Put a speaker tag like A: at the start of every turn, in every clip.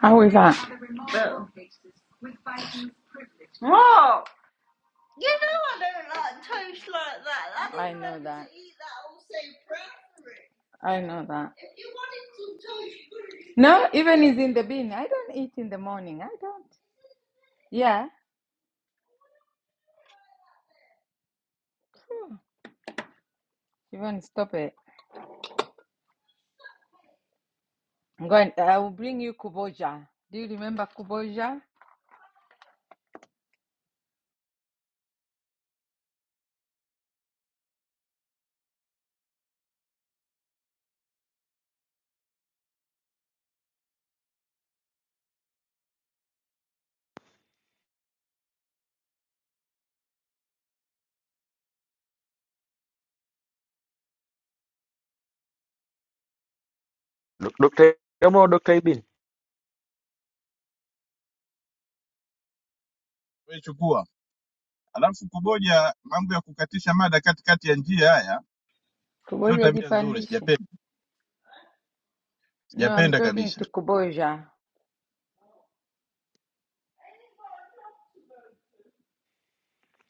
A: How is that? don't I know that. I know that. No, bought even it. is in the bin. I don't eat in the morning. I don't. Yeah. Hmm. Even stop it. I'm going. I will bring you kuboja. Do you remember kuboja?
B: Dok- Dokta kama Dokta Ibin
C: we chukua. Alafu kuboja mambo ya kukatisha mada katikati ya njia, haya sio
A: Kuboja
C: tabia nzuri,
A: jipandishi.
C: sijapenda,
A: No, I'm
C: sijapenda
A: talking
C: kabisa.
A: to kuboja.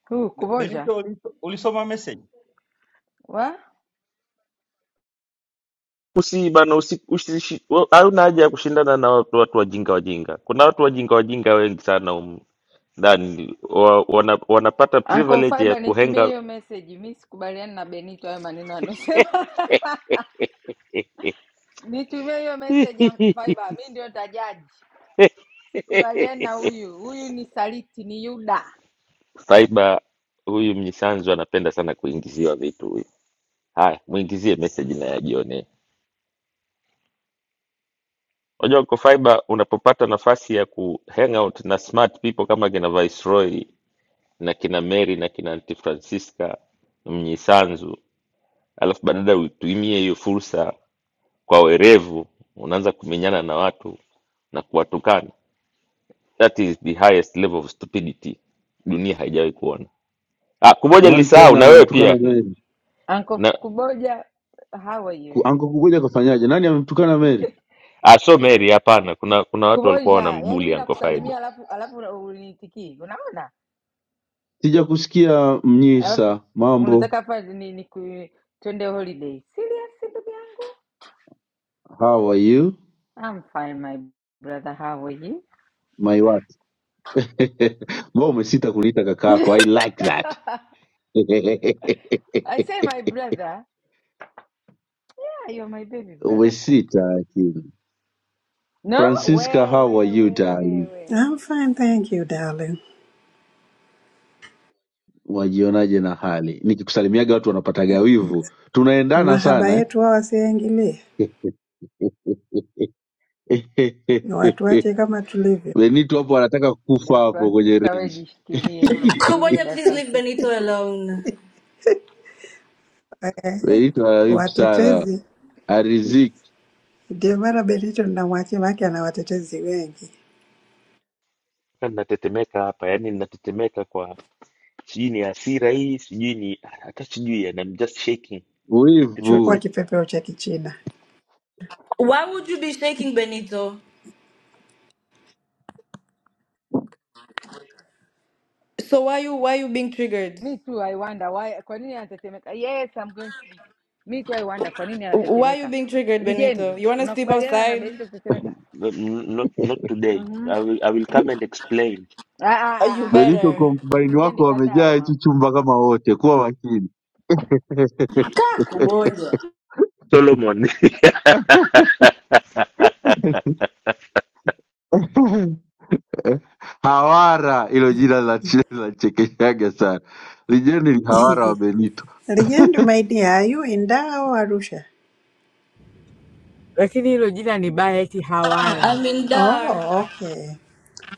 A: Who?
D: Be-
A: Kuboja.
D: Benito, uliso- ulisoma message?
A: What?
B: usi bana usi, usi, hauna haja ya kushindana na watu, watu wajinga wajinga. Kuna watu wajinga wajinga wengi sana humu ndani wa, wana, wanapata
A: Uncle
B: privilege ya
A: Fiber nitumie
B: kuhenga
A: hiyo message. Mi sikubaliani na Benito hayo maneno anasema. Nitumie hiyo message Uncle Faiba, mi ndio nitajaji. Sikubaliani na huyu, huyu ni saliti, ni Yuda.
B: Faiba huyu Mnyisanzu anapenda sana kuingiziwa vitu huyu. Haya, muingizie message na yajione. Unajua uko Faiba, unapopata nafasi ya ku hang out na smart people kama kina Viceroy na kina Mary na kina Aunty Francisca Mnyisanzu alafu badala uitumie hiyo fursa kwa werevu unaanza kumenyana na watu na kuwatukana that is the highest level of stupidity dunia haijawahi kuona ah, kumoja
E: Nani
B: nilisahau
E: tena
B: na wewe
E: amemtukana
B: pia
E: Mary?
A: Uncle F-
B: na
A: Kuboja, how are
E: Ku-
A: you?
E: Anko kukuja kafanyaje? Nani amemtukana Mary?
B: ah, so Mary hapana kuna kuna watu walikuwa
A: Kuboja, yani
B: wanambuli
A: mi
B: Uncle Faiba
A: nakusalimia alafu alafu una- uniitikii, unaona?
E: Sija kusikia
A: Alafu
E: Mnyisa. Mambo,
A: unataka hapa ni, ni ku, twende holiday. Serious ndugu yangu?
E: how are you
A: I'm fine my brother, how are you?
E: my what? Mbona umesita kuniita kakaako? I like that.
A: I say my brother, yeah, you're my baby brother Kubs.
E: umesita lakini.
A: No,
E: Francisca,
A: wewe
E: how are you
A: wewe
E: darling?
A: wewe.
F: I'm fine, thank you darling.
E: Wajionaje na hali? Nikikusalimiaga watu wanapataga wivu. Tunaendana
F: Mahaba
E: sana
F: yetu hawa wasiingilie,
E: eh?
F: ni watuache kama tulivyo.
E: Benito hapo anataka kufa
A: Da
E: hapo kwenye
A: Francisca, we
E: range.
A: jishikilie, jishikilie
G: Kuboja,
A: da
G: please leave
A: Francisca.
G: Benito alone.
F: Ehe,
E: Benito haibu sana,
F: Watetezi
E: ariziki
F: ndio maana Benito namwachia, maake ana watetezi wengi.
B: Na ninatetemeka hapa yani ninatetemeka kwa sijui ni hasira hii sijui ni hata sijui yani I'm just shaking Auntie
F: Chukua
E: wivu.
B: Francis
F: kipepeo cha Kichina.
G: Why would you be shaking Benito? So why you why you being triggered?
A: Me too I wonder why, kwa nini anatetemeka? Yes, I'm going to sleep. Me too I wonder kwa nini
G: Why you
A: anatetemeka.
G: being triggered, Benito?
A: Lijendi,
G: You wanna sleep
A: unakubaliana na
G: outside?
A: Benito
B: n-
A: kutetemeka?
B: n- not, not today
A: Mhm.
B: I will, I will come and explain
A: Ah ah
G: Uh,
A: ah
G: you
A: ah. ah.
E: Benito,
G: better.
E: kwa mtumaini wako
A: Lijendi, kata
E: wamejaa
A: hayo
E: hichi
A: mama.
E: chumba kama wote, kuwa makini.
G: Kaa Kuboja.
B: Solomon Ati
E: Hawara, hilo jina la- linachekeshaga sana. Lijeni ni hawara wa Benito.
F: Legend, my dear, are you in Dar au Arusha?
A: lakini hilo jina ni baya, eti
G: I
A: hawala.
G: mean dar.
F: Oh, okay.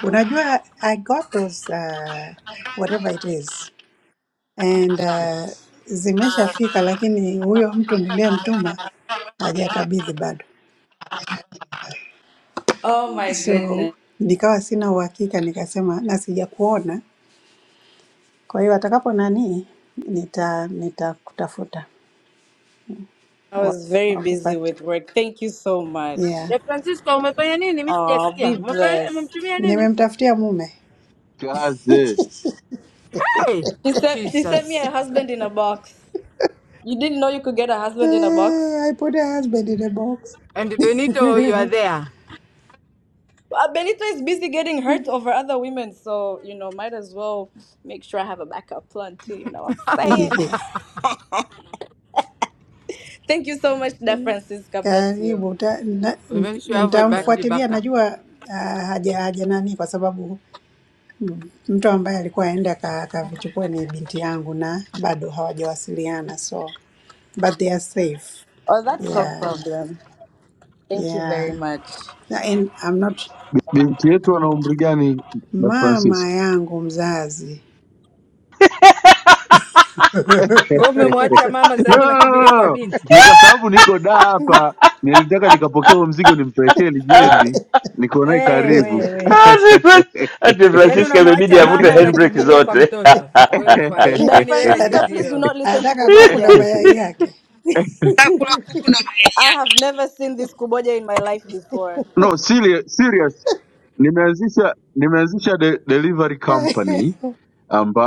F: Unajua I got those uh, whatever it is and uh, zimeshafika, lakini huyo mtu niliyemtuma hajakabidhi bado.
G: Oh my goodness.
F: So nikawa sina uhakika, nikasema na sijakuona, kwa hiyo atakapo nani nita nitakutafuta
G: I
F: wa-
G: was very busy
F: wakupate.
G: with work. Thank you so much.
F: Yeah,
A: De Francisco, umefanya nini? Mi
G: Oh,
A: sijasikia
G: be
A: umefanya
G: blessed.
A: umemtumia nini?
F: nimemtafutia mume.
E: Kaze
A: Hey,
G: She sent she sent me
A: Jesus
G: a husband in a box. You didn't know you could get a husband in a box?
F: Eh, I put a husband in a box.
A: and Benito, you are there.
G: Uh, Benito is busy getting hurt over other women, so you know, might as well make sure I have a backup plan too. You know what I'm saying?
F: Ehe,
G: Thank you so much, Da Francisca. bless you.
F: Karibu ta- na-
A: We make sure you have
G: Thank
A: a
G: you very
A: battery
F: nitamfuatilia,
G: much.
A: backup.
F: najua ah, haja haja nani, kwa sababu mtu ambaye alikuwa aenda aka- akavichukua ni binti yangu na bado hawajawasiliana, so but they are safe.
G: Oh, that's no
F: Yeah,
G: problem. Thank you
F: yeah.
G: very much.
F: Na- and I'm not
E: binti yetu ana umri gani? na Francis?
F: mama yangu mzazi
A: Wewe umemwacha mama, sasa
E: No,
A: hivi
E: no, no,
A: unakimbilia
E: no.
A: kwa
E: no.
A: binti.
E: Ni kwa sababu niko daa hapa, nilitaka nikapokea huo mzigo nimpelekee Lijendi, niko naye
A: Eh,
E: karibu
A: we we,
B: Fran- ati
A: yaani
B: Francisca imebidi
A: unamwacha
B: avute
A: mama
B: handbrake
A: unakimbilia kwa
B: zote
A: mtoto, we ufai,
G: Da
A: yaani wewe ni
G: Francisca,
F: Ata-
G: please do
A: zero.
G: not listen to
F: anataka kuku na
G: Kuboja.
F: mayai yake
G: I have never seen this Kuboja in my life before.
E: No, serious, serious. Nimeanzisha nimeanzisha de, delivery company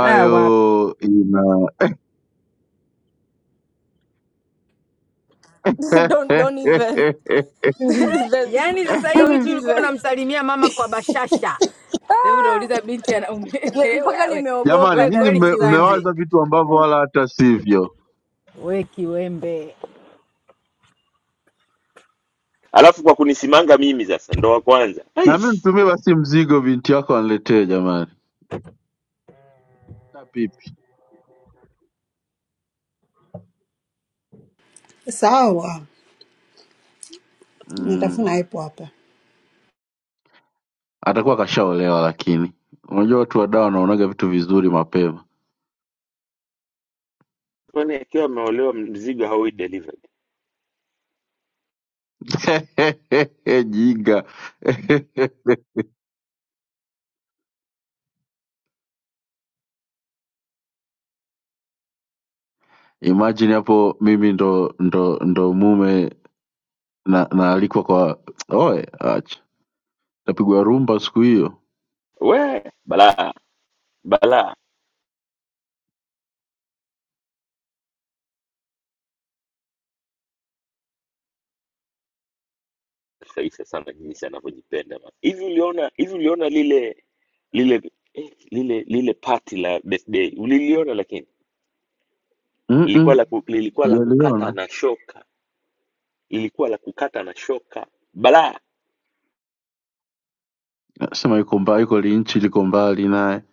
A: Ah, wapi?
E: ina
G: don't don't even There's-
A: Yaani sasa hivi
G: don't
A: tu ulikuwa
G: even.
A: unamsalimia mama kwa bashasha, sasa hivi
G: Ah,
A: unauliza binti ana ume-
G: ye- mpaka
A: wewe
E: jamani,
G: nimeogopa
A: we
E: nyinyi
A: kweli
G: damni
E: mme-
A: kiwembe,
E: mmewaza
G: sanzu.
E: vitu ambavyo wala hata sivyo.
A: we kiwembe.
B: alafu kwa kunisimanga mimi sasa ndo wa kwanza
E: Na mimi
B: Aish,
E: mtumie basi mzigo, binti yako aniletee jamani. Na pipi
F: sawa,
E: mm,
F: nitafuna ipo hapa,
E: atakuwa kashaolewa, lakini unajua watu wa dawa wanaonaga vitu vizuri mapema
B: kwani akiwa ameolewa mzigo haui delivered
E: jiga. Imagine hapo mimi ndo, ndo, ndo mume na naalikwa kwa oe, acha tapigwa rumba siku hiyo.
B: we balaa balaa Faiza sana jinsi anavyojipenda man. hivi uliona hivi uliona lile lile eh, lile lile party la birthday uliliona lakini lilikuwa
E: Mm-mm,
B: la ku, lilikuwa la kukata
E: sijaliona.
B: na shoka lilikuwa la kukata na shoka balaa
E: Nasema yuko mbali, yuko linchi, liko mbali naye.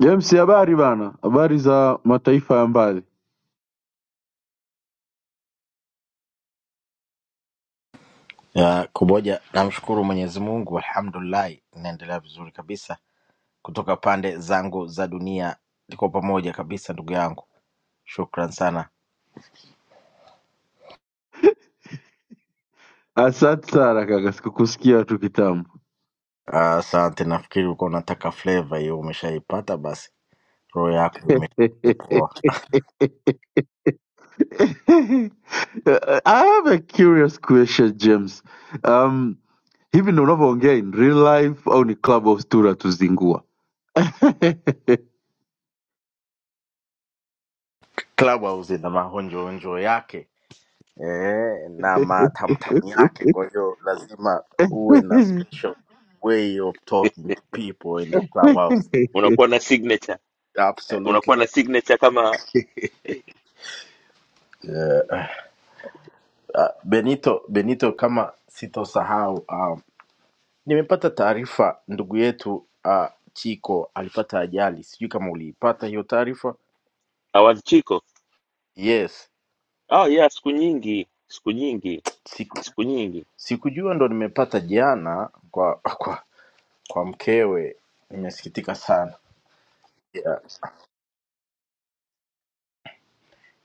E: James, habari bana, habari za mataifa ya mbali.
H: Ya, Kuboja, namshukuru Mwenyezi Mungu, alhamdulillahi, naendelea vizuri kabisa. Kutoka pande zangu za dunia tuko pamoja kabisa, ndugu yangu, shukran sana.
E: Asante sana kaka, sikukusikia tu kitambo.
H: Ah, Asante, nafikiri ulikuwa unataka flavor hiyo, umeshaipata basi, roho
E: I
H: yako imepoa.
E: have a curious question James. Um, hivi ndo unavyoongea in real life au ni club of tu tuzingua?
H: Clubhouse ina mahonjoonjo yake eh, na matamtamu yake, kwa hiyo lazima uwe na special way of talking to people in the
E: we,
H: clubhouse.
B: unakuwa na signature eh,
H: Absolutely.
B: unakuwa na signature kama
H: Uh, Benito Benito, kama sitosahau, um, nimepata taarifa ndugu yetu uh, Chiko alipata ajali, sijui kama uliipata hiyo taarifa.
B: Awadh Chiko.
H: Yes,
B: Oh yeah, siku nyingi, siku nyingi,
H: siku,
B: siku nyingi.
H: sikujua ndo nimepata jana kwa kwa kwa mkewe, nimesikitika sana yeah.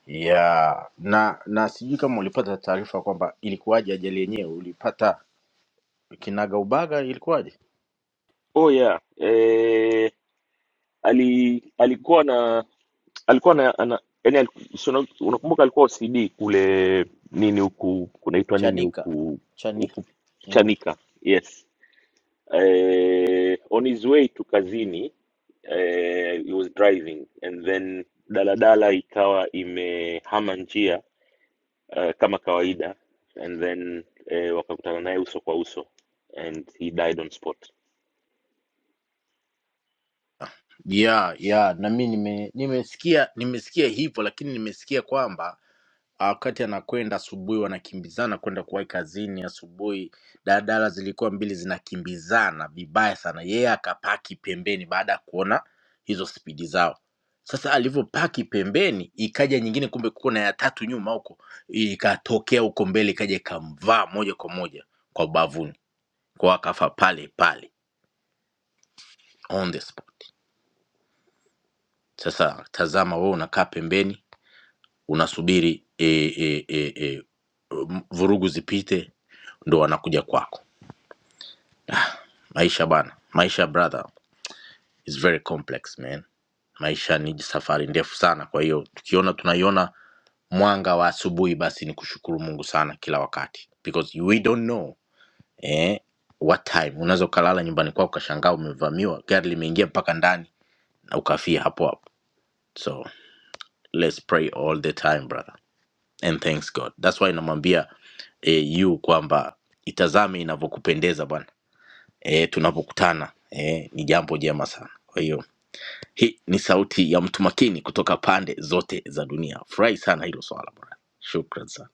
H: Yeah. Na na sijui kama ulipata taarifa kwamba ilikuwaje ajali yenyewe, ulipata kinagaubaga, ilikuwaje?
B: Oh yeah, eh, ali alikuwa na alikuwa na ana, yani aliku- si una- unakumbuka alikuwa OCD kule nini huku kunaitwa nini
H: Chanika
B: huku
H: Chanika
B: huku
H: Mm.
B: Chanika. Yes. Eh, on his way to kazini eh, he was driving and then daladala ikawa imehama njia uh, kama kawaida and then eh, wakakutana naye uso kwa uso and he died on spot
H: ya ya na mi nime, nimesikia nimesikia hivyo lakini nimesikia kwamba ah, wakati anakwenda asubuhi wanakimbizana kwenda kuwahi kazini asubuhi daladala zilikuwa mbili zinakimbizana vibaya sana yeye akapaki pembeni baada ya kuona hizo spidi zao sasa alivyopaki pembeni ikaja nyingine kumbe kuko na ya tatu nyuma huko ikatokea huko mbele ikaja ikamvaa moja kwa moja kwa ubavuni kwa akafa pale pale on the spot sasa tazama wewe unakaa pembeni unasubiri e, e, e, e, m- vurugu zipite ndo wanakuja kwako maisha bana maisha brother is very complex man maisha ni safari ndefu sana kwa hiyo tukiona tunaiona mwanga wa asubuhi basi ni kushukuru mungu sana kila wakati because we don't know eh, what time unaweza ukalala nyumbani kwako ukashangaa umevamiwa gari limeingia mpaka ndani na ukafia hapo hapo so let's pray all the time brother and thanks god thats why inamwambia eh, yu kwamba itazame inavyokupendeza bwana eh, tunapokutana eh, ni jambo jema sana kwa hiyo hii ni sauti ya mtu makini kutoka pande zote za dunia furahi sana hilo swala bwana shukran sana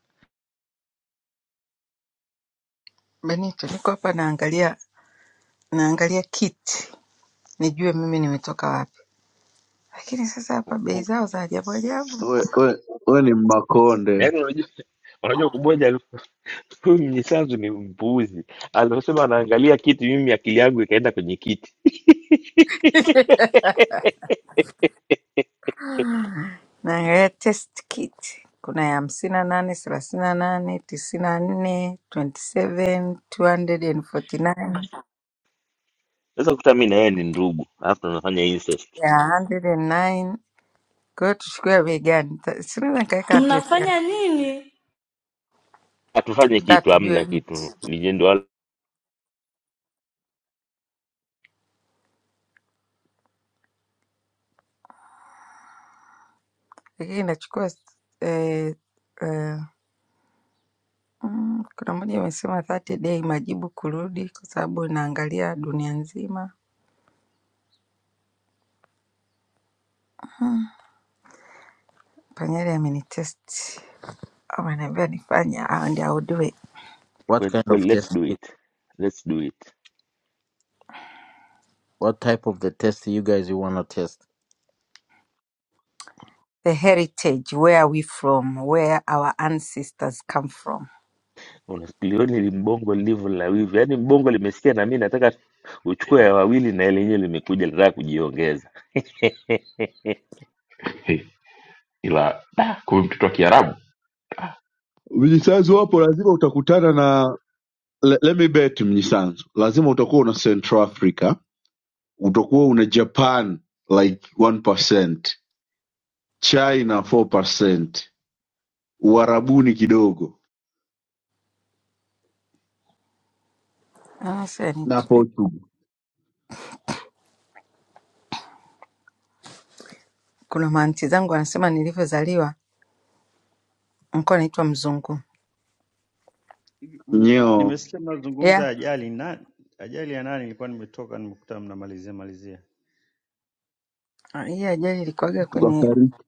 A: Benito, niko hapa naangalia naangalia kiti nijue mimi nimetoka wapi, lakini sasa hapa bei zao za ajabu ajabu.
E: we, we ni mmakonde
B: yaani unajua unajua kuboja alikuwa- huyu mnyisanzu ni mpuuzi alivyosema anaangalia kiti mimi akili yangu ikaenda kwenye kiti
A: Naangalia test kit kuna ya hamsini na nane thelathini na nane tisini na nne twenty seven two hundred and forty nine
B: sasa kuta mi na yeye ni ndugu alafu tunafanya incest
A: ya hundred and nine kwa hiyo tuchukue ya bei gani? Ta- Sinaweza nikaweka adresi
G: Mnafanya
A: yako
G: nini?
B: hatufanye
A: tutaka
B: kitu hamna
A: tujue,
B: kitu Ni jendo wala-
A: lakini inachukua eh, eh, mm, kuna moja imesema 30 day majibu kurudi, kwa sababu inaangalia dunia nzima. Panyari amenitest ameniambia nifanye, ah, ndio I will do it.
H: What
B: kwe-
H: kind
B: kwe-
H: of
B: let's
H: test?
B: do it let's do it
H: What type of the test you guys you wanna test?
A: the heritage, where are we from, where our ancestors come from.
B: Ulioni li mbongo lilivyo la wivu, yaani mbongo limesikia na mimi nataka uchukue ya
I: Ah,
B: wawili, na ile yenyewe limekuja linataka kujiongeza.
I: he, ila da, kumbe mtoto wa Kiarabu.
E: Mnyisanzu wapo, lazima utakutana na le- let me bet Mnyisanzu, lazima utakuwa una Central Africa, utakuwa una Japan like 1%, China 4%, Uarabuni kidogo
A: Ah, sasa ni-
E: na
A: tu-
E: Portugal.
A: Kuna maanti zangu wanasema nilivyozaliwa nilikuwa naitwa mzungu.
D: M-
E: Nyeo
D: Nimesikia mazungumzo ya
A: Yeah,
D: ajali na ajali ya nani, nilikuwa nimetoka nimekuta mnamalizia malizia.
A: ah, hii ajali ilikuwaga kwenye
E: tukafariki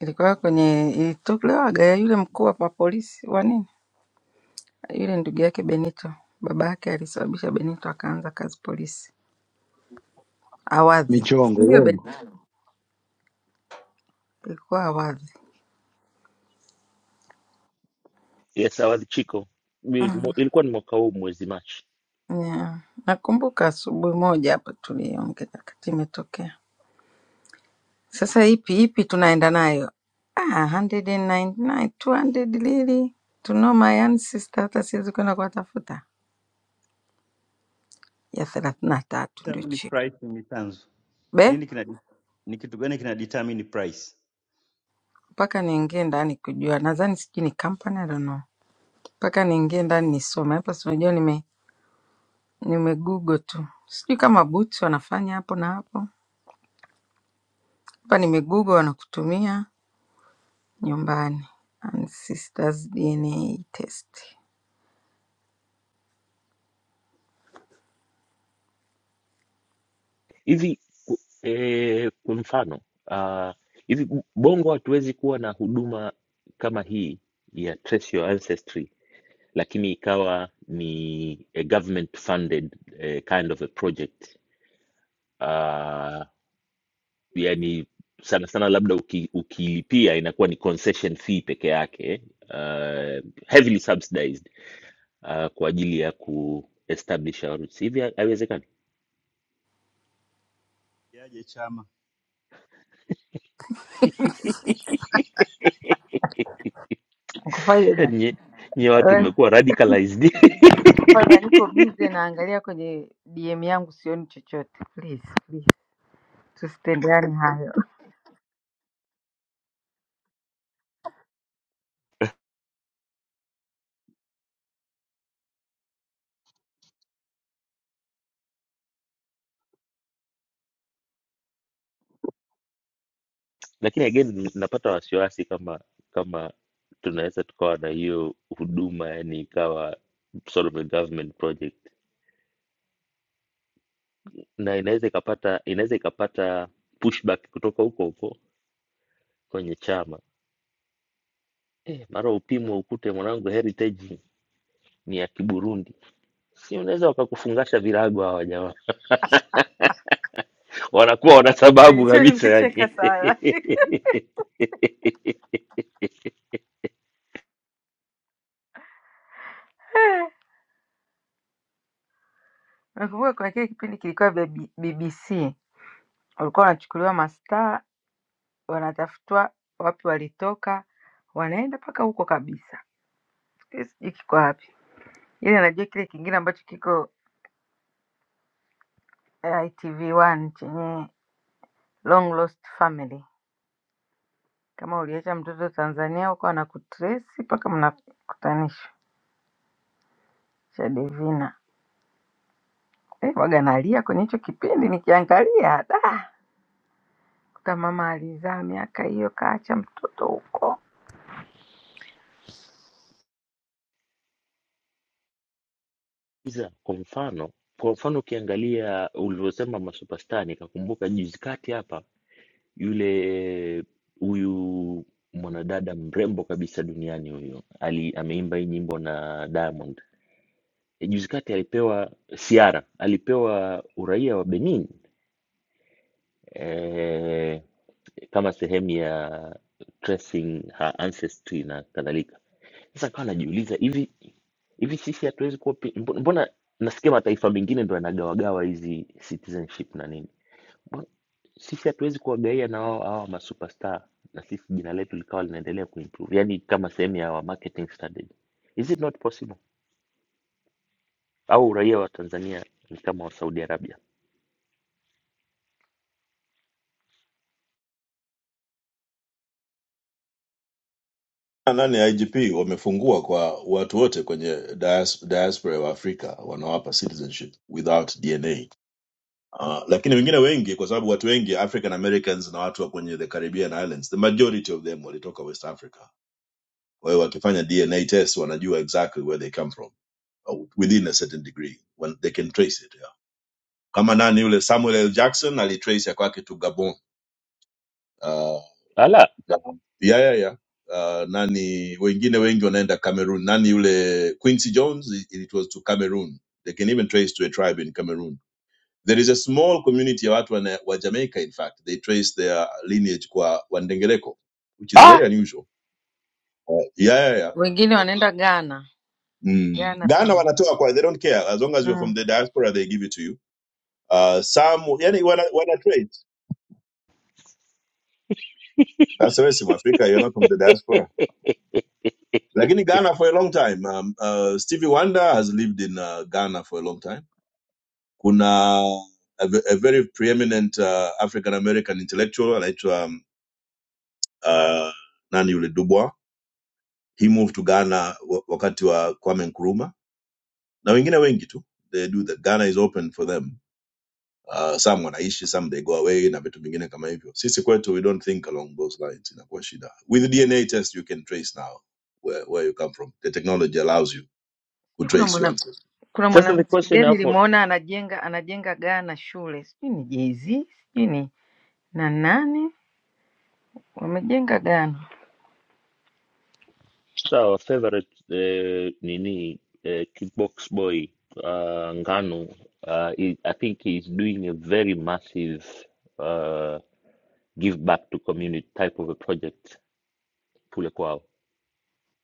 A: ilikuwaga kwenye ilitolewaga ya yule mkuu wa wa polisi wa nini, yule ndugu yake Benito, baba yake alisababisha Benito akaanza kazi polisi Awadhi, ndio
E: michongo
A: Benito, ilikuwa Awadhi.
B: Yes, I was Chico. Ni- mo- Ilikuwa ni mwaka huu mwezi Machi
A: Yeah. Nakumbuka asubuhi moja hapa tuliongea wakati imetokea Sasa ipi ipi tunaenda nayo? Ah, 199, 200 lili. Tunoma yani sister hata siwezi kwenda kuwatafuta. Ya 33 ndio
D: Determine
A: chini.
D: price ni tanzo.
A: Be,
D: Nini kina ni kitu gani kina determine price?
A: mpaka niingie ndani kujua. Nadhani sijui ni company, I don't know. Mpaka niingie ndani nisome. Hapa si unajua nime nime Google tu. Sijui kama Boots wanafanya hapo na hapo. Hapa nime Google wanakutumia nyumbani. And sisters DNA test.
B: hivi ku- eh, kwa mfano ah, hivi Bongo hatuwezi kuwa na huduma kama hii ya trace your ancestry, lakini ikawa ni a government funded eh, kind of a project Ah, yani sana sana labda uki, ukilipia inakuwa ni concession fee peke yake uh, heavily subsidized uh, kwa ajili ya ku establish our roots hivi ha- haiwezekani
D: Yaje chama.
A: Ukofaje da?
B: nye, nye watu
A: Wewe?
B: mmekuwa radicalized
A: Kwanza niko busy naangalia kwenye DM yangu sioni chochote. Please, please. Tusitendeane hayo.
B: lakini again napata wasiwasi kama kama tunaweza tukawa na hiyo huduma yani ikawa sort of a government project na inaweza ikapata inaweza ikapata pushback kutoka huko huko kwenye chama Eh, mara upimwe ukute mwanangu heritage ni ya Kiburundi, si unaweza wakakufungasha virago hawa jamaa, wanakuwa wana sababu
A: Nilikuwa
B: kabisa
A: nimecheka
B: yani.
A: sana. Nakumbuka kuna kile kipindi kilikuwa vya B- BBC. Walikuwa wanachukuliwa mastaa, wanatafutwa wapi walitoka, wanaenda mpaka huko kabisa. Sijui sijui kiko wapi. Ile najua kile kingine ambacho kiko ITV1 chenye Long Lost Family. Kama uliacha mtoto Tanzania huko anakutrace mpaka mnakutanishwa. Shadivina eh, waga nalia kwenye hicho kipindi nikiangalia, da kuta mama alizaa miaka hiyo kaacha mtoto huko
B: Iza, kwa mfano kwa mfano ukiangalia ulivyosema masuperstar, nikakumbuka juzi kati hapa yule huyu mwanadada mrembo kabisa duniani huyu ali ameimba hii nyimbo na Diamond. E, juzi kati alipewa Ciara, alipewa uraia wa Benin eh, kama sehemu ya tracing her ancestry na kadhalika. Sasa kawa najiuliza hivi hivi sisi hatuwezi kuwa pi- mbo- mbona nasikia mataifa mengine ndo yanagawagawa hizi citizenship na nini Mbona sisi hatuwezi kuwagaia na wao hawa masuperstar na sisi jina letu likawa linaendelea kuimprove yani kama sehemu ya wa marketing strategy is it not possible au uraia wa tanzania ni kama wa saudi arabia
J: ndani ya igp wamefungua kwa watu wote kwenye dias- diaspora wa afrika wanawapa citizenship without dna uh, lakini wengine wengi kwa sababu watu wengi african americans na watu wa kwenye the caribbean islands the majority of them walitoka west africa kwa hiyo wakifanya dna test wanajua exactly where they come from uh, within a certain degree when they can trace it yeah. kama nani yule samuel l jackson alitrace ya kwake to gabon uh,
B: ala
J: ya ya ya, ya. Uh, nani wengine wengi wanaenda cameroon nani yule quincy jones it it was to cameroon they can even trace to a tribe in cameroon there is a small community ya watu wana- wa jamaica in fact they trace their lineage kwa wandengereko which is
B: ah!
J: very unusual uh, yeah yeah yeah
A: Wengine
J: Wako.
A: wanaenda Ghana,
J: mm.
A: Ghana
J: ghana
A: pia.
J: wanatoa kwa they don't care as long as you're from
A: mm.
J: the diaspora they give it to you uh, some yani wana, wana trace that's the way africa you're not from the diaspora lakini ghana for a long time um, uh, stevie wonder has lived in uh, ghana for a long time kuna a, ve- a very preeminent uh, african american intellectual anaitwa um, uh, nani yule dubois he moved to ghana wa- wakati wa kwame nkuruma na wengine wengi tu they do that ghana is open for them uh, some wanaishi some they go away na vitu vingine kama hivyo sisi kwetu we don't think along those lines inakuwa shida with the dna test you can trace now where, where you come from the technology allows you to
A: Sijui kuna
J: trace your
A: mwana
J: ancestors
A: kuna
B: sasa the
A: mwanamuziki
B: question
A: gani
B: hapo
A: nilimwona anajenga anajenga Ghana shule, sijui ni Jay-Z, sijui ni na nani wamejenga Ghana.
B: Hata Our favorite uh, nini uh, kickbox boy uh, Ngannou uh, is, I think he's doing a very massive uh, give back to community type of a project kule kwao.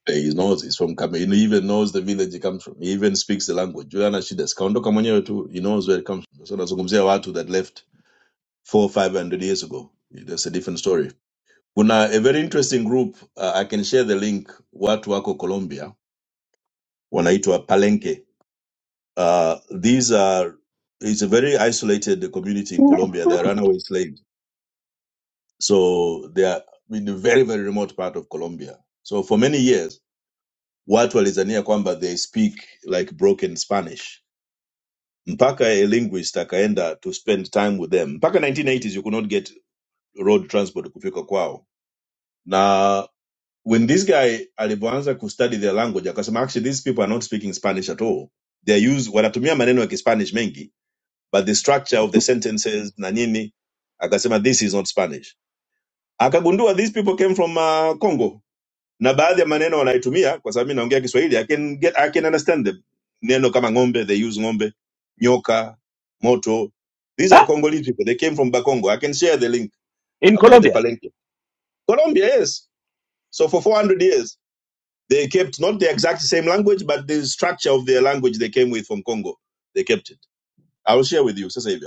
J: he knows he's from Cameroon. He even knows the village he comes from. He even speaks the language. Juliana Shidas, kaondoka mwenyewe tu, he knows where it comes from. So nazungumzia watu that left four, five hundred years ago. That's a different story. Kuna a very interesting group, uh, I can share the link, watu wako Colombia, wanaitwa Palenque. Uh, these are, it's a very isolated community in Colombia. They're runaway slaves. So they are in a very, very remote part of Colombia. So for many years, watu walizania kwamba they speak like broken spanish mpaka a linguist akaenda to spend time with them mpaka 1980s you could not get road transport kufika kwao na when this guy alivyoanza kustudy their language akasema actually these people are not speaking spanish at all they use wanatumia maneno ya kispanish mengi but the structure of the sentences na nini akasema this is not spanish akagundua these people came from uh, congo na baadhi ya maneno wanaitumia kwa sababu mi naongea kiswahili I can get, I can understand them neno kama ng'ombe they use ng'ombe nyoka moto these are
B: ah,
J: congolese people they came from bakongo i can share the link
B: in
J: about the
B: Colombia.
J: palenque colombia yes so for 400 years they kept not the exact same language but the structure of their language they came with from congo they kept it i will share with you sasa hivi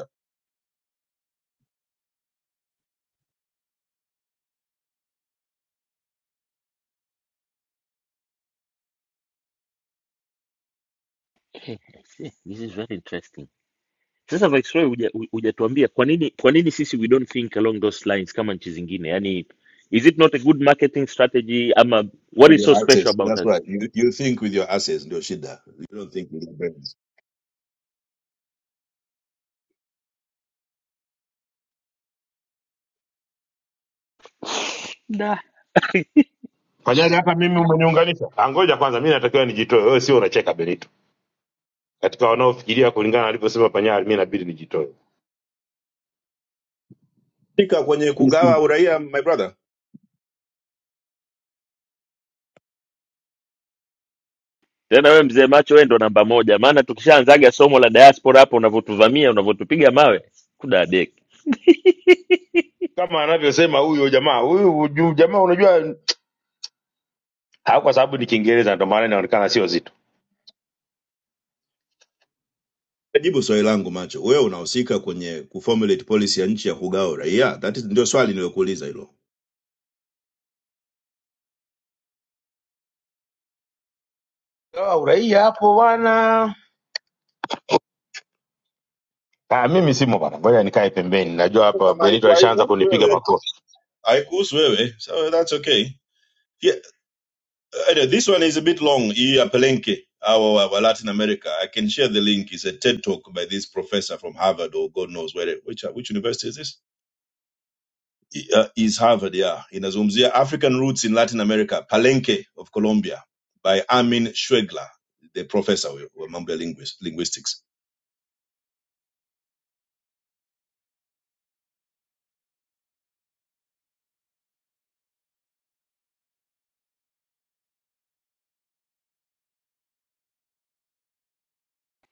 B: Eh, eh, This is very interesting. Sasa Viceroy huja- hu- hujatuambia kwa nini kwa nini sisi we don't think along those lines kama nchi zingine? Yani, is it not a good marketing strategy ama what
J: with
B: is so
J: your
B: special
J: access
B: about
J: that's right you, you think with your access ndio shida you don't think with your brains
B: us?
K: Fanyaje hapa mimi umeniunganisha? Ah, Ngoja kwanza, mi natakiwa nijitoe. Wewe sio unacheka Benito, katika wanaofikiria kulingana na alivyosema Panyari, mi inabidi nijitoe.
J: fika kwenye
K: Mi
J: kugawa
K: Simba.
J: uraia my brother
B: tena wewe mzee macho wewe ndo namba moja maana tukishaanzaga somo la diaspora hapo unavyotuvamia unavyotupiga mawe kudadeki
K: kama anavyosema huyo jamaa huyu uju- jamaa, unajua ha, kwa sababu ni Kiingereza ndio maana inaonekana sio zito.
J: Jibu swali langu macho, wewe unahusika kwenye kuformulate policy ya nchi ya kugawa uraia? That is, ndio swali niliyokuuliza hilo.
K: Ah, Uraia hapo bwana. Ah, mimi simo bwana, ngoja nikae pembeni. Najua hapa
J: Kama
K: Benito
J: haiku-
K: alishaanza
J: haikuhusu
K: kunipiga
J: wewe
K: makofi.
J: haikuhusu wewe so that's okay yeah, anyway, this one is a bit long hii ya Palenque au wa, wa latin america i can share the link it's a ted talk by this professor from harvard or god knows where which, which university is this uh, is harvard yeah inazungumzia african roots in latin america palenque of colombia by amin schwegler the professor wa wa mambo ya linguis- linguistics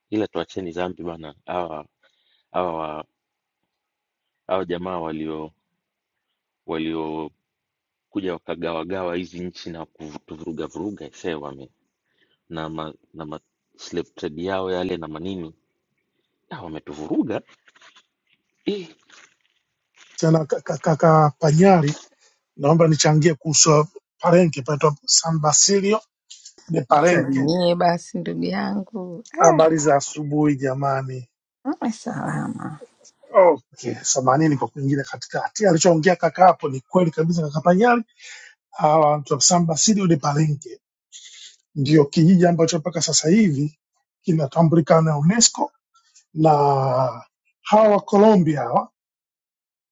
B: ila tuacheni zambi bana hawa hawa wa- hawa jamaa walio waliokuja wakagawagawa hizi nchi na kutuvuruga vuruga see wame na ma, na ma slave trade yao yale na manini ah, wametuvuruga eh.
L: tena ka- ka- kaka Panyari, naomba nichangie kuhusu Parenke, panaitwa San Basilio de Parenke.
A: Salimie basi ndugu yangu eh,
L: Habari za asubuhi jamani.
A: uwe salama.
L: Okay, samanini kwa kuingilia katikati. Alichoongea kaka hapo ni kweli kabisa, kaka Panyari. Hawa watu wa San Basilio de Parenke ndio kijiji ambacho mpaka sasa hivi kinatambulika na UNESCO na hawa wa Colombia hawa,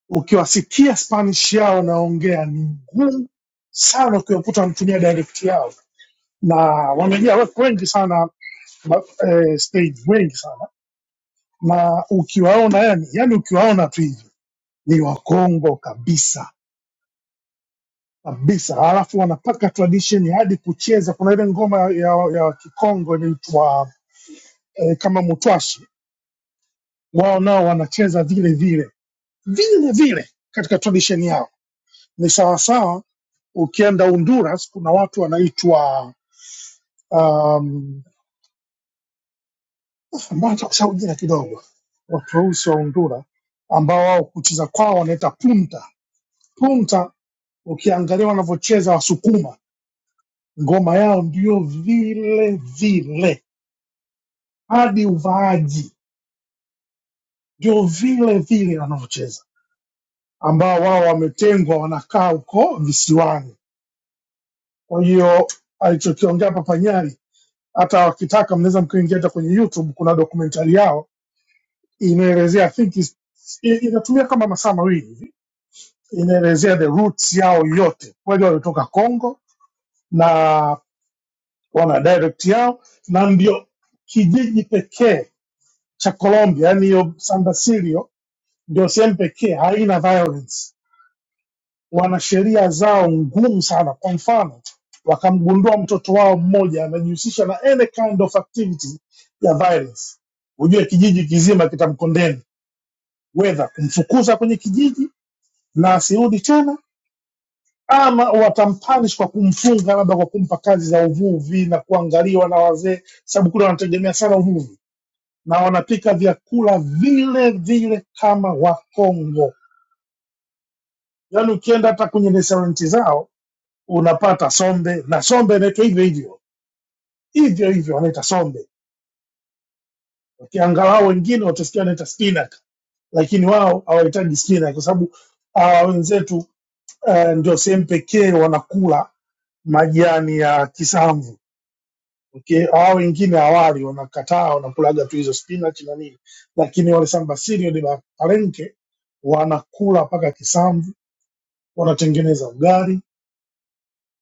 L: ukiwasikia Spanish yao naongea ni ngumu sana ukiwakuta wanatumia dialect yao na wamejaa watu wengi sana ma, eh, stage wengi sana na ukiwaona yani, yani ukiwaona tu hivi ni wakongo kabisa kabisa, alafu wanapaka tradition hadi kucheza. Kuna ile ngoma ya, ya Kikongo inaitwa eh, kama mutwashi, wao nao wanacheza vile vile vile vile katika tradition yao. Ni sawasawa ukienda Honduras, kuna watu wanaitwa um, ambacho kisha ujira kidogo, watu weusi wa Undura ambao wao kucheza kwao wanaita punta punta. Ukiangalia wanavyocheza Wasukuma, ngoma yao ndio vile vile, hadi uvaaji ndio vile vile wanavyocheza, ambao wao wametengwa, wanakaa huko visiwani. Kwa hiyo alichokiongea Papa Nyari, hata wakitaka mnaweza mkaingia hata kwenye YouTube, kuna dokumentari yao inaelezea, I think is- i- inatumia kama masaa mawili hivi inaelezea the roots yao yote, kweli walitoka Congo na wana direct yao, na ndio kijiji pekee cha Colombia, yani hiyo Sandasirio ndio sehemu pekee haina violence. Wana sheria zao ngumu sana. Kwa mfano, wakamgundua mtoto wao mmoja anajihusisha na any kind of activity ya violence, ujue kijiji kizima kitamkondeni, wedha kumfukuza kwenye kijiji na asirudi tena ama watampanish kwa kumfunga labda kwa kumpa kazi za uvuvi na kuangaliwa na wazee, sababu kule wanategemea sana uvuvi na wanapika vyakula vile vile kama Wakongo. Yaani ukienda hata kwenye restaurant zao unapata sombe, na sombe inaitwa hivyo hivyo hivyo hivyo, wanaita sombe. Wakiangalau wengine watasikia wanaita spinach, lakini wao hawahitaji spinach kwa sababu hawa wenzetu uh, ndio sehemu pekee wanakula majani ya kisamvu Okay, hao wengine hawali, wanakataa, wanakulaga tu hizo spinach na nini, lakini wale Sambasini de la Palenque wanakula mpaka kisamvu, wanatengeneza ugali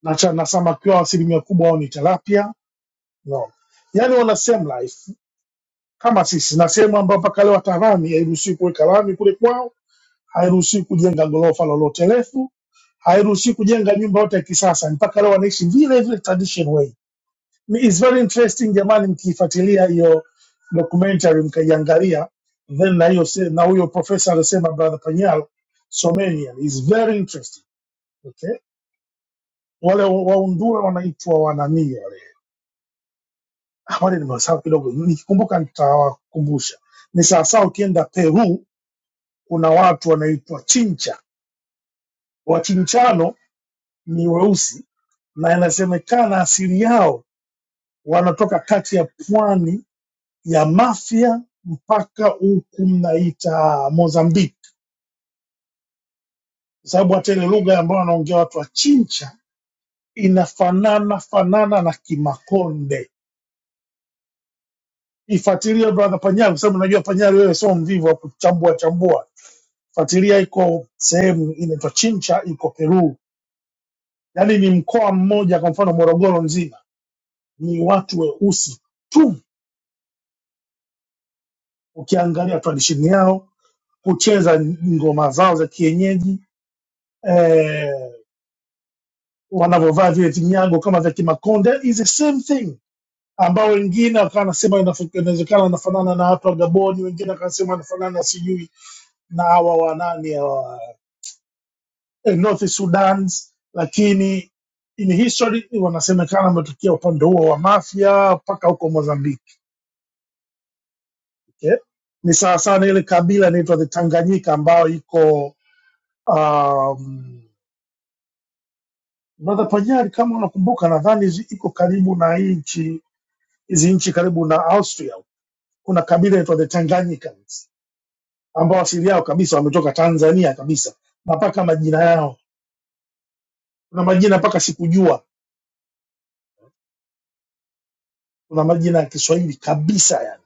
L: na, cha- na samaki wao asilimia kubwa wao ni tilapia no. Yani wana same life kama sisi, na sehemu ambayo mpaka leo hata lami hairuhusiwi kuweka lami kule kwao, hairuhusiwi kujenga ghorofa lolote refu, hairuhusiwi kujenga nyumba yote ya kisasa, mpaka leo wanaishi vile vile traditional way It's very interesting jamani, mkiifuatilia hiyo documentary mkaiangalia, then na hiyo se- na huyo profesa anasema brother Panyal, someni yani, is very interesting okay. Wale wa- waundura wanaitwa wananii wale, Ah, wale nimewasahau kidogo, nikikumbuka nitawakumbusha. Ni sawasawa ukienda Peru, kuna watu wanaitwa Chincha. Wachinchano ni weusi na inasemekana asili yao wanatoka kati ya pwani ya Mafia mpaka huku mnaita Mozambique, kwa sababu hata ile lugha ambayo wanaongea watu wa Chincha inafanana fanana na Kimakonde. Ifuatilie brother Panyari, kwa sababu najua Panyari wewe sio mvivu wa kuchambua chambua. Fuatilia, iko sehemu inaitwa Chincha, iko Peru, yaani ni mkoa mmoja, kwa mfano Morogoro nzima ni watu weusi tu, ukiangalia tradition yao, kucheza ngoma zao za kienyeji eh, wanavyovaa vile vinyago kama vya Kimakonde is the same thing, ambao wengine wakawa nasema inawezekana anafanana na watu wa Gaboni, wengine wakasema anafanana sijui na hawa wanani hawa eh, North Sudan, lakini in history wanasemekana wametokea upande huo wa Mafia mpaka huko Mozambiki. Okay? Ni sawa sana ile kabila inaitwa the Tanganyika ambayo iko um, Brother Panyari, kama unakumbuka, nadhani zi- iko karibu na hii nchi hizi nchi karibu na Austria kuna kabila inaitwa the Tanganyikans ambao asili yao kabisa wametoka Tanzania kabisa, na mpaka majina yao, kuna majina mpaka sikujua, kuna majina ya Kiswahili kabisa, yani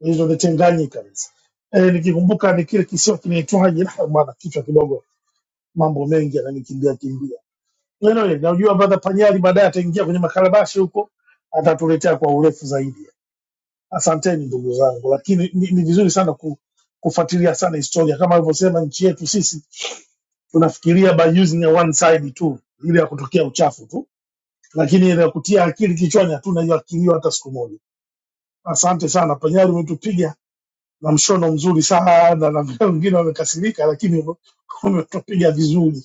L: hizo the Tanganyikans. E, nikikumbuka ni kile kisiwa kinaitwaje, ah, bwana, kichwa kidogo, mambo mengi yananikimbia kimbia. Anyway, najua brother Panyari baadaye ataingia kwenye makalabashi huko, atatuletea kwa urefu zaidi. Asanteni ndugu zangu, lakini ni, ni vizuri sana ku, kufuatilia sana historia kama alivyosema nchi yetu sisi tunafikiria by using a one side tu ile ya kutokea uchafu tu lakini ile ya kutia akili kichwani hatuna hiyo akili hiyo hata siku moja asante sana panyari umetupiga na mshono mzuri sana na wengine wamekasirika lakini ume- umetupiga vizuri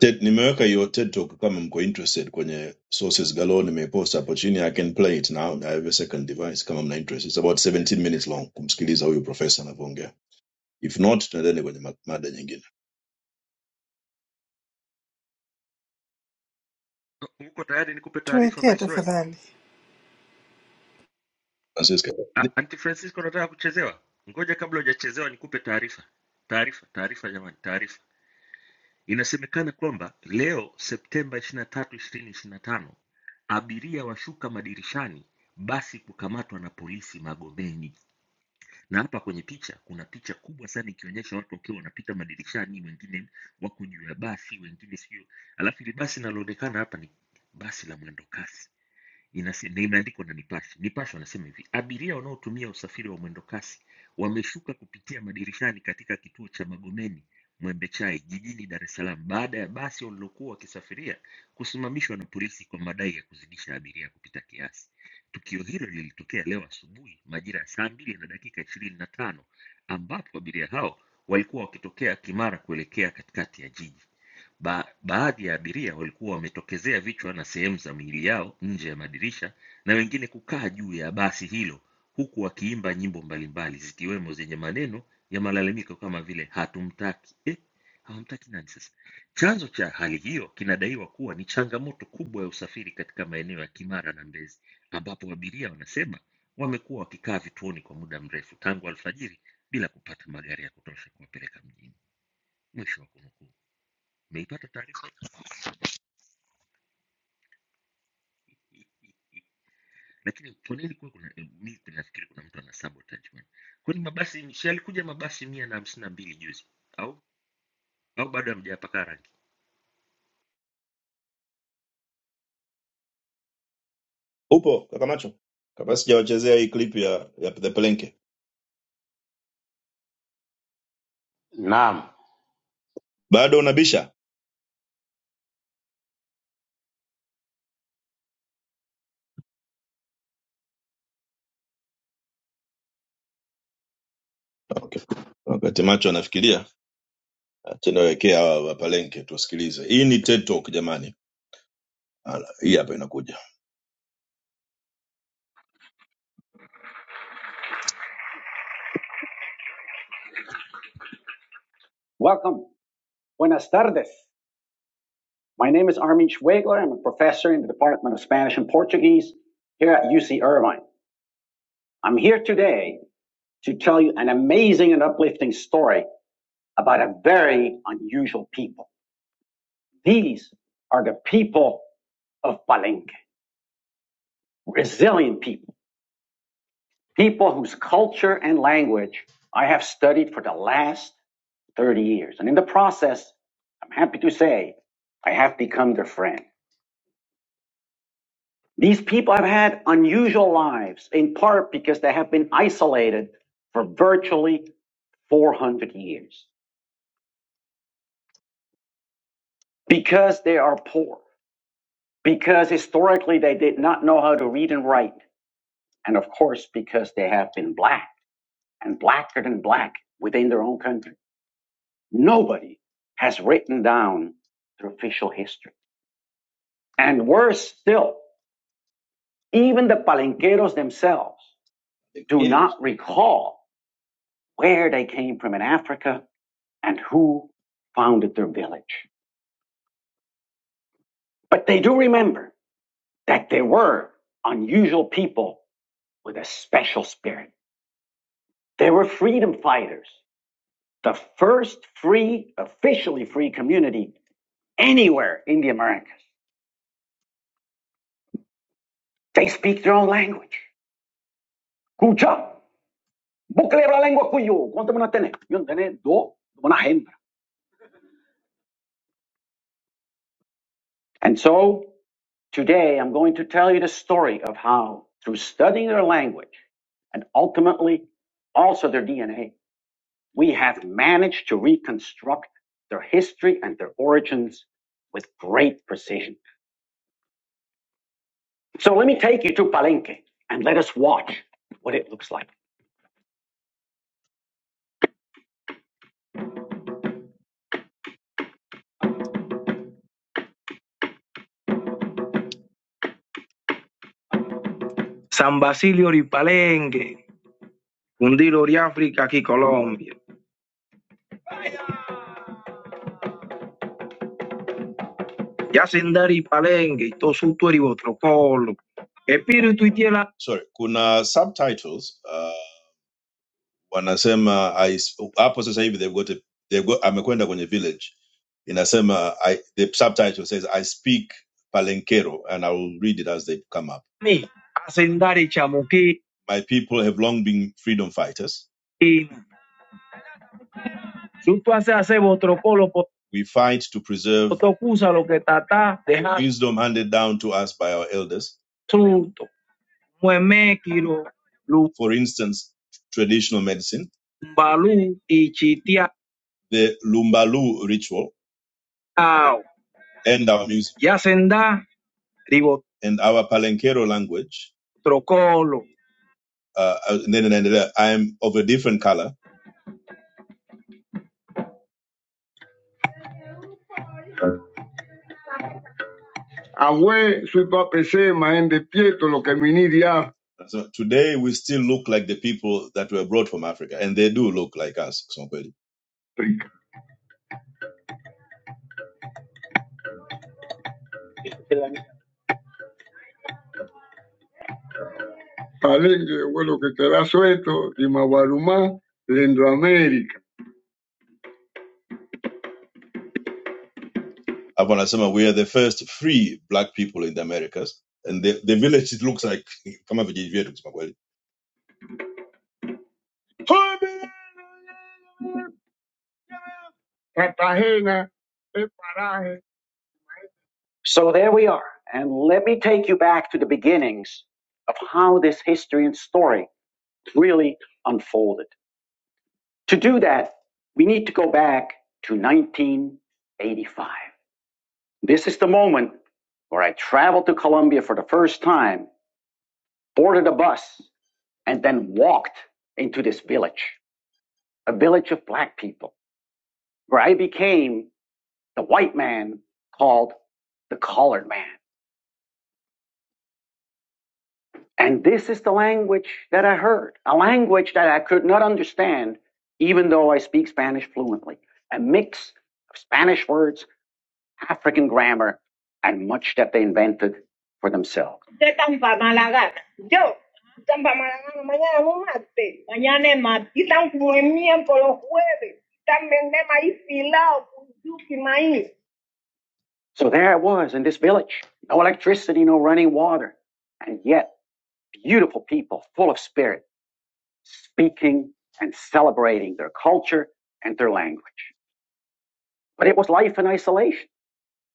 J: Ted, nimeweka hiyo TED Talk kama mko interested kwenye sources galore, nimepost hapo chini. I can play it now. I have a second device kama mna interest. It's about 17 minutes long kumsikiliza huyu profesa anavyoongea. If not, tunaendele kwenye ma- mada nyingine.
B: Uko tayari nikupe taarifa
F: tuwekee
B: Viceroy?
F: tafadhali.
J: Francisca, ni-
B: A- Anti Francisco, unataka kuchezewa? Ngoja kabla hujachezewa nikupe taarifa. Taarifa, taarifa jamani, taarifa. Inasemekana kwamba leo Septemba 23, 2025 abiria washuka madirishani basi kukamatwa na polisi Magomeni. Na hapa kwenye picha kuna picha kubwa sana ikionyesha watu wakiwa wanapita madirishani, wengine wako juu ya basi, wengine sio. Alafu ili basi linaloonekana hapa ni basi la mwendo kasi inase- na imeandikwa na Nipashe. Nipashe wanasema hivi, abiria wanaotumia usafiri wa mwendokasi wameshuka kupitia madirishani katika kituo cha Magomeni Mwembechai jijini Dar es Salaam baada ya basi walilokuwa wakisafiria kusimamishwa na polisi kwa madai ya kuzidisha abiria kupita kiasi. Tukio hilo lilitokea leo asubuhi majira ya saa mbili na dakika ishirini na tano ambapo abiria hao walikuwa wakitokea Kimara kuelekea katikati ya jiji. Ba baadhi ya abiria walikuwa wametokezea vichwa na sehemu za miili yao nje ya madirisha na wengine kukaa juu ya basi hilo huku wakiimba nyimbo mbalimbali zikiwemo zenye maneno ya malalamiko kama vile hatumtaki. Eh, hawamtaki nani sasa? Chanzo cha hali hiyo kinadaiwa kuwa ni changamoto kubwa ya usafiri katika maeneo ya Kimara na Mbezi ambapo abiria wanasema wamekuwa wakikaa vituoni kwa muda mrefu tangu alfajiri bila kupata magari ya kutosha kuwapeleka mjini. Mwisho wa kunukuu. Umeipata taarifa? Lakini kwa nini kuwe kuna mimi nafikiri kuna mtu ana sabotage bwana. Kwani mabasi si yalikuja mabasi mia na hamsini na mbili juzi au au bado hamjayapaka rangi?
J: upo kaka macho? Kabla sijawachezea hii clip ya, ya the Palenke,
K: Naam,
J: bado unabisha? Okay. Wakati macho anafikiria, tunawekea hawa wa Palenke tusikilize. Hii ni TED Talk jamani. Ala, Hii hapa inakuja. Welcome. Buenas tardes. My name is Armin Schwegler. I'm a professor in the Department of Spanish and Portuguese here at UC Irvine. I'm here today to tell you an amazing and uplifting story about a very unusual people. These are the people of Palenque, resilient people, people whose culture and language I have studied for the last 30 years. And in the process, I'm happy to say I have become their friend. These people have had unusual lives, in part because they have been isolated for virtually 400 years, because they are poor, because historically they did not know how to read and write, and of course, because they have been black and blacker than black within their own country. Nobody has written down their official history. And worse still, even the palenqueros themselves do not recall where they came from in Africa and who founded their village. But they do remember that they were unusual people with a special spirit. They were freedom fighters, the first free, officially free community anywhere in the Americas. They speak their own language. Escucha, busca la lengua cuyo. ¿Cuánto me lo tenés? Yo no hembra. And so today I'm going to tell you the story of how, through studying their language and ultimately also their DNA, we have managed to reconstruct their history and their origins with great precision. So let me take you to Palenque and let us watch what it looks like. San Basilio y Palenque, Cundilo y África aquí Colombia, Yacindar y Palenque, y y otro espíritu y tierra. Sorry, kuna subtitles. Uh... wanasema I, hapo sasa hivi they've got a, they've got, amekwenda kwenye village inasema I, the subtitle says I speak Palenkero and I will read it as they come up. Ni asengari chamuki My people have long been freedom fighters. ina. Sutuase hace vuestro colo We fight to preserve potocusa lo tata dejando wisdom handed down to us by our elders. Truto mwemekiro lu- For instance, traditional medicine, mbalu ichitia the Lumbalu ritual, ao and our music, yasenda ribo and our Palenquero language. trokolo Uh, uh, and then and then, uh, I am of a different color. Awee sipapesema ende pieto lo kaminiriya So today we still look like the people that were brought from Africa, and they do look like us. Kusema kweli. Palenge weloketela Soweto, Limabaruma, lendo America. Hapo we are the first free black people in the Americas and the, the village it looks like kama vijiji kusema kweli. Cartagena, Paraje. So there we are. And let me take you back to the beginnings of how this history and story really unfolded. To do that, we need to go back to 1985. This is the moment where I traveled to Colombia for the first time, boarded a bus, and then walked into this village, a village of black people, where I became the white man called the colored man. And this is the language that I heard, a language that I could not understand, even though I speak Spanish fluently, a mix of Spanish words African grammar, and much that they invented for themselves. Usted tan pa' mala gana. Yo, tan pa' mala gana. Mañana es martes, mañana es martes. Y tan buen miércoles, los jueves. Tan vende maíz filado, yuki maíz. So there I was in this village, no electricity, no running water, and yet beautiful people, full of spirit, speaking and celebrating their culture and their language. But it was life in isolation.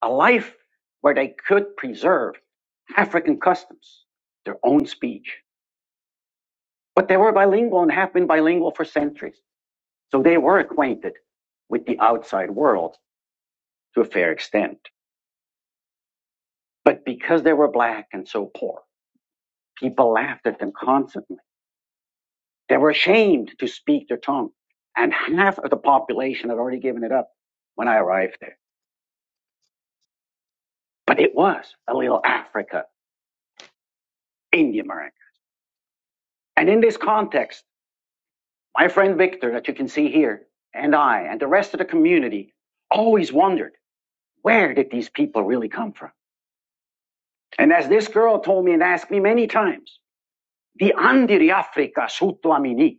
J: a life where they could preserve African customs, their own speech. But they were bilingual and have been bilingual for centuries. So they were acquainted with the outside world to a fair extent. But because they were black and so poor, people laughed at them constantly. They were ashamed to speak their tongue. And half of the population had already given it up when I arrived there. But it was a little Africa in the America. And in this context, My friend Victor, that you can see here, and I, and the rest of the community, always wondered where did these people really come from? And as this girl told me and asked me many times, the Andiri Africa Sutuamini,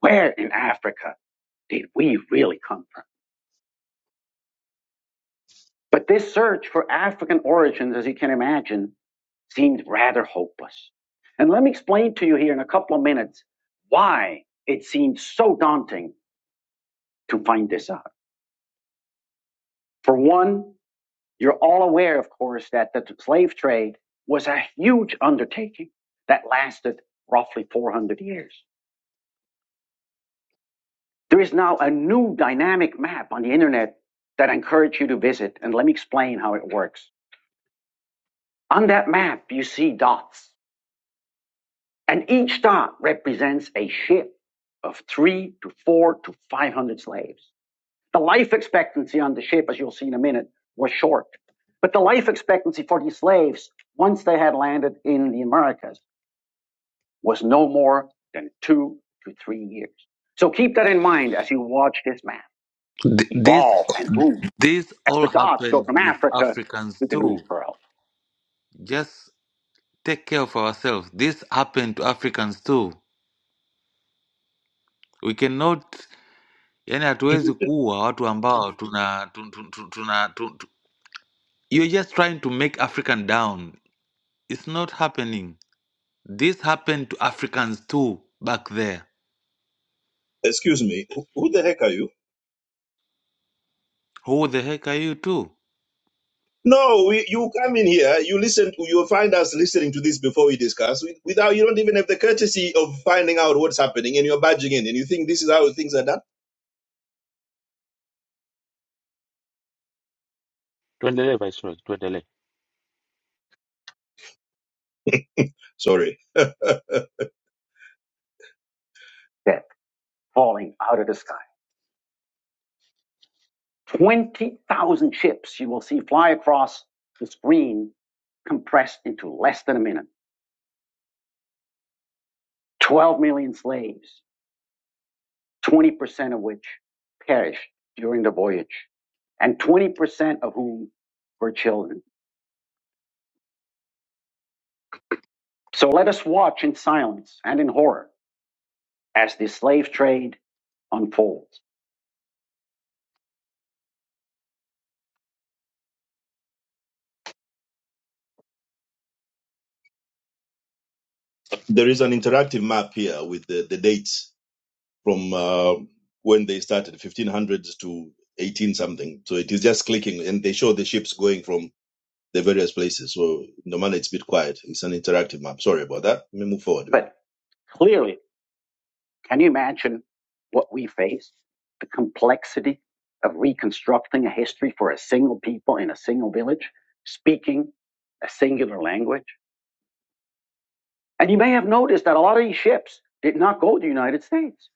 J: where in Africa did we really come from? But this search for African origins, as you can imagine, seemed rather hopeless. And let me explain to you here in a couple of minutes why it seemed so daunting to find this out. For one, You're all aware, of course, that the slave trade was a huge undertaking that lasted roughly 400 years. There is now a new dynamic map on the internet that I encourage you to visit, and let me explain how it works. On that map, you see dots, and each dot represents a ship of three to four to 500 slaves. The life expectancy on the ship, as you'll see in a minute, was short. But the life expectancy for these slaves, once they had landed in the Americas, was no more than two to three years. So keep that in mind as you watch this man
M: Th- this
J: evolve and move
M: this
J: as
M: all
J: the dots go
M: happened
J: from
M: with
J: Africa
M: Africans
J: to the New
M: too.
J: World.
M: Just take care of ourselves. This happened to Africans too. We cannot yani hatuwezi kuwa watu ambao tuna tun- tun- tun- tuna tu- tu- you're just trying to make African down. It's not happening. This happened to Africans too back there.
J: Excuse me. Who, who the heck are you?
M: Who the heck are you too?
J: No, we, you come in here, you listen, you'll find us listening to this before we discuss. Without, you don't even have the courtesy of finding out what's happening and you're barging in and you think this is how things are done?
B: Tuendelee Viceroy, tuendelee.
J: Sorry. Death falling out of the sky. 20,000 ships you will see fly across the screen compressed into less than a minute. 12 million slaves, 20% of which perished during the voyage, and 20% of whom were children. So let us watch in silence and in horror as the slave trade unfolds. There is an interactive map here with the, the dates from uh, when they started, 1500s to 18 something. So it is just clicking, and they show the ships going from the various places. So normally it's a bit quiet. It's an interactive map. Sorry about that. Let me move forward. But clearly, can you imagine what we face? The complexity of reconstructing a history for a single people in a single village, speaking a singular language. And you may have noticed that a lot of these ships did not go to the United States.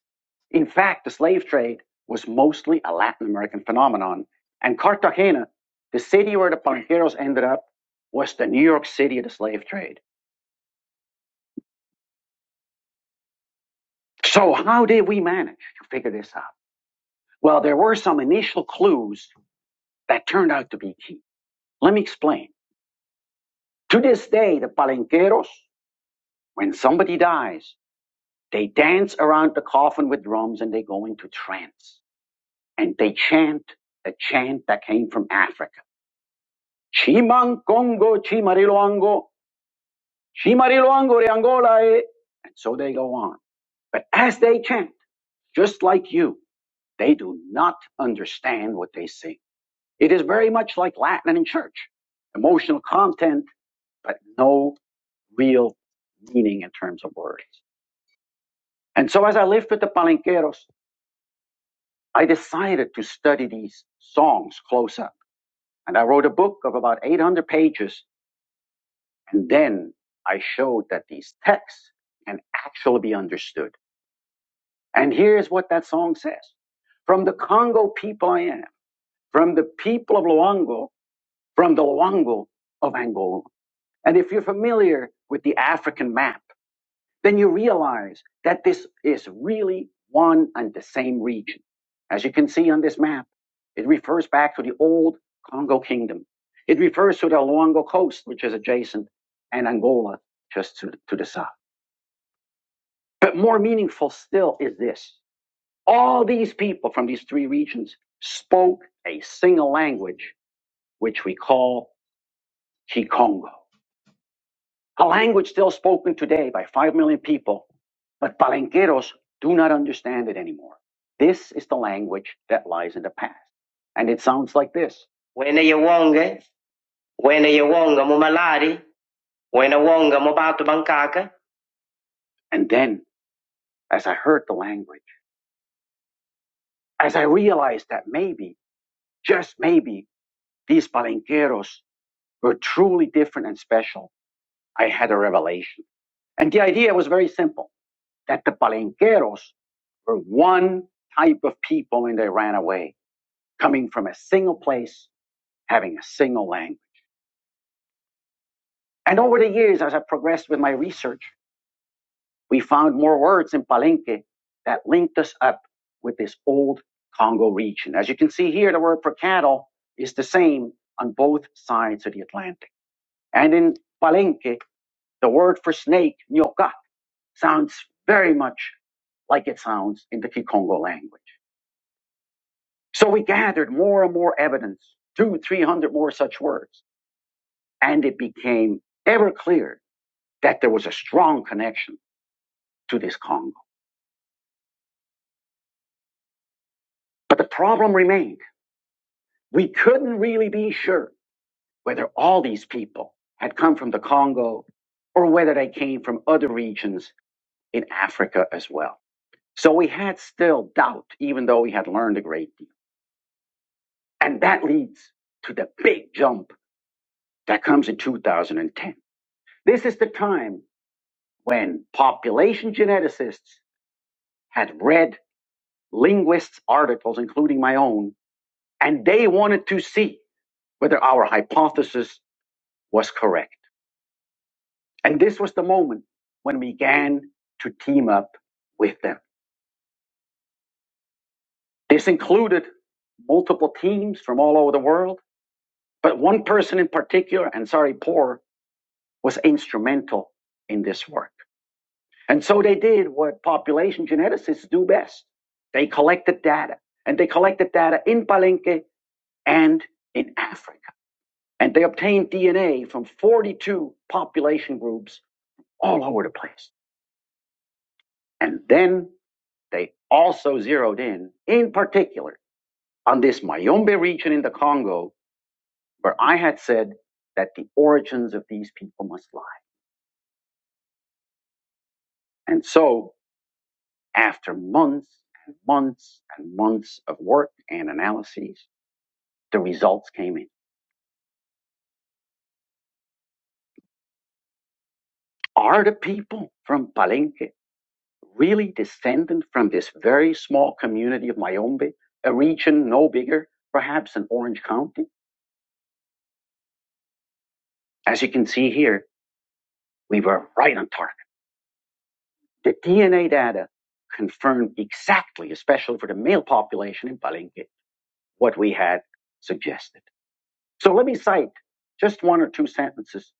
J: In fact, the slave trade was mostly a Latin American phenomenon. And Cartagena, the city where the Banqueros ended up, was the New York City of the slave trade. So how did we manage to figure this out? Well, there were some initial clues that turned out to be key. Let me explain. To this day, the palenqueros, when somebody dies, they dance around the coffin with drums and they go into trance and they chant a chant that came from Africa. Chiman Congo, Chimariloango, Chimariloango de Angola. eh." And so they go on. But as they chant, just like you, they do not understand what they sing. It is very much like Latin in church emotional content, but no real meaning in terms of words. And so, as I lived with the palenqueros, I decided to study these songs close up. And I wrote a book of about 800 pages. And then I showed that these texts can actually be understood. And here's what that song says From the Congo people I am, from the people of Luango, from the Luango of Angola. And if you're familiar with the African map, then you realize that this is really one and the same region. As you can see on this map, it refers back to the old Congo kingdom. It refers to the Luango coast, which is adjacent, and Angola just to, to the south. But more meaningful still is this. All these people from these three regions spoke a single language, which we call Kikongo. a language still spoken today by 5 million people, but palenqueros do not understand it anymore. This is the language that lies in the past. And it sounds like this. Wena yewonge, wena yewonga mu malari, wena wonga mu batu bankaka. And then, as I heard the language, as I realized that maybe, just maybe, these palenqueros were truly different and special, I had a revelation. And the idea was very simple, that the palenqueros were one type of people and they ran away, coming from a single place, having a single language. And over the years, as I progressed with my research, we found more words in Palenque that linked us up with this old Congo region. As you can see here, the word for cattle is the same on both sides of the Atlantic. And in Palenque, the word for snake, nyoka, sounds very much like it sounds in the Kikongo language. So we gathered more and more evidence, two, three hundred more such words, and it became ever clear that there was a strong connection to this Congo. But the problem remained. We couldn't really be sure whether all these people had come from the Congo or whether they came from other regions in Africa as well. So we had still doubt, even though we had learned a great deal. And that leads to the big jump that comes in 2010. This is the time when population geneticists had read linguists' articles, including my own, and they wanted to see whether our hypothesis was correct. And this was the moment when we began to team up with them. This included multiple teams from all over the world, but one person in particular, and sorry, poor, was instrumental in this work. And so they did what population geneticists do best. They collected data, and they collected data in Palenque and in Africa. And they obtained DNA from 42 population groups all over the place. And then they also zeroed in, in particular, on this Mayombe region in the Congo, where I had said that the origins of these people must lie. And so, after months and months and months of work and analyses, the results came in. Are the people from Palenque really descendant from this very small community of Mayombe, a region no bigger, perhaps, than Orange County? As you can see here, we were right on target. The DNA data confirmed exactly, especially for the male population in Palenque, what we had suggested. So let me cite just one or two sentences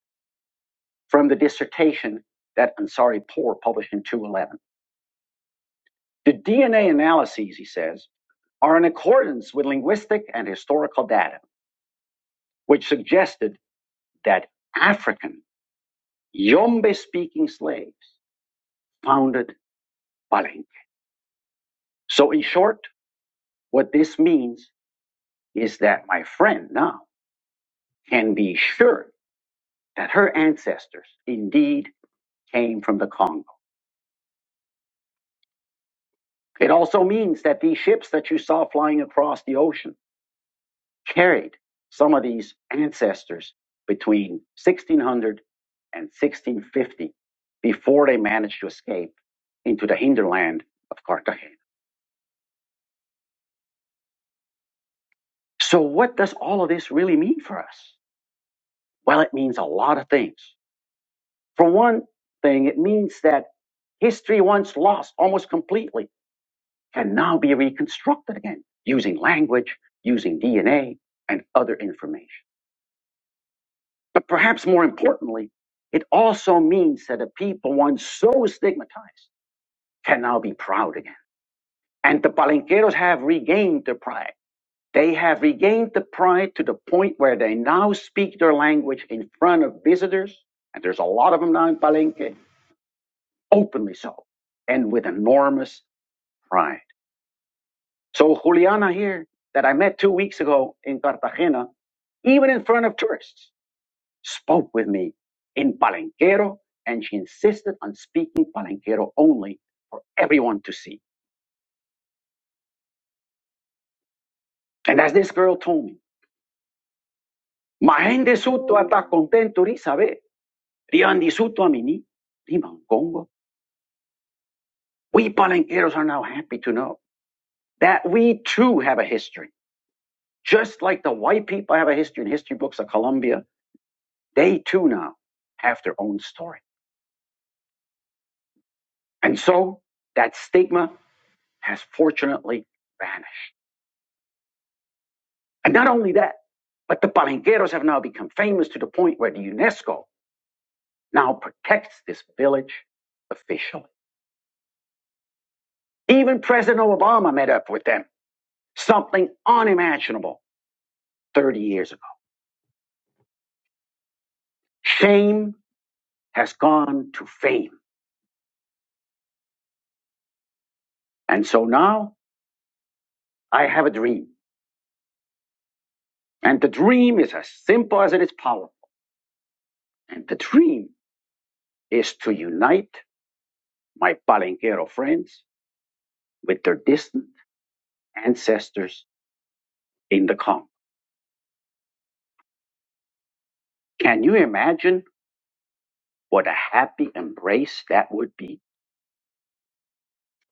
J: from the dissertation that Ansari Poor published in 2011. The DNA analyses, he says, are in accordance with linguistic and historical data, which suggested that African Yombe speaking slaves founded Palenque. So, in short, what this means is that my friend now can be sure that her ancestors indeed came from the Congo. It also means that these ships that you saw flying across the ocean carried some of these ancestors between 1600 and 1650 before they managed to escape into the hinterland of Cartagena. So, what does all of this really mean for us? Well, it means a lot of things. For one thing, it means that history once lost almost completely can now be reconstructed again using language, using DNA, and other information. But perhaps more importantly, it also means that the people once so stigmatized can now be proud again. And the palenqueros have regained their pride. They have regained the pride to the point where they now speak their language in front of visitors, and there's a lot of them now in Palenque, openly so, and with enormous pride. So Juliana here, that I met two weeks ago in Cartagena, even in front of tourists, spoke with me in Palenquero, and she insisted on speaking Palenquero only for everyone to see. And as this girl told me, ma gente suto ata contento ¿sabe? riandi suto amini, riman Congo, We Palenqueros are now happy to know that we too have a history. Just like the white people have a history in history books of Colombia, they too now have their own story. And so that stigma has fortunately vanished. And not only that, but the Palenqueros have now become famous to the point where the UNESCO now protects this village officially. Even President Obama met up with them, something unimaginable 30 years ago. Shame has gone to fame. And so now I have a dream. And the dream is as simple as it is powerful. And the dream is to unite my Palenquero friends with their distant ancestors in the Congo. Can you imagine What a happy embrace that would be.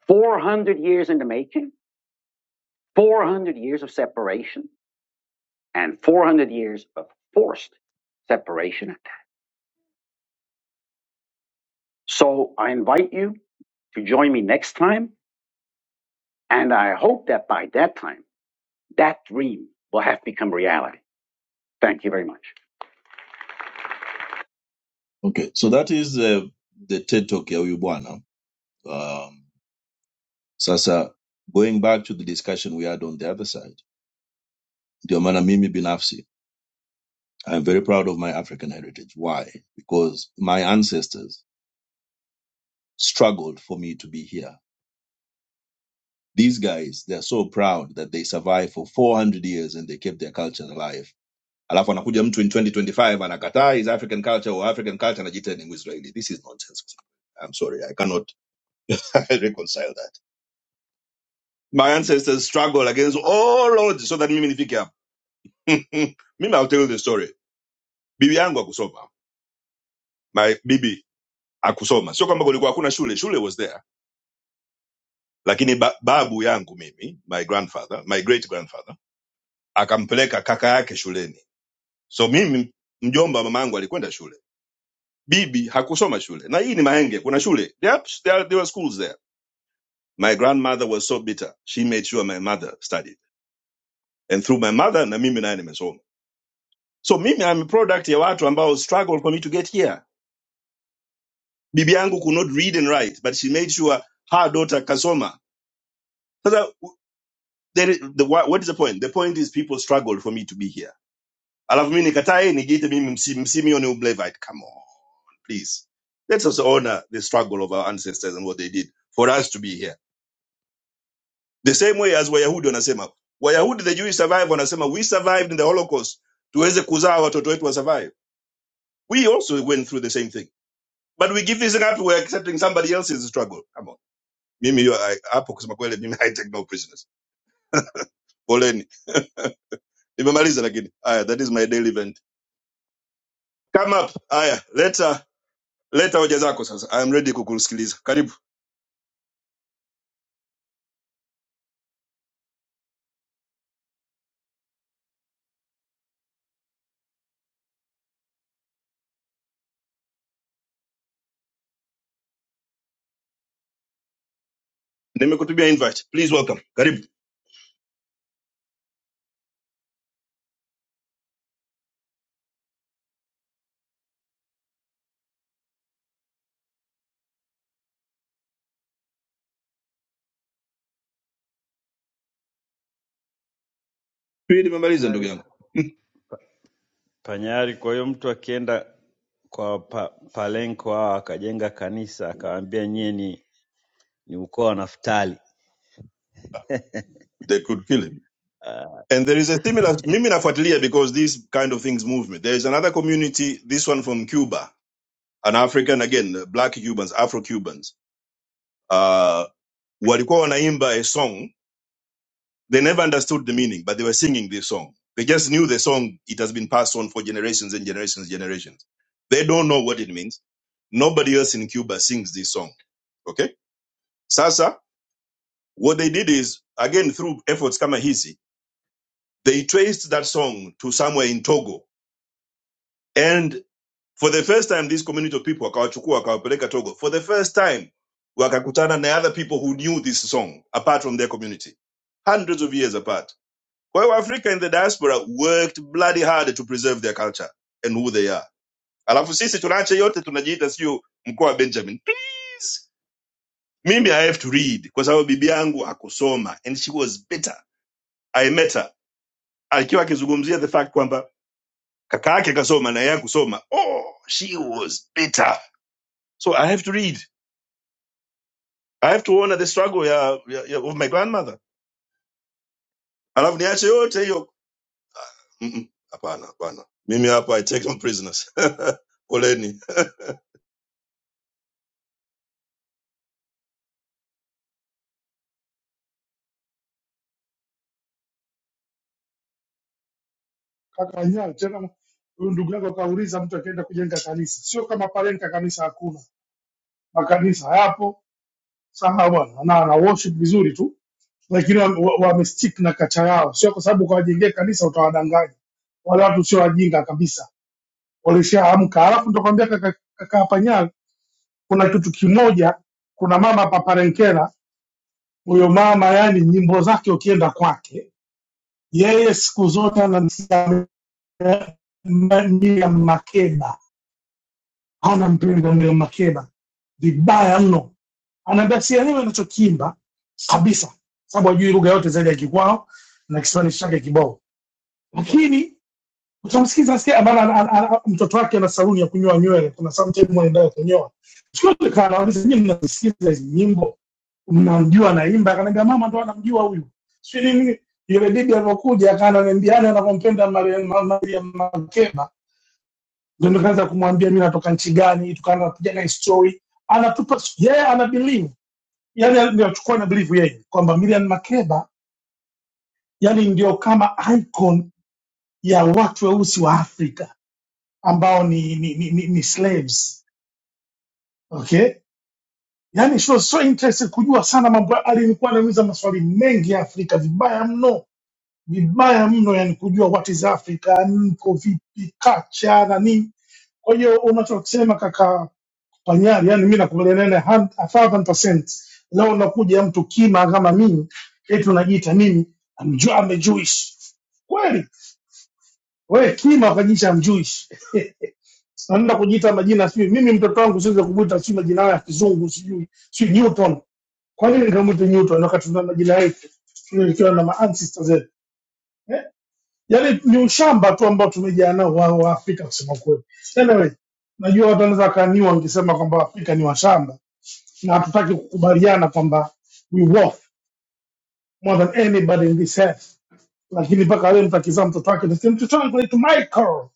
J: 400 years in the making, 400 years of separation, and 400 years of forced separation. at that. So I invite you to join me next time, and I hope that by that time, that dream will have become reality. Thank you very much. Okay, so that is uh, the TED Talk ya huyu bwana. Um, sasa going back to the discussion we had on the other side, ndio maana mimi binafsi I'm very proud of my African heritage. Why? Because my ancestors struggled for me to be here. These guys, they're so proud that they survived for 400 years and they kept their culture alive. Alafu anakuja mtu in 2025 anakataa his African culture or African culture anajiita ni Mwisraeli. This is nonsense. I'm sorry, I cannot reconcile that. My ancestors struggled against all odds so that mimi nifike hapa. mimi I'll tell you the story. Bibi yangu akusoma. My bibi akusoma. Sio kwamba kulikuwa hakuna shule, shule was there lakini ba, babu yangu mimi my grandfather my great grandfather akampeleka kaka yake shuleni so mimi mjomba mama yangu alikwenda shule bibi hakusoma shule na hii ni mahenge kuna shule yep, there, there were schools there my grandmother was so bitter she made sure my mother studied and through my mother na mimi naye nimesoma so mimi I'm a product ya watu ambao struggle for me to get here bibi yangu could not read and write but she made sure her daughter kasoma sasa there, is- the, what is the point the point is people struggled for me to be here alafu mi nikatae nijiite mimi msi- msimeon ublevite come on please let us honor the struggle of our ancestors and what they did for us to be here the same way as wayahudi wanasema wayahudi the jewish survive wanasema we survived in the holocaust tuweze kuzaa watoto wetu wa survive. we also went through the same thing but we give this thing up we're accepting somebody else's struggle come on mimi hiyo, I- hapo kusema kweli mimi i take no prisoners poleni nimemaliza lakini haya that is my daily event come up haya leta leta hoja zako sasa i am ready kukusikiliza karibu nimekutumia invite please welcome karibu hii nimemaliza ndugu
D: Panyari.
J: yangu
D: Panyari, kwa hiyo mtu akienda kwa pa, Palenko hao akajenga kanisa akawaambia nyie ni, ni ukoo wa Naftali.
J: They could kill him.
D: Ah,
J: And there is a similar, mimi nafuatilia because these kind of things move me. There is another community, this one from Cuba, an African again, black Cubans, Afro Cubans. Uh, walikuwa wanaimba a song. They never understood the meaning, but they were singing this song. They just knew the song. It has been passed on for generations and generations, generations. They don't know what it means. Nobody else in Cuba sings this song. Okay? Sasa What they did is, again, through efforts kama hizi, they traced that song to somewhere in Togo. And for the first time, this community of people, wakawachukua, wakawapeleka Togo. For the first time, wakakutana na other people who knew this song, apart from their community. Hundreds of years apart. Kwa hiyo Africa in the diaspora worked bloody hard to preserve their culture and who they are. Alafu sisi tunaacha yote tunajiita sio mkoa wa Benjamin. Please. Mimi I have to read kwa sababu bibi yangu hakusoma and she was bitter. I met her akiwa akizungumzia the fact kwamba kaka yake akasoma na yeye kusoma. oh she was bitter so i have to read i have to honor the struggle ya, ya, ya of my grandmother alafu niache yote hiyo Mm-mm. hapana hapana mimi hapa i take some prisoners poleni
L: kaka Anyar, tena huyu ndugu yako kauliza mtu akienda kujenga kanisa sio kama palenka kanisa hakuna makanisa hayapo sawa bwana na na worship vizuri tu lakini wamestick wa, wa wamestick na kacha yao sio kwa sababu ukawajengea kanisa utawadanganya wale watu sio wajinga kabisa walishaamka. Alafu ndo kwambia kaka, kaka Panyal, kuna kitu kimoja, kuna mama hapa Parenkera, huyo mama yani nyimbo zake ukienda kwake yeye siku zote anamsamia Makeba, hana mpingo Mia Makeba vibaya mno, anaambia sielewi anachokiimba kabisa, sababu hajui lugha yote zaidi ya Kikwao na Kiswahili chake kibao, lakini utamsikiza asikia bana, ana- ana- ana- mtoto wake ana saluni ya kunyoa nywele, kuna sometime wanaendaga kunyoa. Siku ile kana wauliza nyinyi mnasikiza hizi nyimbo mnamjua naimba? Akaniambia mama ndo anamjua huyu, si nini. Yule bibi alivyokuja akananiambia yani anavyompenda Mariam Ma- Mariam Makeba, ndio nikaanza kumwambia mimi natoka nchi gani, tukaanza kupiga na story. Anatupa yeye yeah, ana believe yani, ndio achukua na believe yeye kwamba Mariam Makeba yani ndio kama icon ya watu weusi wa Afrika ambao ni, ni, ni, ni, ni slaves okay yani she was so interested kujua sana mambo ya- alikuwa anauliza maswali mengi ya afrika vibaya mno vibaya mno yani kujua what is africa niko vipi kacha na nini kwa hiyo unachosema kaka panyari yani mi nakubaliana naye hand- a thousand percent leo unakuja mtu kima kama mimi eti unajiita nini I'm Jew- I'm a Jewish kweli we kima kajisha mjui naenda kujiita majina sijui mimi mtoto wangu siweze kumwita sijui majina hayo ya kizungu sijui sijui newton kwa nini nikamwita newton wakati tuna majina yetu Sijui nikiwa na maancestor zetu eh? yaani ni ushamba tu ambao tumejaa nao wa, wa afrika kusema kweli anyway najua watu wanaweza wakaniwa wangesema kwamba afrika ni washamba na hatutaki kukubaliana kwamba we worth more than anybody in this earth lakini mpaka leo mtu akizaa mtoto wake nasema mtoto wangu naitwa michael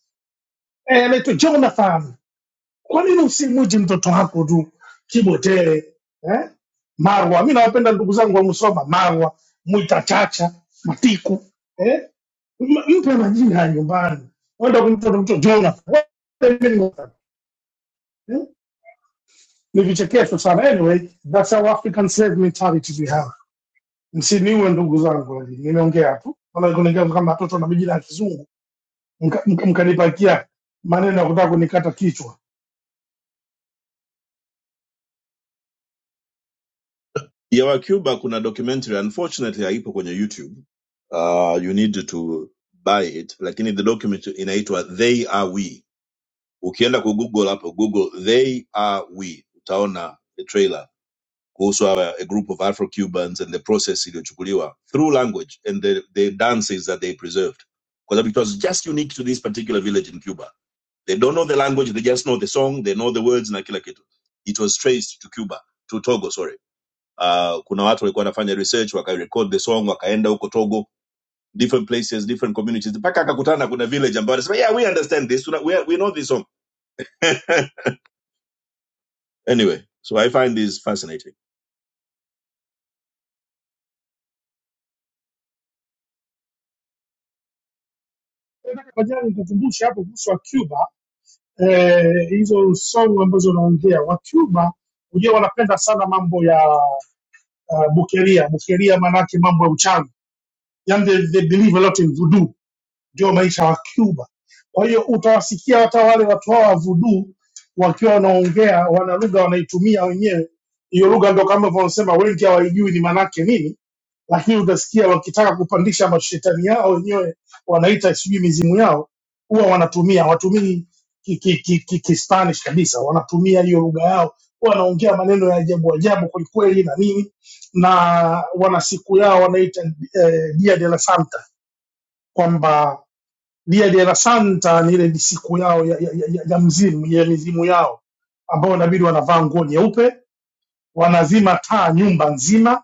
L: eh, anaitwa Jonathan. Kwa nini usimuji mtoto wako tu Kibotele eh? Marwa, mi nawapenda ndugu zangu wa Musoma, Marwa, Mwita, Chacha, Matiku eh? M- Mpe majina ya nyumbani, wenda kumtoto mtoto Jonathan What the meaning of that? eh? Ni vichekesho sana. Anyway, that's how African slave mentality we have. Msiniue ndugu zangu, lakini nimeongea tu, maana kuniongea kama watoto na majina ya kizungu, mka- mka- mkanipakia maneno ya kutaka kunikata kichwa.
J: ya wa cuba kuna documentary unfortunately haipo kwenye youtube uh, you need to buy it lakini the document inaitwa they are we ukienda ku Google hapo google they are we utaona the trailer kuhusu hawa- a group of afro cubans and the process iliyochukuliwa through language and the, the dances that they preserved because it was just unique to this particular village in cuba they don't know the language they just know the song they know the words na kila kitu it was traced to cuba to togo sorry uh, kuna watu walikuwa wanafanya research wakarecord the song wakaenda huko togo different places different communities mpaka akakutana kuna village ambayo anasema yeah we understand this Tuna- we, we know this song anyway so i find this fascinating
L: Nataka kwa jana nikukumbushe hapo kuhusu wa Cuba eh, hizo song ambazo unaongea wa Cuba, unajua wanapenda sana mambo ya uh, bukeria bukeria, maanake mambo ya uchawi, yani they, they believe a lot in voodoo ndio maisha wa Cuba. Kwa hiyo utawasikia hata wale watu hao wa voodoo wakiwa wanaongea, wana lugha wanaitumia wenyewe hiyo lugha, ndio kama hivyo wanasema wengi hawaijui ni manake nini, lakini utasikia wakitaka kupandisha mashetani yao wenyewe, wanaita sijui mizimu yao, huwa wanatumia watumii ki, ki, ki, ki, ki Spanish kabisa, wanatumia hiyo lugha yao, wanaongea maneno ya ajabu ajabu kwelikweli na nini, na wana siku yao wanaita eh, Dia de la Santa kwamba dia dia la santa ni ile ni siku yao ya, ya, ya, ya mzimu ya mizimu yao ambao inabidi wanavaa nguo nyeupe wanazima taa nyumba nzima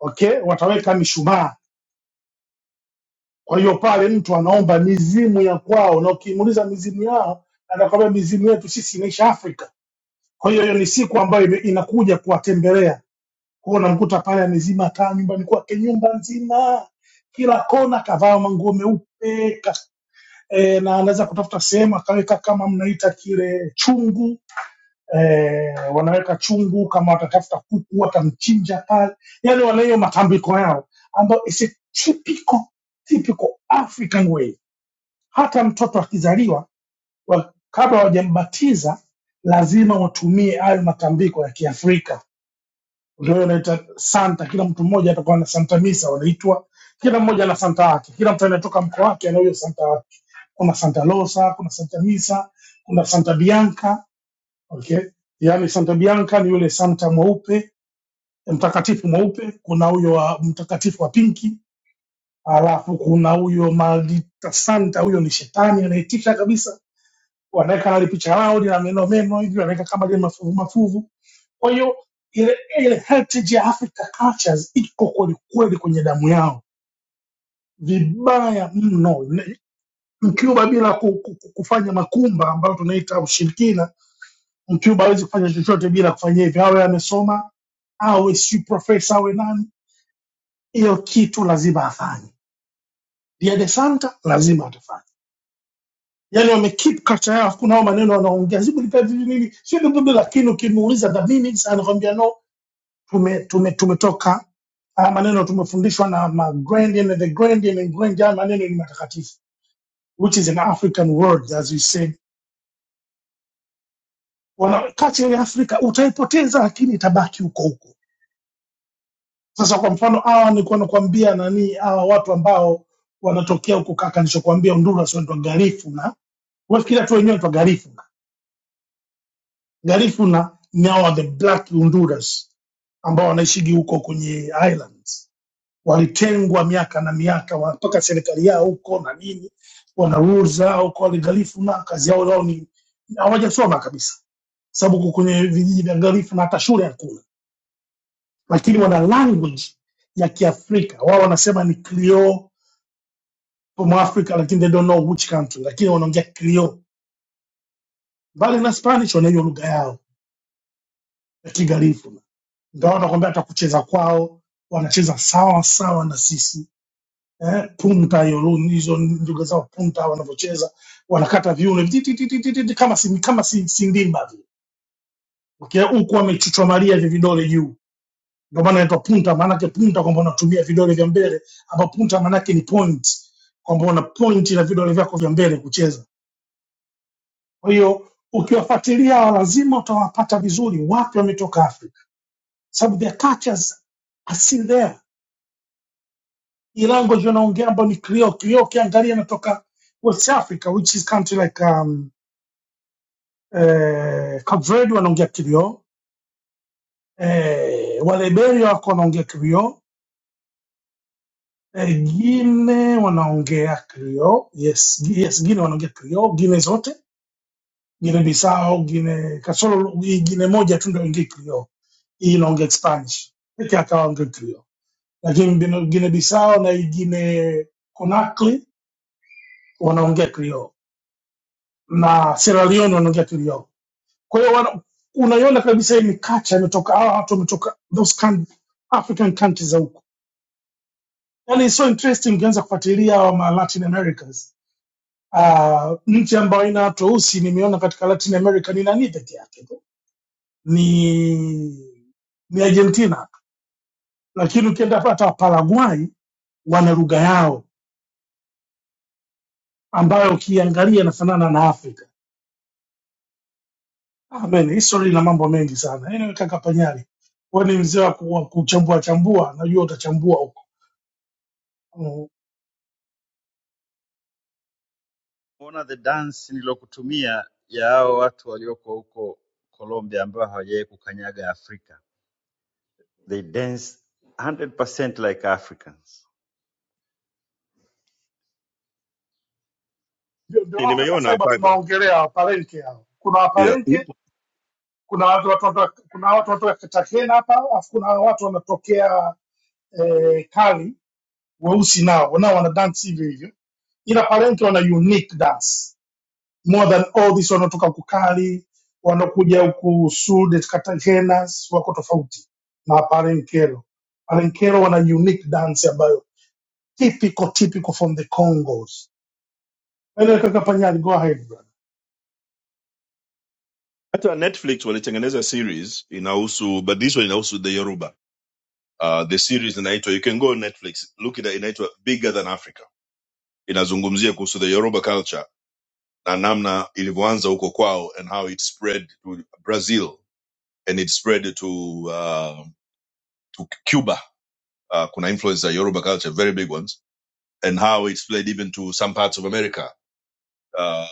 L: okay wataweka mishumaa kwa hiyo pale mtu anaomba mizimu ya kwao na ukimuuliza mizimu yao anakwambia mizimu yetu sisi inaisha afrika kwa hiyo hiyo ni siku ambayo ime- inakuja kuwatembelea kwao unamkuta pale amezima taa nyumbani kwake nyumba nzima kila kona kavaa manguo meupe e, na anaweza kutafuta sehemu akaweka kama mnaita kile chungu e, wanaweka chungu kama watatafuta kuku watamchinja pale, yani wana hiyo matambiko yao ambayo is a typical, typical African way. Hata mtoto akizaliwa wa- kabla hawajambatiza lazima watumie hayo matambiko ya Kiafrika ndio inaita santa. Kila mtu mmoja atakuwa na santa misa, wanaitwa kila mmoja ana santa yake, kila mtu anatoka mkoa wake ana huyo santa wake. Kuna santa losa, kuna santa misa, kuna santa bianca. Okay, yaani santa bianca ni yule santa mweupe mtakatifu mweupe, kuna huyo wa mtakatifu wa pinki, alafu kuna huyo maldita santa, huyo ni shetani anaitisha kabisa, wanaweka nali picha lao lina meno meno hivi, wanaweka kama lile mafuvu mafuvu kwa hiyo ile ile heritage ya Africa cultures iko kweli kweli kwenye damu yao vibaya mno. Ne- Mcuba bila ku, ku, ku- kufanya makumba ambayo tunaita ushirikina, Mcuba hawezi kufanya chochote bila kufanya hivyo, awe amesoma awe si profesa awe nani, hiyo kitu lazima afanye. Dia de Santa lazima atafanya. Yani wame keep culture yao, kuna hao maneno wanaongea sijui bila nini, sio ndio? lakini ukimuuliza the meanings anakwambia no, tume, tume, tumetoka haya maneno tumefundishwa na magrandian and the grandian and grandian maneno ni matakatifu which is an african word as you said wana culture ya afrika utaipoteza lakini itabaki huko huko sasa kwa mfano hawa nilikuwa nakwambia nani hawa watu ambao wanatokea huko kaka nilichokuambia honduras wanaitwa garifu na wafikira tu wenyewe wanaitwa garifu garifu na ni hawa the black honduras ambao wanaishigi huko kwenye islands walitengwa miaka na miaka wa- mpaka serikali yao huko na nini, wana rules zao kwa walinganifu na kazi yao zao ni hawajasoma kabisa, sababu huko kwenye vijiji vya ngalifu na hata shule hakuna, lakini wana language ya Kiafrika. Wao wanasema ni Creole from Africa, lakini they don't know which country, lakini wanaongea Creole. Mbali na Spanish, wanaijua lugha yao ya Kigalifu, ndio wanakwambia hata kucheza kwao wanacheza sawa sawa na sisi eh, punta hiyo hizo ndugu zao punta wanavyocheza wanakata viuno ti- ti- ti- ti- ti- ti- kama si kama si, si ndimba vile Okay, huku wamechuchomalia hivi vidole juu, ndio maana inaitwa punta. Maanake punta kwamba unatumia vidole vya mbele, ama punta maanake ni point, kwamba una point na vidole vyako vya mbele kucheza. Kwa hiyo ukiwafuatilia hawa lazima utawapata vizuri, wapi wametoka Afrika, sababu their cultures are still there Irango ndio naongea ambao ni Creole. Creole ukiangalia inatoka West Africa which is country like um, eh, Cape Verde wanaongea Creole. Eh, wa Liberia wako wanaongea Creole. Eh, Gine wanaongea Creole. Yes, Gi- yes Gine wanaongea Creole. Gine zote, Gine Bissau, Gine kasoro Gine moja tu ndio inaongea Creole. Hii inaongea Spanish. Pekee yake wanaongea Creole. Lakini Gine Bissau na Gine Conakry wanaongea Creole. na Sierra Leone wanaongea yao. Kwa hiyo wana- unaiona kabisa hii mikacha imetoka, hawa watu wametoka those coun- African countries za huko, yaani it's so interesting ukianza kufuatilia hawa ma Latin Americas. Uh, nchi ambayo haina watu weusi nimeona katika Latin America ni nani peke yake tu? ni ni Argentina, lakini ukienda hata Paraguay wana lugha yao ambayo ukiangalia inafanana na Afrika Amen. Hii story ina mambo mengi sana. Anyway, kaka Panyari, wewe ni mzee wa ku- wa kuchambua chambua, najua utachambua huko. Mm.
D: Mbona the dance nilokutumia ya hao watu walioko huko Colombia ambao hawajawahi kukanyaga Afrika. They dance 100% like Africans.
L: Ndio ndio hao kaka
J: nimeiona
L: Faiba
J: fiber
L: tunaongelea waparenke hao. Kuna
J: yeah
L: waparenke, kuna watu watu watu- kuna watu watu wa Kitakena hapa, alafu kuna watu wanatokea eh, kali weusi nao, nao wana dance hivyo hivyo. Ila parenke wana unique dance. more than all this wanaotoka kukali wanaokuja huku sud cartagenas wako tofauti na parenkero parenkero wana unique dance ambayo typical typical from the congos Anyway, kaka panyali go ahead brother
J: Hata Netflix walitengeneza series inahusu but this one inahusu the Yoruba. Uh, the series inaitwa you can go on Netflix look it up, inaitwa Bigger Than Africa. Inazungumzia kuhusu the Yoruba culture na namna ilivyoanza huko kwao and how it spread to Brazil and it spread to uh, to Cuba. Uh, kuna influence za Yoruba culture very big ones and how it spread even to some parts of America. Uh,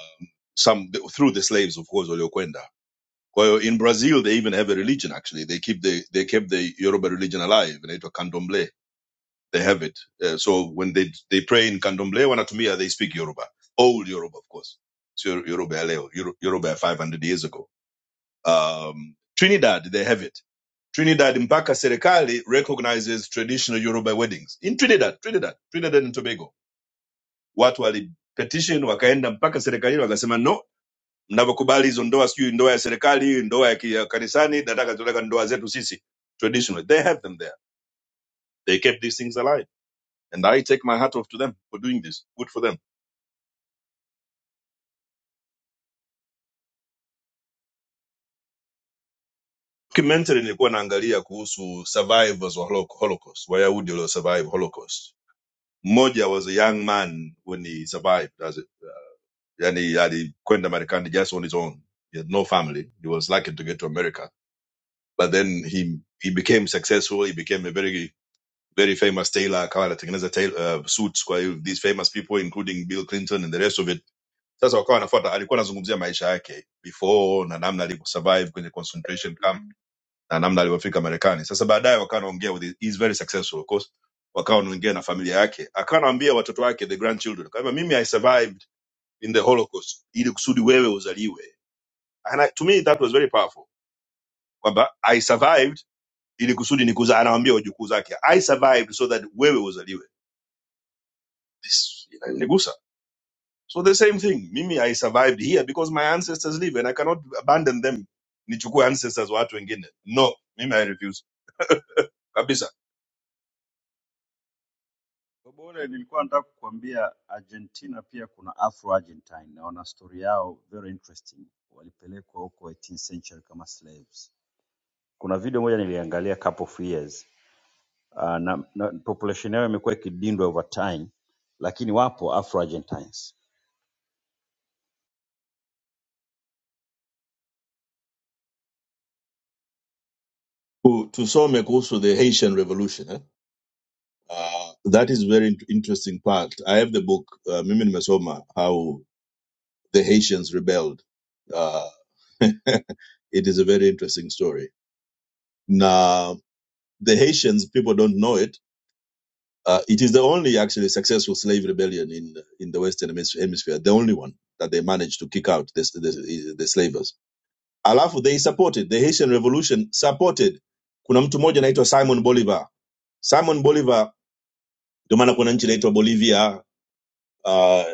J: some through the slaves of course waliokwenda Kwa in Brazil they even have a religion actually. They keep the they kept the Yoruba religion alive. Inaitwa Candomblé. They have it. Uh, so when they they pray in Candomblé wanatumia they speak Yoruba. Old Yoruba of course. Sio Yoruba ya Yoruba 500 years ago. Um, Trinidad they have it. Trinidad mpaka serikali recognizes traditional Yoruba weddings. In Trinidad, Trinidad, Trinidad and Tobago. Watu wali petition wakaenda mpaka serikalini wakasema no mnavyokubali hizo ndoa sijui ndoa ya serikali hii ndoa ya ki- ya kanisani nataka tunataka ndoa zetu sisi traditional they have them there they kept these things alive and i take my hat off to them for doing this good for them documentary nilikuwa naangalia kuhusu survivors wa holo- holocaust wayahudi walio survive holocaust mmoja was a young man when he survived as a, yani alikwenda marekani just on his own he had no family he was lucky to get to america but then he he became successful he became a very very famous tailor, akawa anatengeneza tail- uh, suits kwa these famous people including bill clinton and the rest of it sasa wakawa anafuata alikuwa anazungumzia maisha yake before na namna alivyosurvive kwenye concentration camp na namna alivyofika marekani sasa baadaye wakawa anaongea with his, he's very successful of course wakawa wanaongea na familia yake akawa anaambia watoto wake the grandchildren kama mimi i survived in the holocaust ili kusudi wewe uzaliwe and I, to me that was very powerful kwamba i survived ili kusudi nikuza anawaambia wajukuu zake i survived so that wewe uzaliwe This inanigusa. So the same thing. Mimi, I survived here because my ancestors live and I cannot abandon them. Nichukue ancestors wa watu wengine. No, mimi I refuse. Kabisa.
D: Bobo ule nilikuwa nataka kukuambia Argentina pia kuna Afro Argentine na wana story yao very interesting. Walipelekwa huko 18th century kama slaves. Kuna video moja niliangalia couple of years uh, na, na population yao imekuwa ikidindwa over time, lakini wapo Afro Argentines.
J: To Tu- Tusome also the Haitian revolution. Eh? Uh, that is very int- interesting part. I have the book uh, mimi nimesoma how the Haitians rebelled. Uh, it is a very interesting story. Now the Haitians people don't know it Uh, it is the only actually successful slave rebellion in in the Western hemis- Hemisphere, the only one that they managed to kick out the, the, the slavers. Alafu they supported the Haitian Revolution, supported kuna mtu mmoja anaitwa Simon Bolivar. Simon Bolivar, ndio maana kuna nchi inaitwa Bolivia uh,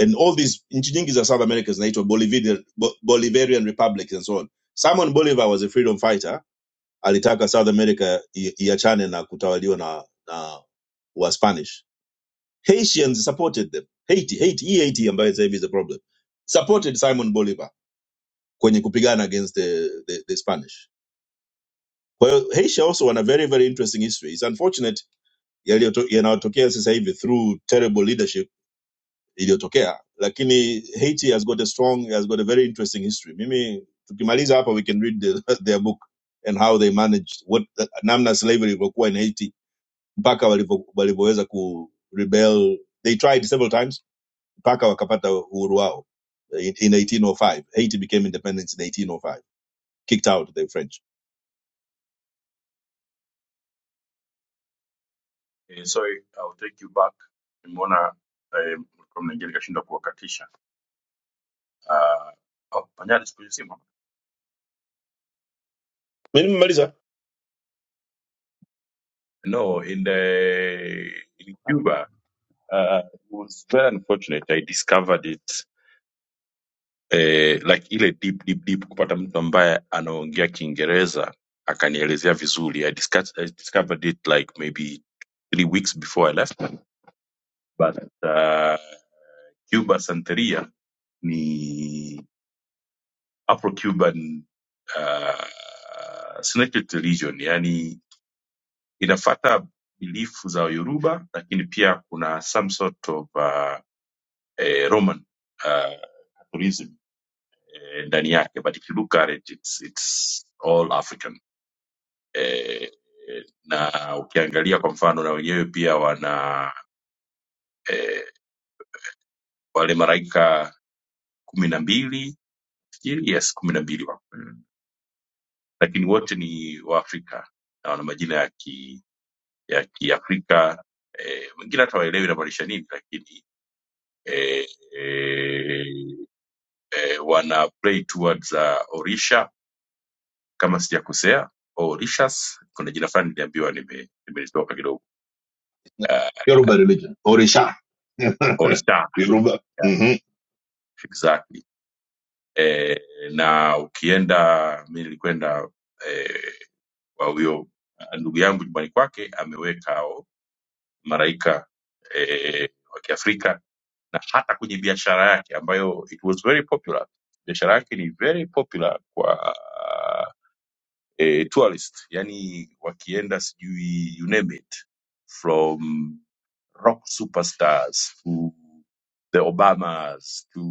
J: and all these nchi nyingi za South America zinaitwa Bolivian, Bo- Bolivarian republics and so on. Simon Bolivar was a freedom fighter, alitaka South America i- iachane na kutawaliwa na, na wa Spanish Haitians supported them. Haiti, Haiti, hii Haiti ambayo sasa hivi is the problem. Supported Simon Bolivar kwenye kupigana against the, the, the Spanish. Kwa hiyo Haiti also wana very very interesting history. It's unfortunate yaliyoto- yanayotokea sasa hivi through terrible leadership iliyotokea, lakini Haiti has got a strong has got a very interesting history. Mimi tukimaliza hapa we can read the, their book and how they managed what namna slavery ilivyokuwa in Haiti mpaka walivyo- walivyoweza ku rebel. They tried several times mpaka wakapata uhuru wao eh, in in 1805 haiti became independent in 1805 kicked out the french
I: Eh, sorry, I'll take you back. Nimeona eh, mlikuwa mnaingia nikashindwa kuwakatisha. Uh, oh, panyari siku hizi simu.
J: Mimi nimemaliza
I: No, in the in Cuba uh, it was very unfortunate. I discovered it eh, like ile deep deep deep kupata mtu ambaye anaongea Kiingereza akanielezea vizuri. I discuss, I discovered it like maybe three weeks before I left. But uh, Cuba Santeria ni Afro-Cuban uh, syncretic religion, yani inafata bilifu za Yoruba, lakini pia kuna some sort of uh, eh, Roman uh, tourism eh, ndani yake, but if you look at it it's, it's all African eh, eh, na ukiangalia kwa mfano na wenyewe pia wana eh, wale maraika kumi na mbili nafikiri yes kumi na mbili wako. Mm. lakini wote ni Waafrika na wana majina ya ki ya Kiafrika eh, wengine hata waelewi inamaanisha nini, lakini eh, eh, eh, wana play towards uh, Orisha kama sijakosea, Orishas. Kuna jina fulani niliambiwa nime- nimelitoka kidogo uh,
J: Yoruba religion. Orisha.
I: Orisha
J: Yoruba.
I: yeah,
J: Mhm.
I: exactly. Eh, na ukienda mi nilikwenda eh, kwa huyo uh, ndugu yangu nyumbani kwake ameweka hao maraika eh, wa Kiafrika na hata kwenye biashara yake ambayo it was very popular biashara yake ni very popular kwa e, tourist yani wakienda sijui you name it from rock superstars to the obamas to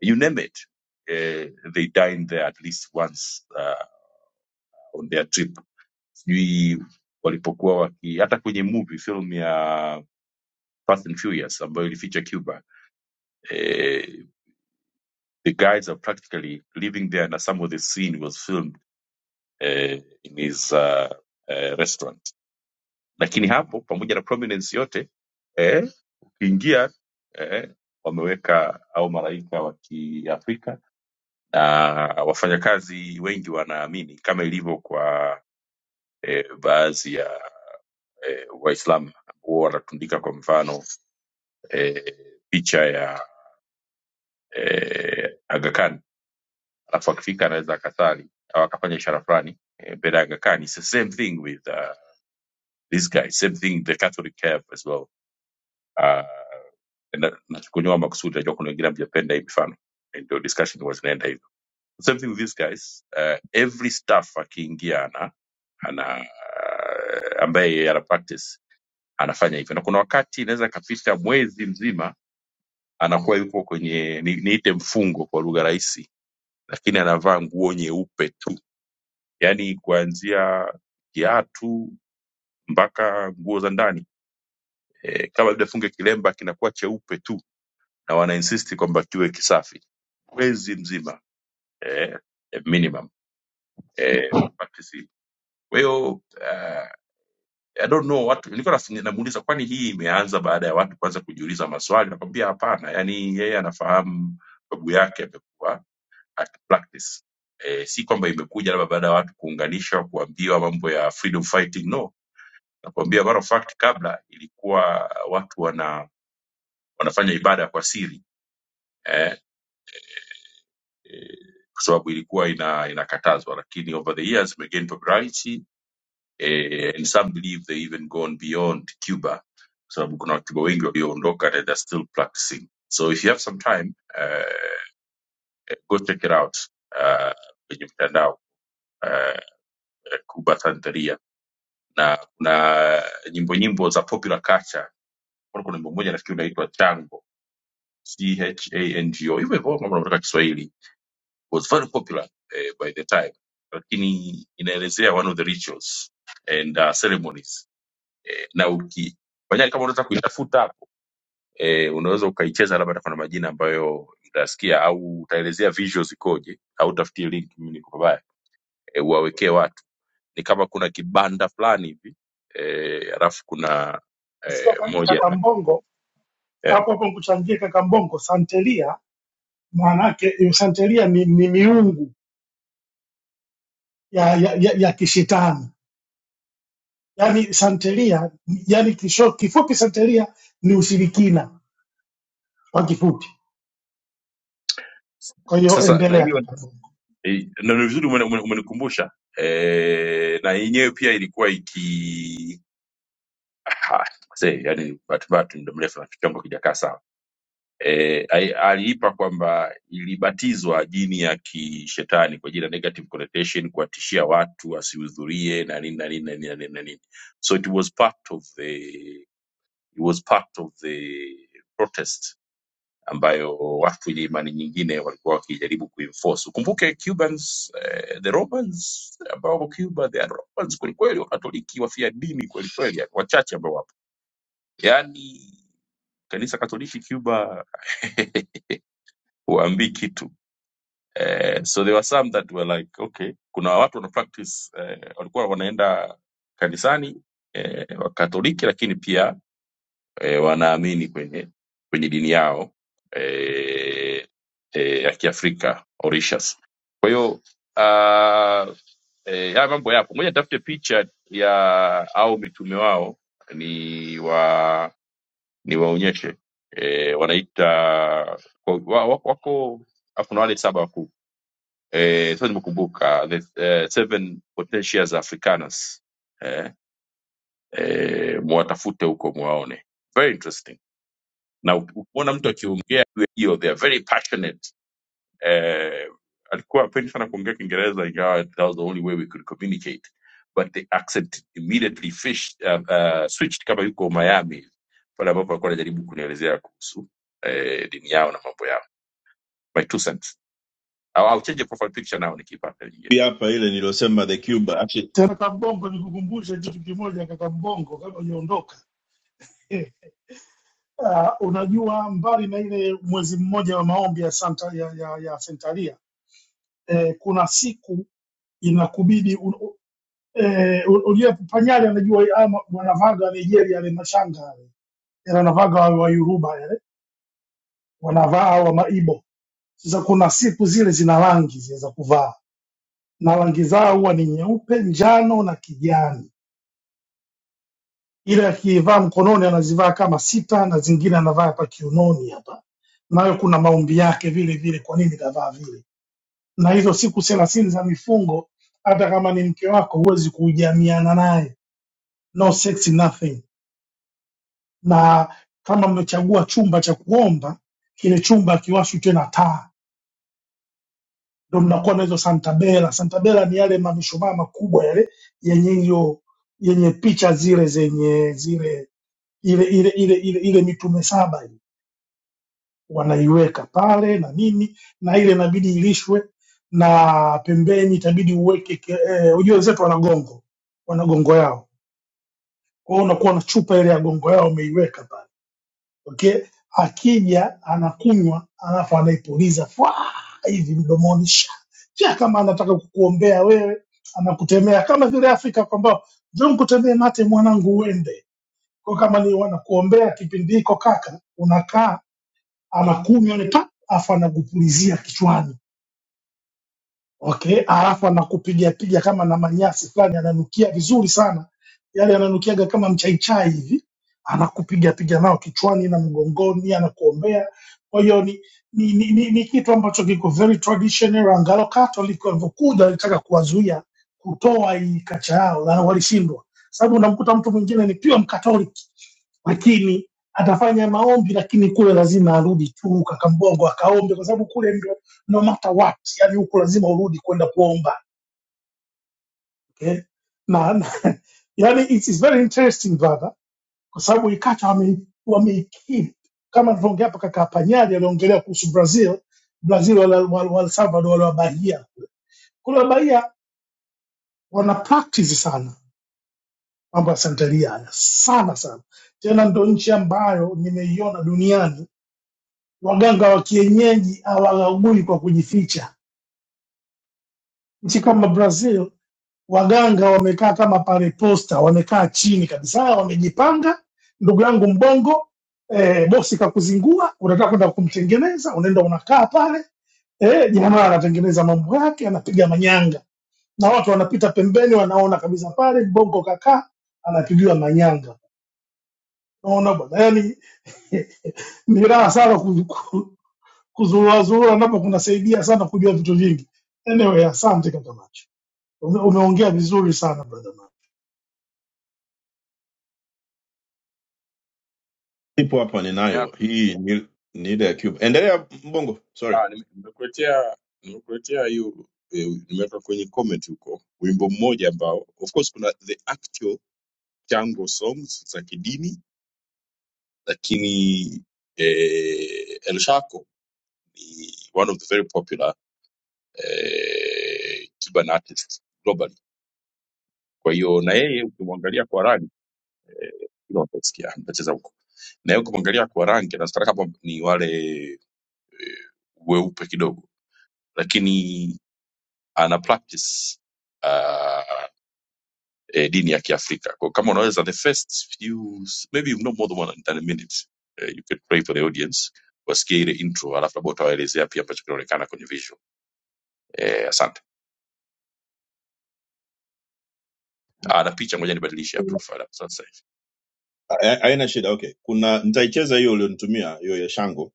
I: you name it eh, they dine there at least once uh, on their trip sijui walipokuwa waki hata kwenye movie film ya Fast and Furious ambayo ilificha Cuba eh, the guys are practically living there, na some of the scene was filmed eh, in his uh, eh, restaurant. Lakini hapo pamoja na prominence yote eh, ukiingia eh, wameweka au malaika wa Kiafrika na wafanyakazi wengi wanaamini kama ilivyo kwa eh, baadhi ya eh, Waislamu ambao wanatundika kwa mfano eh, picha ya eh, Aga Khan alafu akifika anaweza akasali au akafanya ishara fulani eh, mbele ya Aga Khan. It's the same thing with uh, this guy, same thing the Catholic have as well. Uh, na- nachukunywa makusudi, najua kuna wengine hamjapenda hii mifano, Eh, ndio discussion huwa zinaenda hivyo. Same thing with these guys, uh, every staff akiingia ana ana ambaye yeye ana practice anafanya hivyo, na kuna wakati inaweza kapita mwezi mzima anakuwa yupo kwenye ni- niite mfungo kwa lugha rahisi, lakini anavaa nguo nyeupe tu yaani kuanzia kiatu mpaka nguo za ndani e, kama labda funge kilemba kinakuwa cheupe tu na wanainsisti kwamba kiwe kisafi mwezi mzima e, e, minimum e, practice. kwa hiyo uh, I don't know watu nilikuwa nafanya- namuuliza kwani hii imeanza baada ya watu kwanza kujiuliza maswali nakwambia hapana yaani yeye anafahamu babu yake amekuwa akipractice e, si kwamba imekuja labda baada ya watu kuunganishwa kuambiwa mambo ya freedom fighting no nakwambia matter of fact kabla ilikuwa watu wana wanafanya ibada kwa siri eh, eh, kwa sababu ilikuwa ina inakatazwa lakini over the years imegain popularity eh, and some believe they even gone beyond cuba kwa sababu kuna wacuba wengi walioondoka and they're still practicing so if you have some time uh, go check it out uh, kwenye mtandao uh, cuba santeria na kuna nyimbo nyimbo za popular culture kuna nyimbo moja nafikiri unaitwa chango chango hivyo hivyo kama unataka kiswahili was very popular eh, by the time lakini inaelezea one of the rituals and uh, ceremonies eh, na uki Fanya kama unataka kuitafuta hapo eh, unaweza ukaicheza labda hata kuna majina ambayo utasikia au utaelezea visuals ikoje au utafutie link mimi niko pabaya eh, uwawekee watu ni kama kuna kibanda fulani hivi eh, alafu kuna
L: Nasikia
I: eh,
L: ka-
I: moja
L: kaka mbongo
I: yeah.
L: hapo hapo nikuchangie kaka mbongo santeria maana yake santeria ni, ni miungu ya, ya, ya, ya kishitani yani santeria yani kisho, kifupi santeria ni ushirikina kwa kifupi kwa hiyo
I: sasa na
L: endelea
I: hiyo
L: kaka
I: Eh, na ni vizuri umeni- umeni- umenikumbusha eh, na yenyewe pia ilikuwa iki Aha, mzee, yani bahati mbaya tu muda mrefu na kichongo kijakaa sawa eh, ai- aliipa kwamba ilibatizwa jini ya kishetani kwa jina negative connotation kuwatishia watu wasihudhurie na nini na nini na nini na nini na nini so it was part of the it was part of the protest ambayo watu wenye imani nyingine walikuwa wakijaribu kuenforce. Ukumbuke Cubans, eh, the Romans ambao wako Cuba, they are Romans kwelikweli, Wakatoliki wafia dini kwelikweli, wachache ambao wapo, yaani kanisa Katoliki Cuba huambii kitu eh, so there were some that were like okay, kuna watu wana practice eh, walikuwa wanaenda kanisani eh, Wakatoliki lakini pia e, wanaamini kwenye kwenye dini yao e, e, ya Kiafrika Orishas. Kwa hiyo uh, e, haya mambo yapo, ngoja nitafute picha ya au mitume wao ni wa niwaonyeshe e, wanaita kwa- wa- wa- wako afu kuna wale saba wakuu Eh, sasa nimekumbuka the eh, seven potentias africanas eh, eh, mwatafute huko mwaone very interesting na ukimwona mtu akiongea juu ya hiyo they are very passionate eh, alikuwa apendi sana kuongea kiingereza ingawa that was the only way we could communicate but the accent immediately fish, uh, uh, switched kama yuko miami pale ambapo alikuwa anajaribu kunielezea kuhusu eh, dini yao na mambo yao my two cents au au change the profile picture nao nikiipata nyingine
J: hii hapa ile niliyosema the cuba actually
L: Tena kaka Mbongo, nikukumbushe kitu kimoja kaka Mbongo, kabla hujaondoka eh, ah, unajua mbali na ile mwezi mmoja wa maombi ya Santa ya, ya, ya Sentalia eh, kuna siku inakubidi un- u- eh, u- unajua Panyali anajua ama wanavaga Nigeria ile mashanga yale Yale wanavaga wa wa Yoruba yale eh, wanavaa wa Maibo. Sasa kuna siku zile zina rangi zile za kuvaa na rangi zao huwa ni nyeupe, njano na kijani ile akivaa mkononi anazivaa kama sita na zingine anavaa hapa kiunoni hapa, nayo kuna maombi yake vile vile, kwa nini kavaa vile. Na hizo siku thelathini za mifungo, hata kama ni mke wako, huwezi kujamiana naye, no sex nothing. Na kama mmechagua chumba cha kuomba, kile chumba akiwashwi tena taa, ndo mnakuwa na hizo santabela. Santabela ni yale mamishumaa makubwa yale yenye hiyo yenye picha zile zenye zile ile ile ile ile, ile mitume saba wanaiweka pale na nini na ile inabidi ilishwe na pembeni itabidi uweke ke- eh, ujue wenzetu wana gongo wana gongo yao kwa hiyo unakuwa na chupa ile ya gongo yao umeiweka pale okay akija anakunywa alafu anaipuliza fwa hivi mdomoni sha sha kama anataka kukuombea wewe anakutemea kama vile afrika kwamba njoo nikutemee mate mwanangu uende kwa kama ni wanakuombea kipindi hiko kaka unakaa anakunywa ile pap afu anagupulizia kichwani okay, alafu anakupiga piga kama na manyasi fulani, ananukia vizuri sana, yale yananukiaga kama mchaichai hivi, anakupiga piga nao kichwani na mgongoni, anakuombea. Kwa hiyo ni, ni, ni, ni, ni kitu ambacho kiko very traditional. Angalo Catholic walivyokuja walitaka kuwazuia kutoa hii kacha yao, na walishindwa, sababu unamkuta mtu mwingine ni pure Mkatoliki lakini atafanya maombi, lakini kule lazima arudi tu Kakambogo akaombe, kwa sababu kule ndio no matter what, yani huko lazima urudi kwenda kuomba okay? na, na yani it is very interesting brother, kwa sababu Ikata wame- wameikiri kama alivyoongea hapa kaka Panyari aliongelea kuhusu Brazil. Brazil wala, wala, wala Salvador wale wabahia kule, wabahia wana practice sana mambo ya santeria haya sana sana, tena ndo nchi ambayo nimeiona duniani waganga wa kienyeji hawagagui kwa kujificha. Nchi kama Brazil waganga wamekaa kama pale posta, wamekaa chini kabisa, wamejipanga. Ndugu yangu Mbongo, eh, bosi kakuzingua, unataka kwenda kumtengeneza, unaenda unakaa pale eh, jamaa anatengeneza mambo yake, anapiga manyanga na watu wanapita pembeni, wanaona kabisa pale Mbongo kakaa anapigiwa manyanga. Unaona bwana, yani ni raha sana ku- ku- kuzuruazurua, napo kunasaidia sana kujua vitu vingi. Anyway, asante kaka Macho, Ume- umeongea vizuri sana brother.
J: people hapa
I: Ya,
J: ninayo hii ni ni ile ya cuba endelea mbongo sorry
I: ah, nime- nimekuletea nimekuletea hiyo eh, nimeweka kwenye comment huko wimbo mmoja ambao of course kuna the actual chango songs za kidini lakini eh, El Shaco ni one of the very popular eh, Cuban artist globally. Kwa hiyo na yeye ukimwangalia kwa rangi ila utasikia mtacheza huko, na yeye ukimwangalia kwa rangi nafikiri kama ni wale weupe kidogo, lakini ana practice Uh, eh, dini ya kiafrika kwa kama unaweza the first few maybe no more than, one, than a minute eh, you can pray for the audience wasikie ile intro alafu labda utawaelezea pia ambacho kinaonekana kwenye visual eh, asante ah, na picha ngoja nibadilishe ya profile hapo sasa hivi
J: Ha- haina shida okay kuna nitaicheza hiyo ulionitumia hiyo ya shango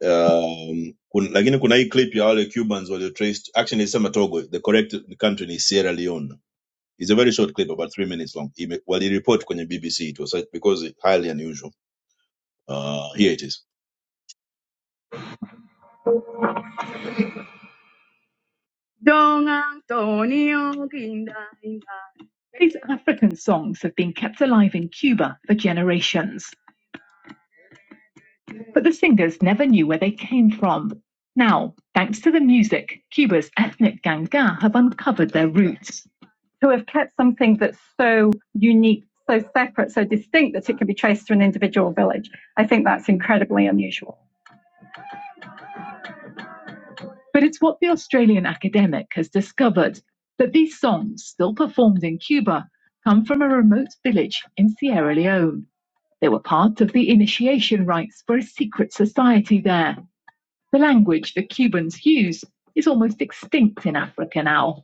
J: um, kun, lakini kuna hii clip ya wale cubans walio traced actually nilisema togo the correct country ni sierra leone It's a very short clip, about three minutes long. He, waliripoti kwenye BBC. It was uh, because it's highly unusual. Uh, here it is. These African songs have been kept alive in Cuba for generations, but the singers never knew where they came from. Now, thanks to the music, Cuba's ethnic ganga have uncovered their roots. Who have kept something that's so unique, so separate, so distinct that it can be traced to an individual village. I think that's incredibly unusual. But it's what the Australian academic has discovered that these songs, still performed in Cuba, come from a remote village in Sierra Leone. They were part of the initiation rites for a secret society there. The language the Cubans use is almost extinct in Africa now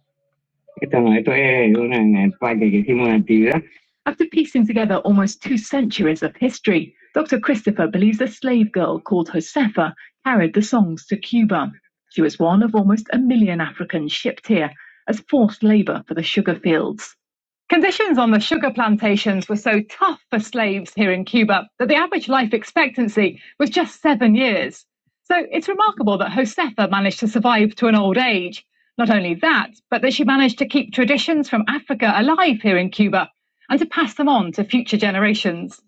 J: After piecing together almost two centuries of history, Dr. Christopher believes a slave girl called Josefa carried the songs to Cuba. She was one of almost a million Africans shipped here as forced labor for the sugar fields. Conditions on the sugar plantations were so tough for slaves here in Cuba that the average life expectancy was just seven years. So it's remarkable that Josefa managed to survive to an old age. Not only that, but that she managed to keep traditions from Africa alive here in Cuba and to pass them on to future generations.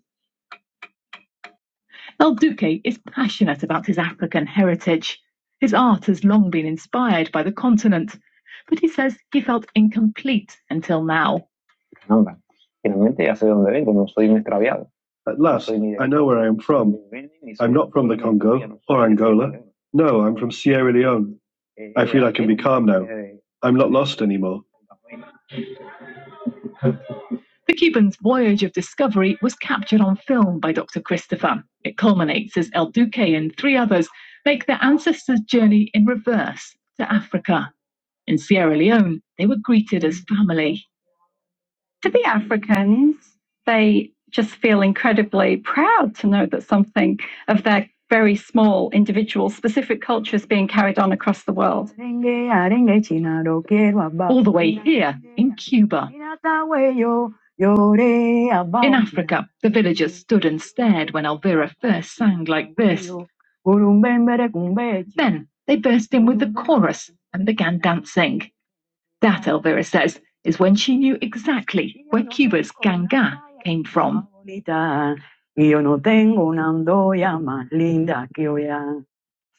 J: El Duque is passionate about his African heritage. His art has long been inspired by the continent, but he says he felt incomplete until now. At last, I know where I am from. I'm not from the Congo or Angola. No, I'm from Sierra Leone. I feel I can be calm now. I'm not lost anymore. The Cubans' voyage of discovery was captured on film by Dr. Christopher. It culminates as El Duque and three others make their ancestors' journey in reverse to Africa. In Sierra Leone, they were greeted as family. To the Africans, they just feel incredibly proud to know that something of their very small, individual, specific culture is being carried on across the world. All the way here, in Cuba. In Africa, the villagers stood and stared when Elvira first sang like this. Then they burst in with the chorus and began dancing. That, Elvira says, is when she knew exactly where Cuba's ganga came from.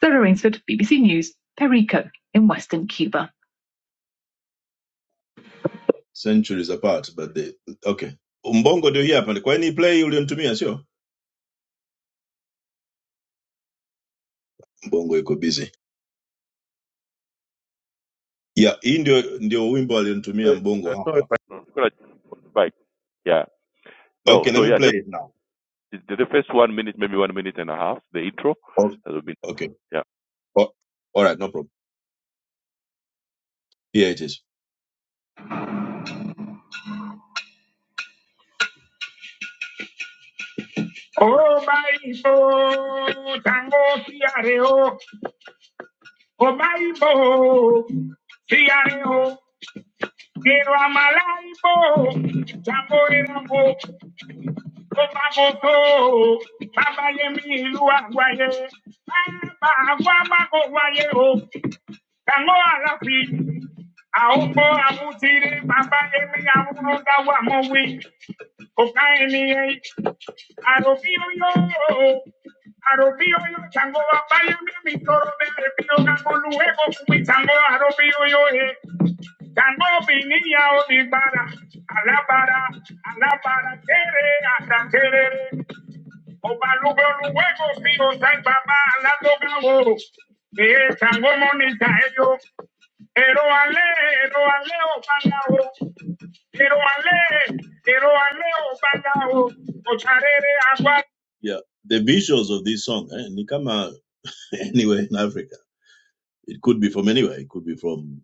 J: Sarah Rainsford, BBC News, Perico, in western Cuba. centuries apart but they, okay mbongo ndio hii hapa kwa ni play ulionitumia sio mbongo iko busy yeah hii ndio ndio wimbo alionitumia mbongo hapa
I: No, Nicola, back. Yeah. No.
J: okay let
I: So
J: me
I: yeah,
J: play
I: just
J: it now
I: the the first one minute, maybe one minute and a half, the intro.
J: okay,
I: That would be.
J: okay.
I: yeah.
J: Oh, all right no problem here it is àwòkọ àwòtìrẹ bàbá emi àwòrán dáwà mọwé kò ká ènìyàn yìí. àròbí oyó àròbí oyó ṣàngó bàbá yẹmi mi tọrọ bẹrẹ bí ego kumi chango fún mi ṣàngó àròbí oyó ẹ ṣàngó mi níyà oníbàárà alábàárà alábàárà tẹrẹ àtàtẹrẹ ọba lùgbọlùwẹ kò fi ọsàn bàbá aládọgàwò èé ṣàngó mọ níta ẹyọ. Ero ale, ero ale obalao. Ero ale, ero ale obalao. Otarere agwa. Yeah, the visuals of this song, eh, ni kama anywhere in Africa. It could be from anywhere. It could be from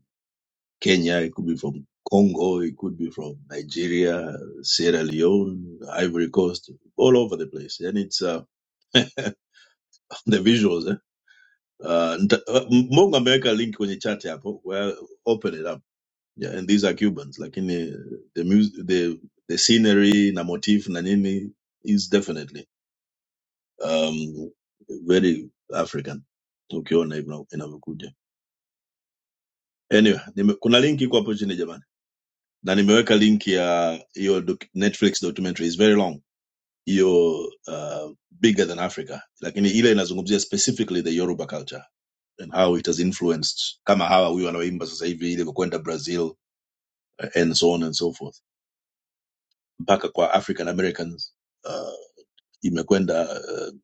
J: Kenya. It could be from Congo. It could be from Nigeria, Sierra Leone, Ivory Coast, all over the place. And it's uh, the visuals. Eh? Uh, nta- uh, Mungu ameweka link kwenye chat hapo. Well, open it up. yeah, and these are Cubans. Like Lakini the the music, the the scenery na motif na nini is definitely um, very African ukiona hivyo inavyokuja. Anyway, nime, kuna link iko hapo chini jamani, na nimeweka link ya hiyo doc- Netflix documentary is very long, hiyo uh, bigger than Africa, lakini ile inazungumzia specifically the Yoruba culture and how it has influenced kama hawa huyu anaoimba sasa hivi ile kwenda Brazil uh, and so on and so forth mpaka kwa african americans uh, imekwenda uh,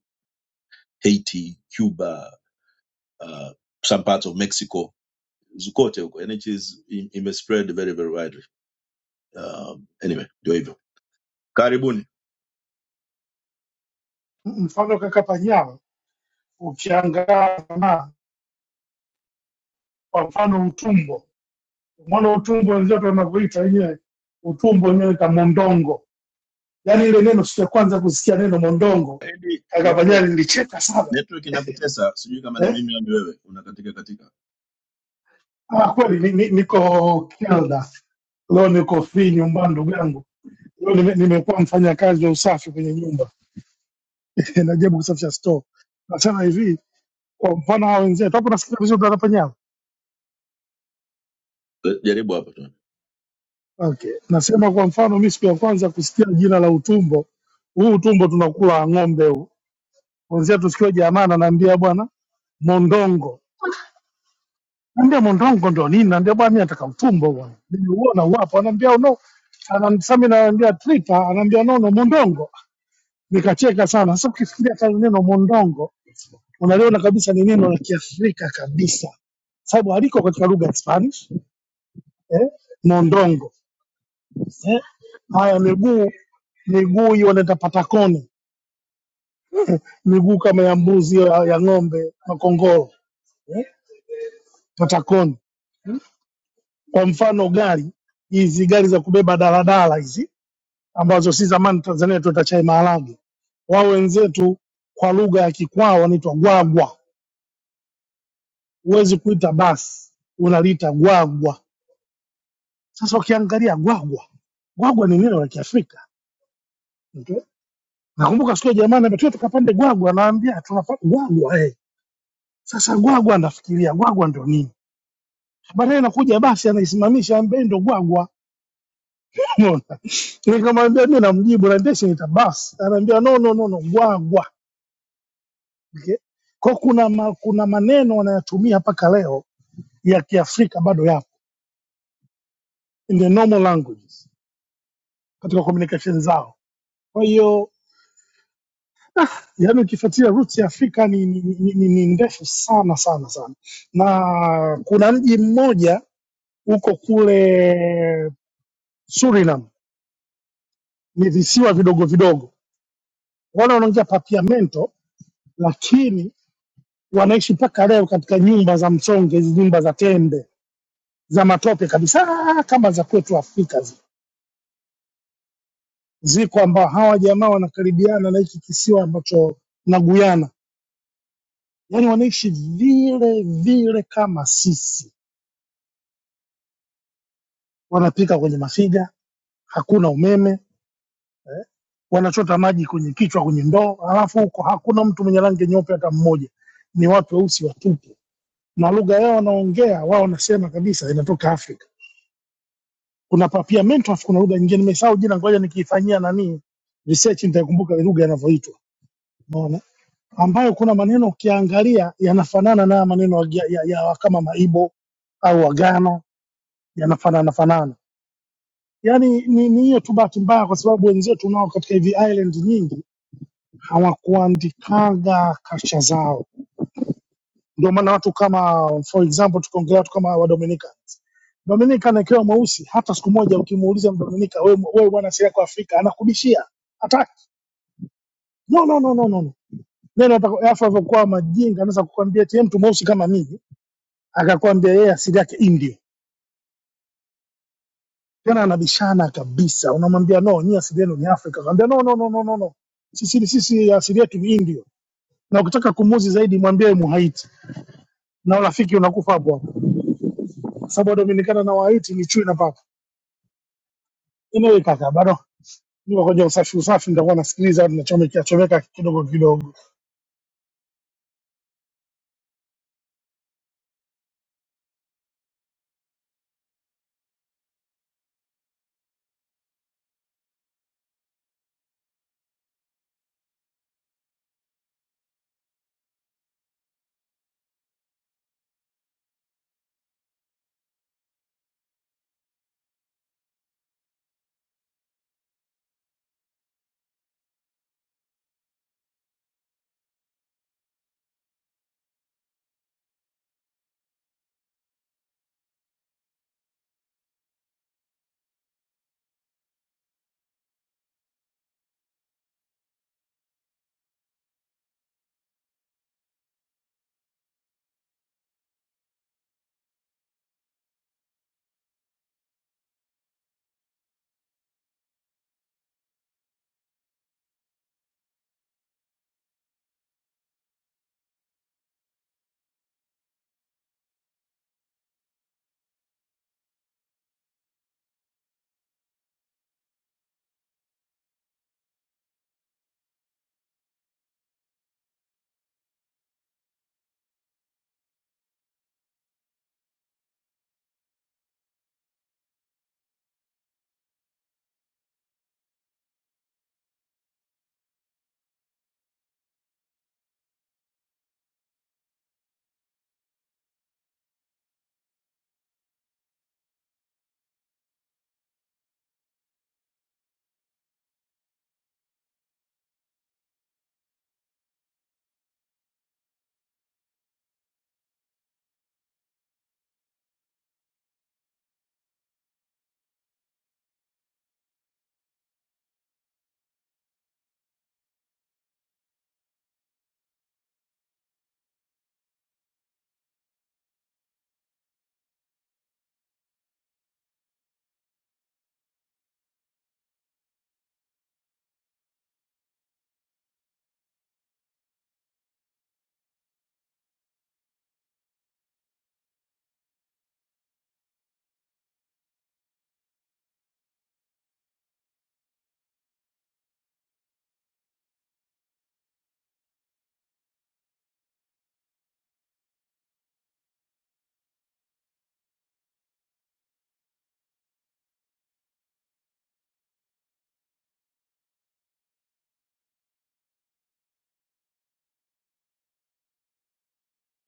J: haiti cuba uh, some parts of mexico zukote huko yani it is- im- spread very very widely um, anyway ndio hivyo karibuni
L: M- mfano kaka Panyao, ukiangaa kama kwa mfano utumbo, mwana utumbo wenzetu wanavyoita wenyewe, utumbo wenyewe ta mondongo, yaani ile neno siku ya kwanza kusikia neno mondongo,
J: Edi,
L: kaka
J: network
L: Panyao nilicheka sana
J: network inakutesa sijui kama ni
L: eh?
J: mimi au ni wewe unakatika katika
L: Ah, kweli ni, ni, niko Kelda leo, niko free nyumbani, ndugu yangu leo nime- nimekuwa mfanyakazi wa usafi kwenye nyumba najaribu kusafisha store. Nasema hivi, kwa mfano hao wenzetu hapo, nasikia vizuri dada Panyao?
J: Eh, jaribu hapa tu
L: Okay. Nasema kwa mfano mimi siku ya kwanza kusikia jina la utumbo. Huu utumbo tunakula ng'ombe huu. Kwanza tusikie jamaa ananiambia bwana mondongo. Niambia mondongo ndio nini? Niambia bwana mimi nataka utumbo bwana. Nimeuona wapo ananiambia "Oh no. Anamsami ananiambia tripa, ananiambia no no mondongo. Nikacheka sana. Sasa ukifikiria hata neno mondongo unaliona kabisa ni neno la Kiafrika kabisa. Sababu haliko katika lugha ya Spanish, eh? Mondongo. eh? Haya, miguu miguu hiyo wanaita patakoni, miguu kama ya mbuzi ya, ya ng'ombe, makongoro, patakoni. Kwa mfano gari hizi gari za kubeba daladala hizi ambazo si zamani Tanzania tuita chai maharage, wao wenzetu kwa lugha ya Kikwao wanaitwa gwagwa. Huwezi kuita basi, unaliita gwagwa. Sasa ukiangalia gwagwa, gwagwa ni neno la Kiafrika okay? Nakumbuka siku ya jamani, tuwe tukapande gwagwa, naambia tunapanda gwagwa eh Sasa Gwagwa anafikiria Gwagwa ndo nini? Baadaye nakuja basi anaisimamisha ambaye ndo Gwagwa. Unaona? Nikamwambia mimi namjibu na ndeshe basi. Anaambia no no no no Gwagwa. Okay? Kwa kuna ma, kuna maneno wanayatumia mpaka leo ya Kiafrika bado yapo in the normal languages katika communication zao. Kwa hiyo yani ukifuatilia roots ya Afrika ni, ni, ni, ni, ni ndefu sana sana sana, na kuna mji mmoja huko kule Suriname ni visiwa vidogo vidogo. Wale wanaongea Papiamento, lakini wanaishi mpaka leo katika nyumba za msonge, hizi nyumba za tembe za matope kabisa, kama za kwetu Afrika zi. Ziko ambao hawa jamaa wanakaribiana na hiki kisiwa ambacho na Guyana, yaani wanaishi vile vile kama sisi, wanapika kwenye mafiga, hakuna umeme, wanachota maji kwenye kichwa, kwenye ndoo, alafu huko hakuna mtu mwenye rangi nyeupe hata mmoja, ni watu weusi watupu na lugha yao wanaongea wao wanasema kabisa inatoka Afrika. Kuna papiamento, afu kuna lugha nyingine nimesahau jina, ngoja nikiifanyia nani research nitaikumbuka lugha yanavyoitwa, unaona, ambayo kuna maneno ukiangalia yanafanana na maneno ya, ya, ya kama Maibo au Wagana yanafanana fanana. Yani ni ni hiyo tu bahati mbaya, kwa sababu wenzetu nao katika hivi island nyingi hawakuandikaga kasha zao, ndio maana watu kama for example, tukiongelea watu kama Wadominika Dominika anawekewa mweusi, hata siku moja ukimuuliza Mdominika, wewe wewe bwana asili yako Afrika, anakubishia hataki. No, no, no, no, no. no. Neno atako- alafu alivyokuwa majinga, anaweza kukwambia eti "Ye mtu mweusi kama mimi, akakwambia yeye asili yake Indio, tena anabishana kabisa. Unamwambia no, nyie asili yenu ni Afrika, anambia no, no, no, no, no, no. Sisi sisi asili yetu ni Indio, na ukitaka kumuuzi zaidi mwambie Muhaiti, na urafiki unakufa hapo hapo, kwa sababu Dominikana na Wahaiti ni chui na paka. Anyway kaka, bado ngoja usafi usafi, nitakuwa nasikiliza au tunachomekea chomeka kidogo kidogo.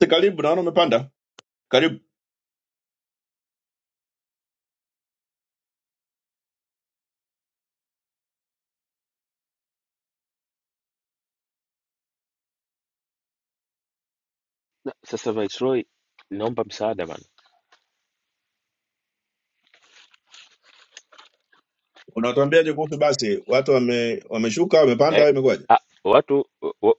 J: karibu naona umepanda karibu
B: Na, sasa Viceroy, naomba msaada bana.
J: unatuambiaje kuhusu basi watu wame wameshuka wamepanda
B: Eh,
J: au imekuwaje
B: ah, watu wa, wa-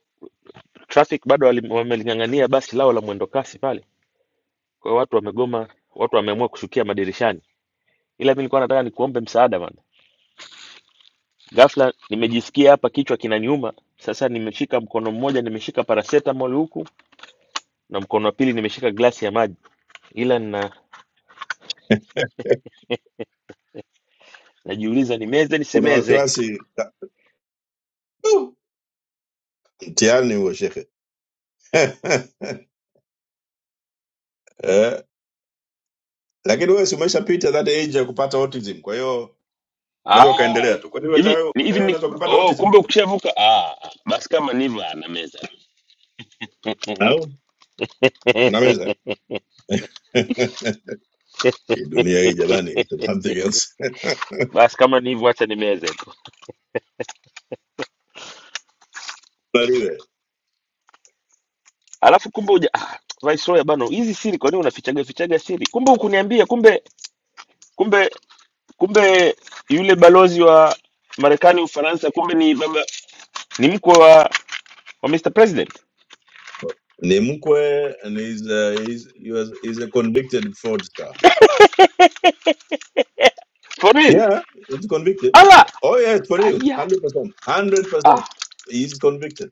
B: traffic bado wali- wameling'ang'ania basi lao la mwendo kasi pale. Kwa hiyo watu wamegoma, watu wameamua kushukia madirishani. Ila mimi nilikuwa nataka nikuombe msaada bana. Ghafla nimejisikia hapa kichwa kinaniuma. Sasa nimeshika mkono mmoja nimeshika paracetamol huku na mkono wa pili nimeshika glasi ya maji, ila na najiuliza nimeze
J: kuna
B: nisimeze.
J: wasiwasi mtiani huo shehe lakini wewe si umeshapita that age ya kupata autism kwa hiyo
B: Ah,
J: unaweza ukaendelea tu kwani wewe
B: hivi
J: tayo-
B: ni- hivi
J: wewe
B: ni
J: unaweza ukapata
B: oh,
J: autism
B: kumbe ukishavuka ah, ah, basi kama ni hivyo ah, na meza.
J: au unaweza hii dunia hii jamani is something else
B: Basi kama ni hivyo, acha nimeze tu.
J: Baliwe.
B: Alafu kumbe uja ah, Viceroy bano, hizi siri kwa nini unafichaga fichaga siri? Kumbe hukuniambia, kumbe kumbe kumbe yule balozi wa Marekani Ufaransa, kumbe ni baba ni mkwe wa, wa Mr President.
J: ni mkwe and he's, uh, he's, he was, he's a convicted fraudster
B: For real?
J: yeah he's convicted
B: Ala
J: oh yes for real
B: aya
J: 100% 100%
B: ah,
J: he's convicted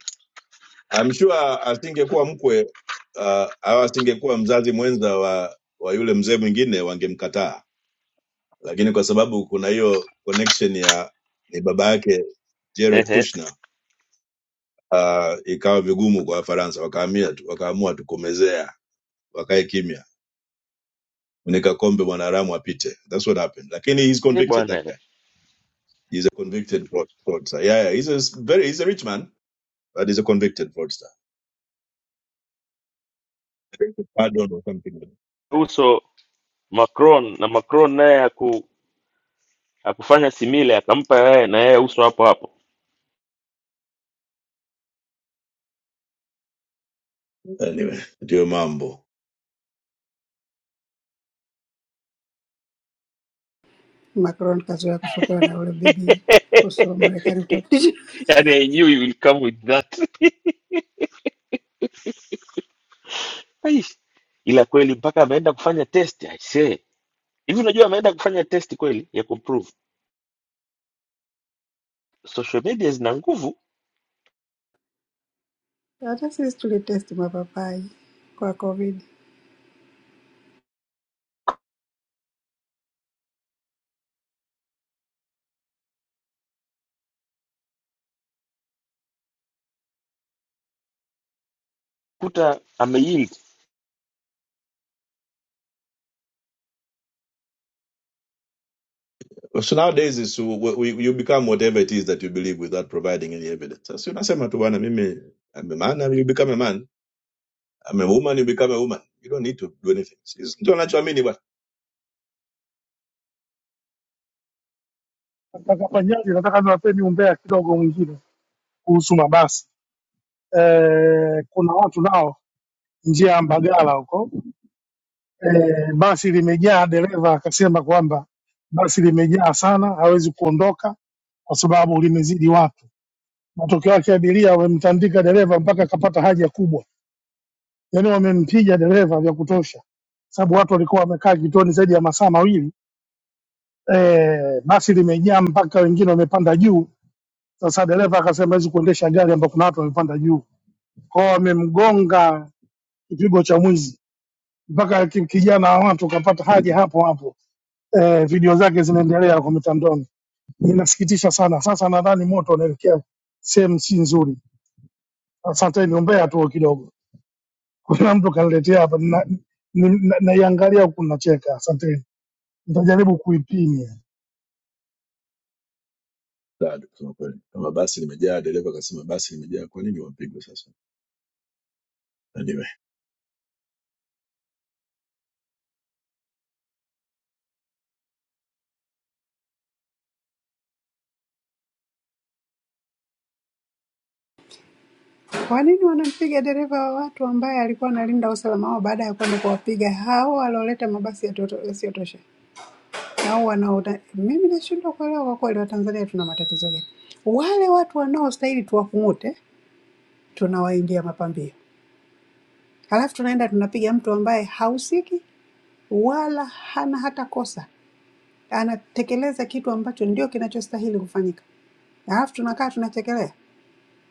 J: i'm sure asingekuwa mkwe uh, au asingekuwa mzazi mwenza wa wa yule mzee mwingine wangemkataa lakini kwa sababu kuna hiyo connection ya ni baba yake Jared
B: ehe
J: Kushner, uh, ikawa vigumu kwa Wafaransa, wakaamia tu, wakaamua tukomezea, wakae kimya, funika kombe mwanaharamu apite. That's what happened. Lakini he's
B: Eh,
J: convicted that
B: bwana
J: guy. He's a convicted fraud- fraudster. Yeah, yeah, he's a s- very he's a rich man, but he's a convicted fraudster. Pardon or something.
B: uso Macron na Macron naye haku, hakufanya simile, akampa yeye na yeye uso hapo hapo
J: Anyway, ndio mambo.
F: Macron kazoea kufokewa na ule bibi uso wa Marekani utapisha.
B: yani I knew you will come with that Aish. ila kweli mpaka ameenda kufanya test I say. Hivi unajua ameenda kufanya test kweli ya kuprove social media zina nguvu
F: Hata sisi tulitesti mapapai kwa COVID.
B: kuta ameyield.
J: So nowadays is we, we, you become whatever it is that you believe without providing any evidence. Sasa unasema tu bwana, mimi I'm a man, you become a man I'm a woman, you become a woman. You don't need to do anything. Sisi Ndio anachoamini bwana.
L: Nataka Panyali, nataka niwapeni umbea kidogo mwingine kuhusu mabasi. E, kuna watu nao njia ya Mbagala huko e, basi limejaa, dereva akasema kwamba basi limejaa sana, hawezi kuondoka kwa sababu limezidi watu. Matokeo yake abiria wamemtandika dereva mpaka akapata haja kubwa, yaani wamempiga dereva vya kutosha, sababu watu walikuwa wamekaa kituoni zaidi ya masaa mawili eh, basi limejaa mpaka wengine wamepanda juu. Sasa dereva akasema hawezi kuendesha gari ambapo kuna watu wamepanda juu, kwao wamemgonga kipigo cha mwizi, mpaka ki- kijana wa watu kapata haja hapo hapo. Eh, video zake zinaendelea kwa mitandaoni, inasikitisha sana. Sasa nadhani moto unaelekea sehemu si nzuri. Asante, niombea tu kidogo. Kuna mtu kaniletea hapa, naiangalia na, na, na naiangalia huku nacheka. Asante, nitajaribu kuipima.
J: Sawa, kusema kweli. Kama basi limejaa, dereva akasema basi limejaa, kwa nini wampigwe sasa? Anyway.
F: Kwa nini wanampiga dereva wa watu ambaye alikuwa analinda usalama wao baada ya kwenda kuwapiga hao walioleta mabasi yasiyoto- yasiyotosha? au wanaoda, mimi nashindwa kuelewa kwa kweli, Watanzania tuna matatizo gani? Wale watu wanaostahili tuwakung'ute, tunawaingia mapambio, halafu tunaenda tunapiga mtu ambaye hahusiki wala hana hata kosa, anatekeleza kitu ambacho ndio kinachostahili kufanyika, halafu tunakaa tunachekelea.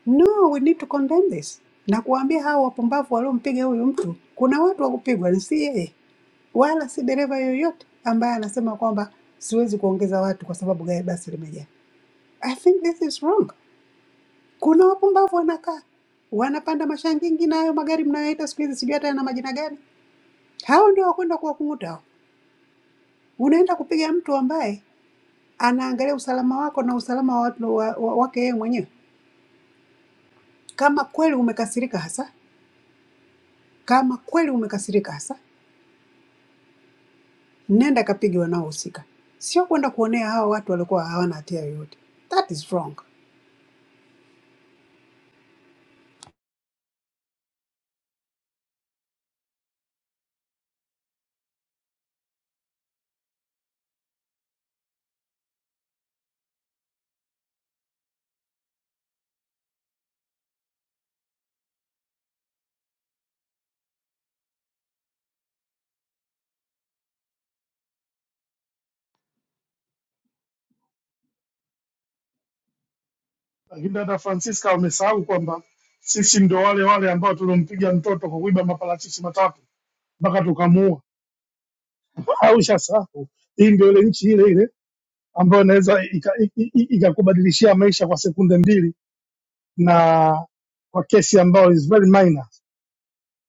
F: No, we need to condemn this na kuwaambia hao wapumbavu waliompiga huyu mtu, kuna watu wa kupigwa, ni si yeye wala si dereva yoyote ambaye anasema kwamba siwezi kuongeza watu kwa sababu gari basi limejaa. I think this is wrong. Kuna wapumbavu wanakaa wanapanda mashangingi na hayo magari mnayoita siku hizi sijui hata yana majina gani. Hao ndio wakwenda kuwakung'uta hao. Unaenda kupiga mtu ambaye anaangalia usalama wako na usalama wa, watu- wa, wa, wake yeye mwenyewe. Kama kweli umekasirika hasa, kama kweli umekasirika hasa, nenda kapige wanaohusika, sio kwenda kuonea hao watu walikuwa hawana hatia yoyote. That is wrong.
L: Lakini dada Francisca wamesahau kwamba sisi ndio wale wale ambao tuliompiga mtoto kwa kuiba maparachichi matatu mpaka tukamuua. Au shasahau, hii ndio ile nchi ile ile ambayo inaweza ikakubadilishia ika, i- i- ikakubadilishia maisha kwa sekunde mbili na kwa kesi ambayo is very minor.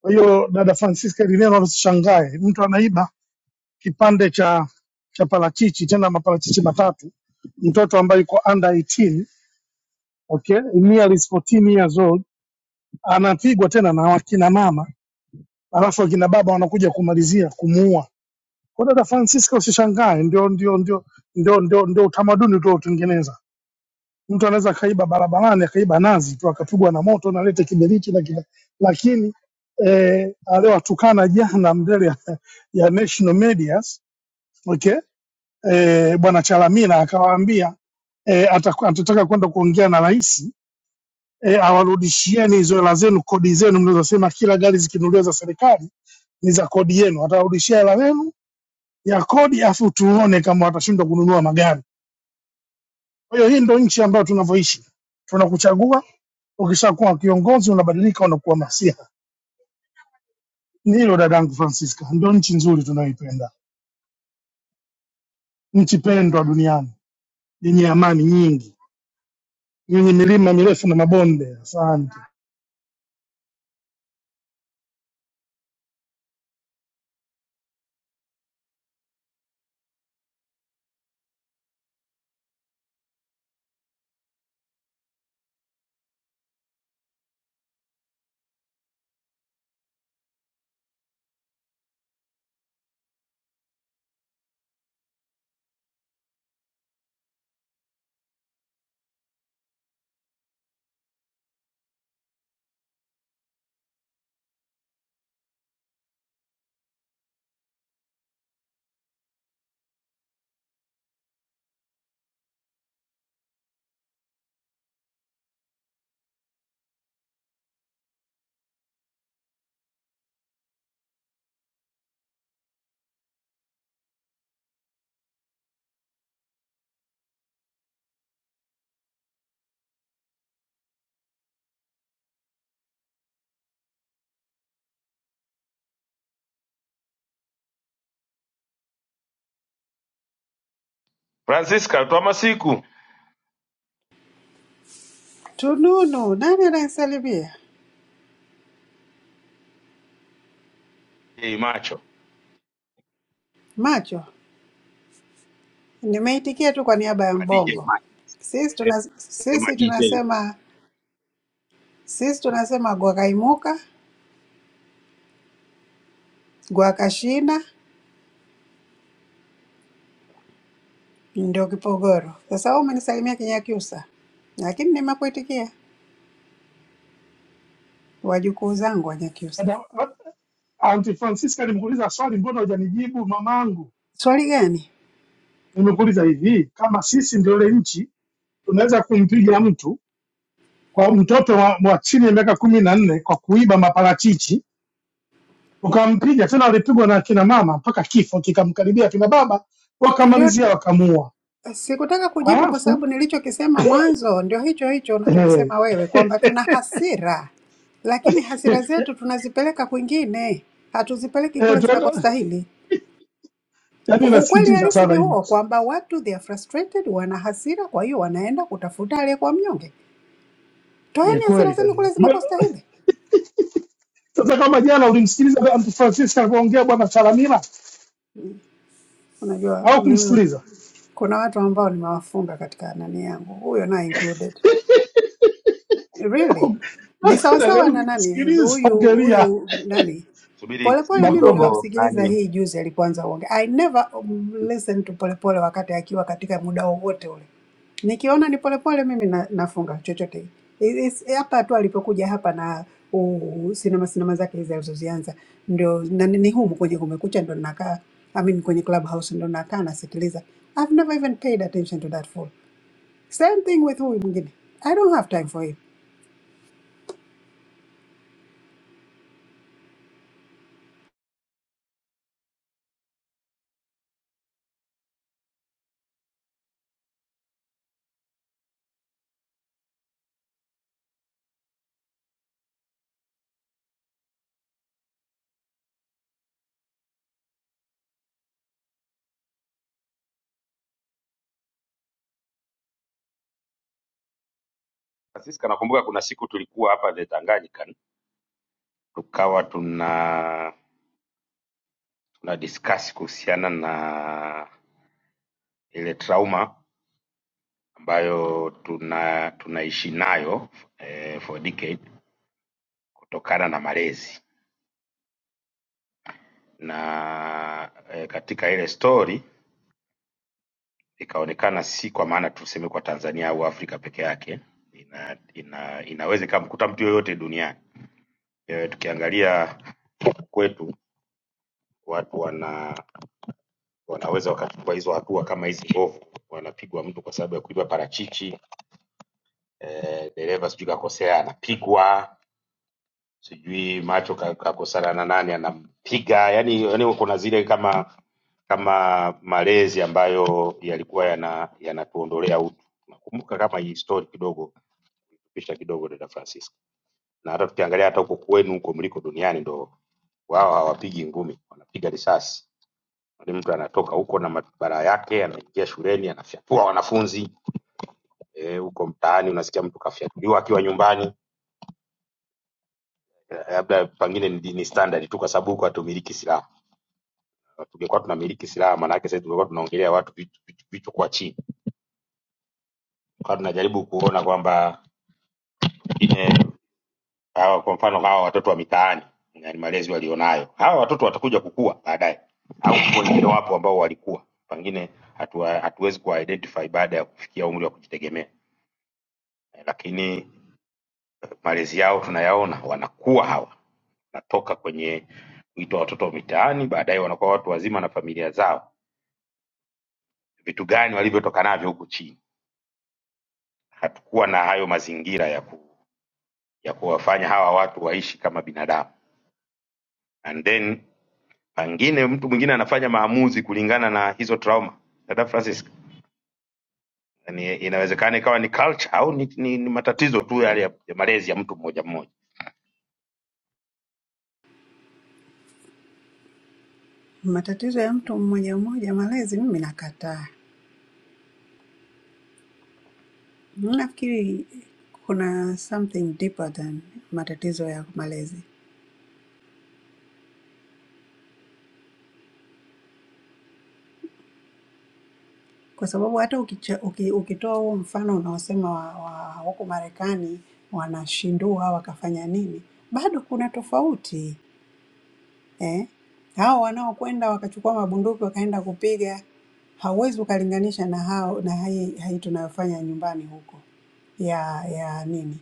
L: Kwa hiyo dada Francisca, ili neno usishangae, mtu anaiba kipande cha cha parachichi, tena maparachichi matatu, mtoto ambaye yuko under 18 okay, nearly 14 years old, anapigwa tena na wakina mama alafu akina baba wanakuja kumalizia kumuua. Kwa dada Francisca usishangae, ndio ndio ndio ndio ndio, ndio utamaduni tuotengeneza. Mtu anaweza akaiba barabarani akaiba nazi tu akapigwa na moto na lete kiberiti na kina, lakini eh, aliyowatukana jana mbele ya, ya national medias okay, eh, bwana Chalamila akawaambia eh, ataku- atataka kwenda kuongea na rais eh, awarudishieni hizo hela zenu, kodi zenu mnazosema kila gari zikinunuliwa za serikali ni za kodi yenu, atarudishia hela zenu ya kodi, afu tuone kama watashindwa kununua magari. Kwa hiyo hii ndo nchi ambayo tunavyoishi, tunakuchagua, ukishakuwa kiongozi unabadilika, unakuwa masiha. Ni hilo dadangu Francisca, ndo nchi nzuri tunayoipenda, nchi pendwa duniani yenye amani nyingi, yenye milima mirefu na mabonde. Asante
K: Francisca, toa masiku
F: Tununu, nani ananisalimia?
K: hey, macho
F: Macho. Nimeitikia tu kwa niaba ya
K: ma DJ
F: Mbongo.
K: macho,
F: Sisi
K: Eh,
F: tuna,
K: sema
F: sisi
K: DJ,
F: tunasema sisi tunasema gwakaimuka, gwakashinda ndio kipogoro. Sasa wewe umenisalimia Kinyakyusa, lakini nimekuitikia wajukuu zangu wa Nyakyusa.
L: Dada- Aunti Francisca alimuuliza swali, mbona hujanijibu mamangu?
F: Swali gani?
L: Nimekuuliza hivi, kama sisi ndio ile nchi tunaweza kumpiga mtu kwa mtoto wa, wa chini ya miaka kumi na nne kwa kuiba maparachichi ukampiga tena, alipigwa na akina mama mpaka kifo kikamkaribia akina baba,
F: Ndio
L: wakamalizia wakamuua.
F: sikutaka kujibu kwa
L: Alafu
F: sababu nilichokisema mwanzo ndio hicho hicho
L: eh,
F: unachokisema wewe kwamba tuna hasira, lakini hasira zetu tunazipeleka kwingine, hatuzipeleki
L: eh,
F: kule
L: tunaenda-
F: zinakostahili.
L: yaani
F: Ukweli
L: inasikitisha
F: halisi ni
L: sana hii,
F: huo kwamba watu they are frustrated, wana hasira, kwa hiyo wanaenda kutafuta aliyekuwa mnyonge.
L: ni
F: Toeni hasira
L: kweli
F: zenu
L: kabisa.
F: kule
L: Ma-
F: zinakostahili.
L: Sasa kama jana ulimsikiliza mtu Francisco alivyoongea bwana Chalamila
F: Unajua
L: au
F: mimi
L: kumsikiliza
F: kuna watu ambao nimewafunga katika nani yangu, huyo naye included. Really? Ni sawasawa
L: nadhani
F: na nani
L: ukimsikiliza
F: huyu
L: ungelia
F: huyu nani
K: subiri
F: Polepole.
K: subiri
F: Mimi
L: Makonda.
K: kidogo,
F: nimemsikiliza
K: nani
F: hii juzi alipoanza uonge. I never um, listen to Polepole wakati akiwa katika muda wowote ule. Nikiona ni Polepole mimi na, nafunga chochote It- it's- hapa tu alipokuja hapa na uh, sinema sinema zake hizi alizozianza ndio na, ni ni humu kwenye Kumekucha ndo nakaa I mean kwenye Clubhouse ndo nakaa nasikiliza. I've never even paid attention to that fool. Same thing with huyu mwingine. I don't have time for him.
K: Francisca, nakumbuka kuna siku tulikuwa hapa the Tanganyika tukawa tuna tuna discuss kuhusiana na ile trauma ambayo tuna tunaishi nayo eh, for decade kutokana na malezi na eh, katika ile story ikaonekana si kwa maana tuseme kwa Tanzania au Afrika peke yake ina, ina, inaweza ikamkuta mtu yoyote duniani eh, tukiangalia kwetu watu wana wanaweza wakachukua hizo hatua kama hizi mbovu, wanapigwa mtu kwa sababu ya kuiba parachichi eh, dereva sijui kakosea anapigwa, sijui macho ka- kakosana na nani anampiga, yani, yani kuna zile kama kama malezi ambayo yalikuwa yana yanatuondolea utu. Nakumbuka kama hii story kidogo pisha kidogo dada Francisca, na hata tukiangalia hata huko kwenu huko mliko duniani ndo wao hawapigi ngumi, wanapiga risasi ni mtu anatoka huko na barabara yake anaingia shuleni anafyatua wanafunzi eh, huko e, mtaani unasikia mtu kafyatuliwa akiwa nyumbani Eh, labda pengine ni, ni standard tu kwa sababu huko hatumiliki silaha tungekuwa tunamiliki silaha maana yake sasa tungekuwa tunaongelea watu vitu vitu- vitu kwa chini kwa tunajaribu kuona kwamba pengine hawa kwa mfano hawa watoto wa mitaani na ni malezi walionayo hawa watoto watakuja kukua baadaye au kwa wengine wapo ambao walikuwa pengine hatuwa- hatuwezi hatu kuwa identify baada ya kufikia umri wa kujitegemea Eh, lakini malezi yao tunayaona, wanakuwa hawa, wanatoka kwenye kuitwa watoto wa mitaani, baadaye wanakuwa watu wazima na familia zao. Vitu gani walivyotoka navyo huku chini? Hatukuwa na hayo mazingira ya, ku, ya kuwafanya hawa watu waishi kama binadamu. And then pengine mtu mwingine anafanya maamuzi kulingana na hizo trauma. Dada Francis, ni, inawezekana ikawa ni culture au ni, ni, ni matatizo tu yale ya, ya malezi ya mtu mmoja mmoja.
F: Matatizo ya mtu mmoja mmoja malezi, mimi nakataa. Nafikiri kuna something deeper than matatizo ya malezi, kwa sababu hata ukicha, uki, ukitoa huo mfano unaosema wa, wa huko Marekani wanashindua wakafanya nini, bado kuna tofauti eh? Hao wanaokwenda wakachukua mabunduki wakaenda kupiga, hauwezi ukalinganisha na hao na hii, hii tunayofanya nyumbani huko ya ya nini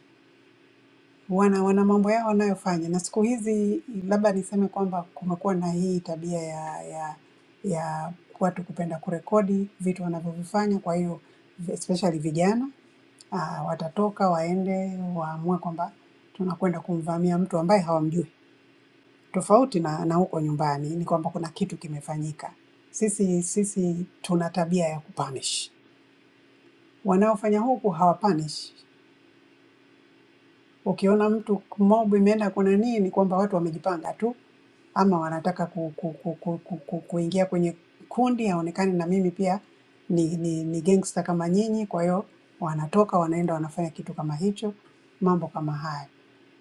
F: wana wana mambo yao wanayofanya, na siku hizi labda niseme kwamba kumekuwa na hii tabia ya ya ya watu kupenda kurekodi vitu wanavyovifanya. Kwa hiyo especially vijana ah, watatoka waende waamue kwamba tunakwenda kumvamia mtu ambaye hawamjui, tofauti na na huko nyumbani ni kwamba kuna kitu kimefanyika. Sisi sisi tuna tabia ya kupunish, wanaofanya huku hawapunish, Ukiona mtu mob imeenda kuna nini, kwamba watu wamejipanga tu, ama wanataka ku, ku, ku, ku, ku, ku, kuingia kwenye kundi, aonekane na mimi pia ni, ni, ni gangster kama nyinyi. Kwa hiyo wanatoka wanaenda wanafanya kitu kama hicho, mambo kama hayo.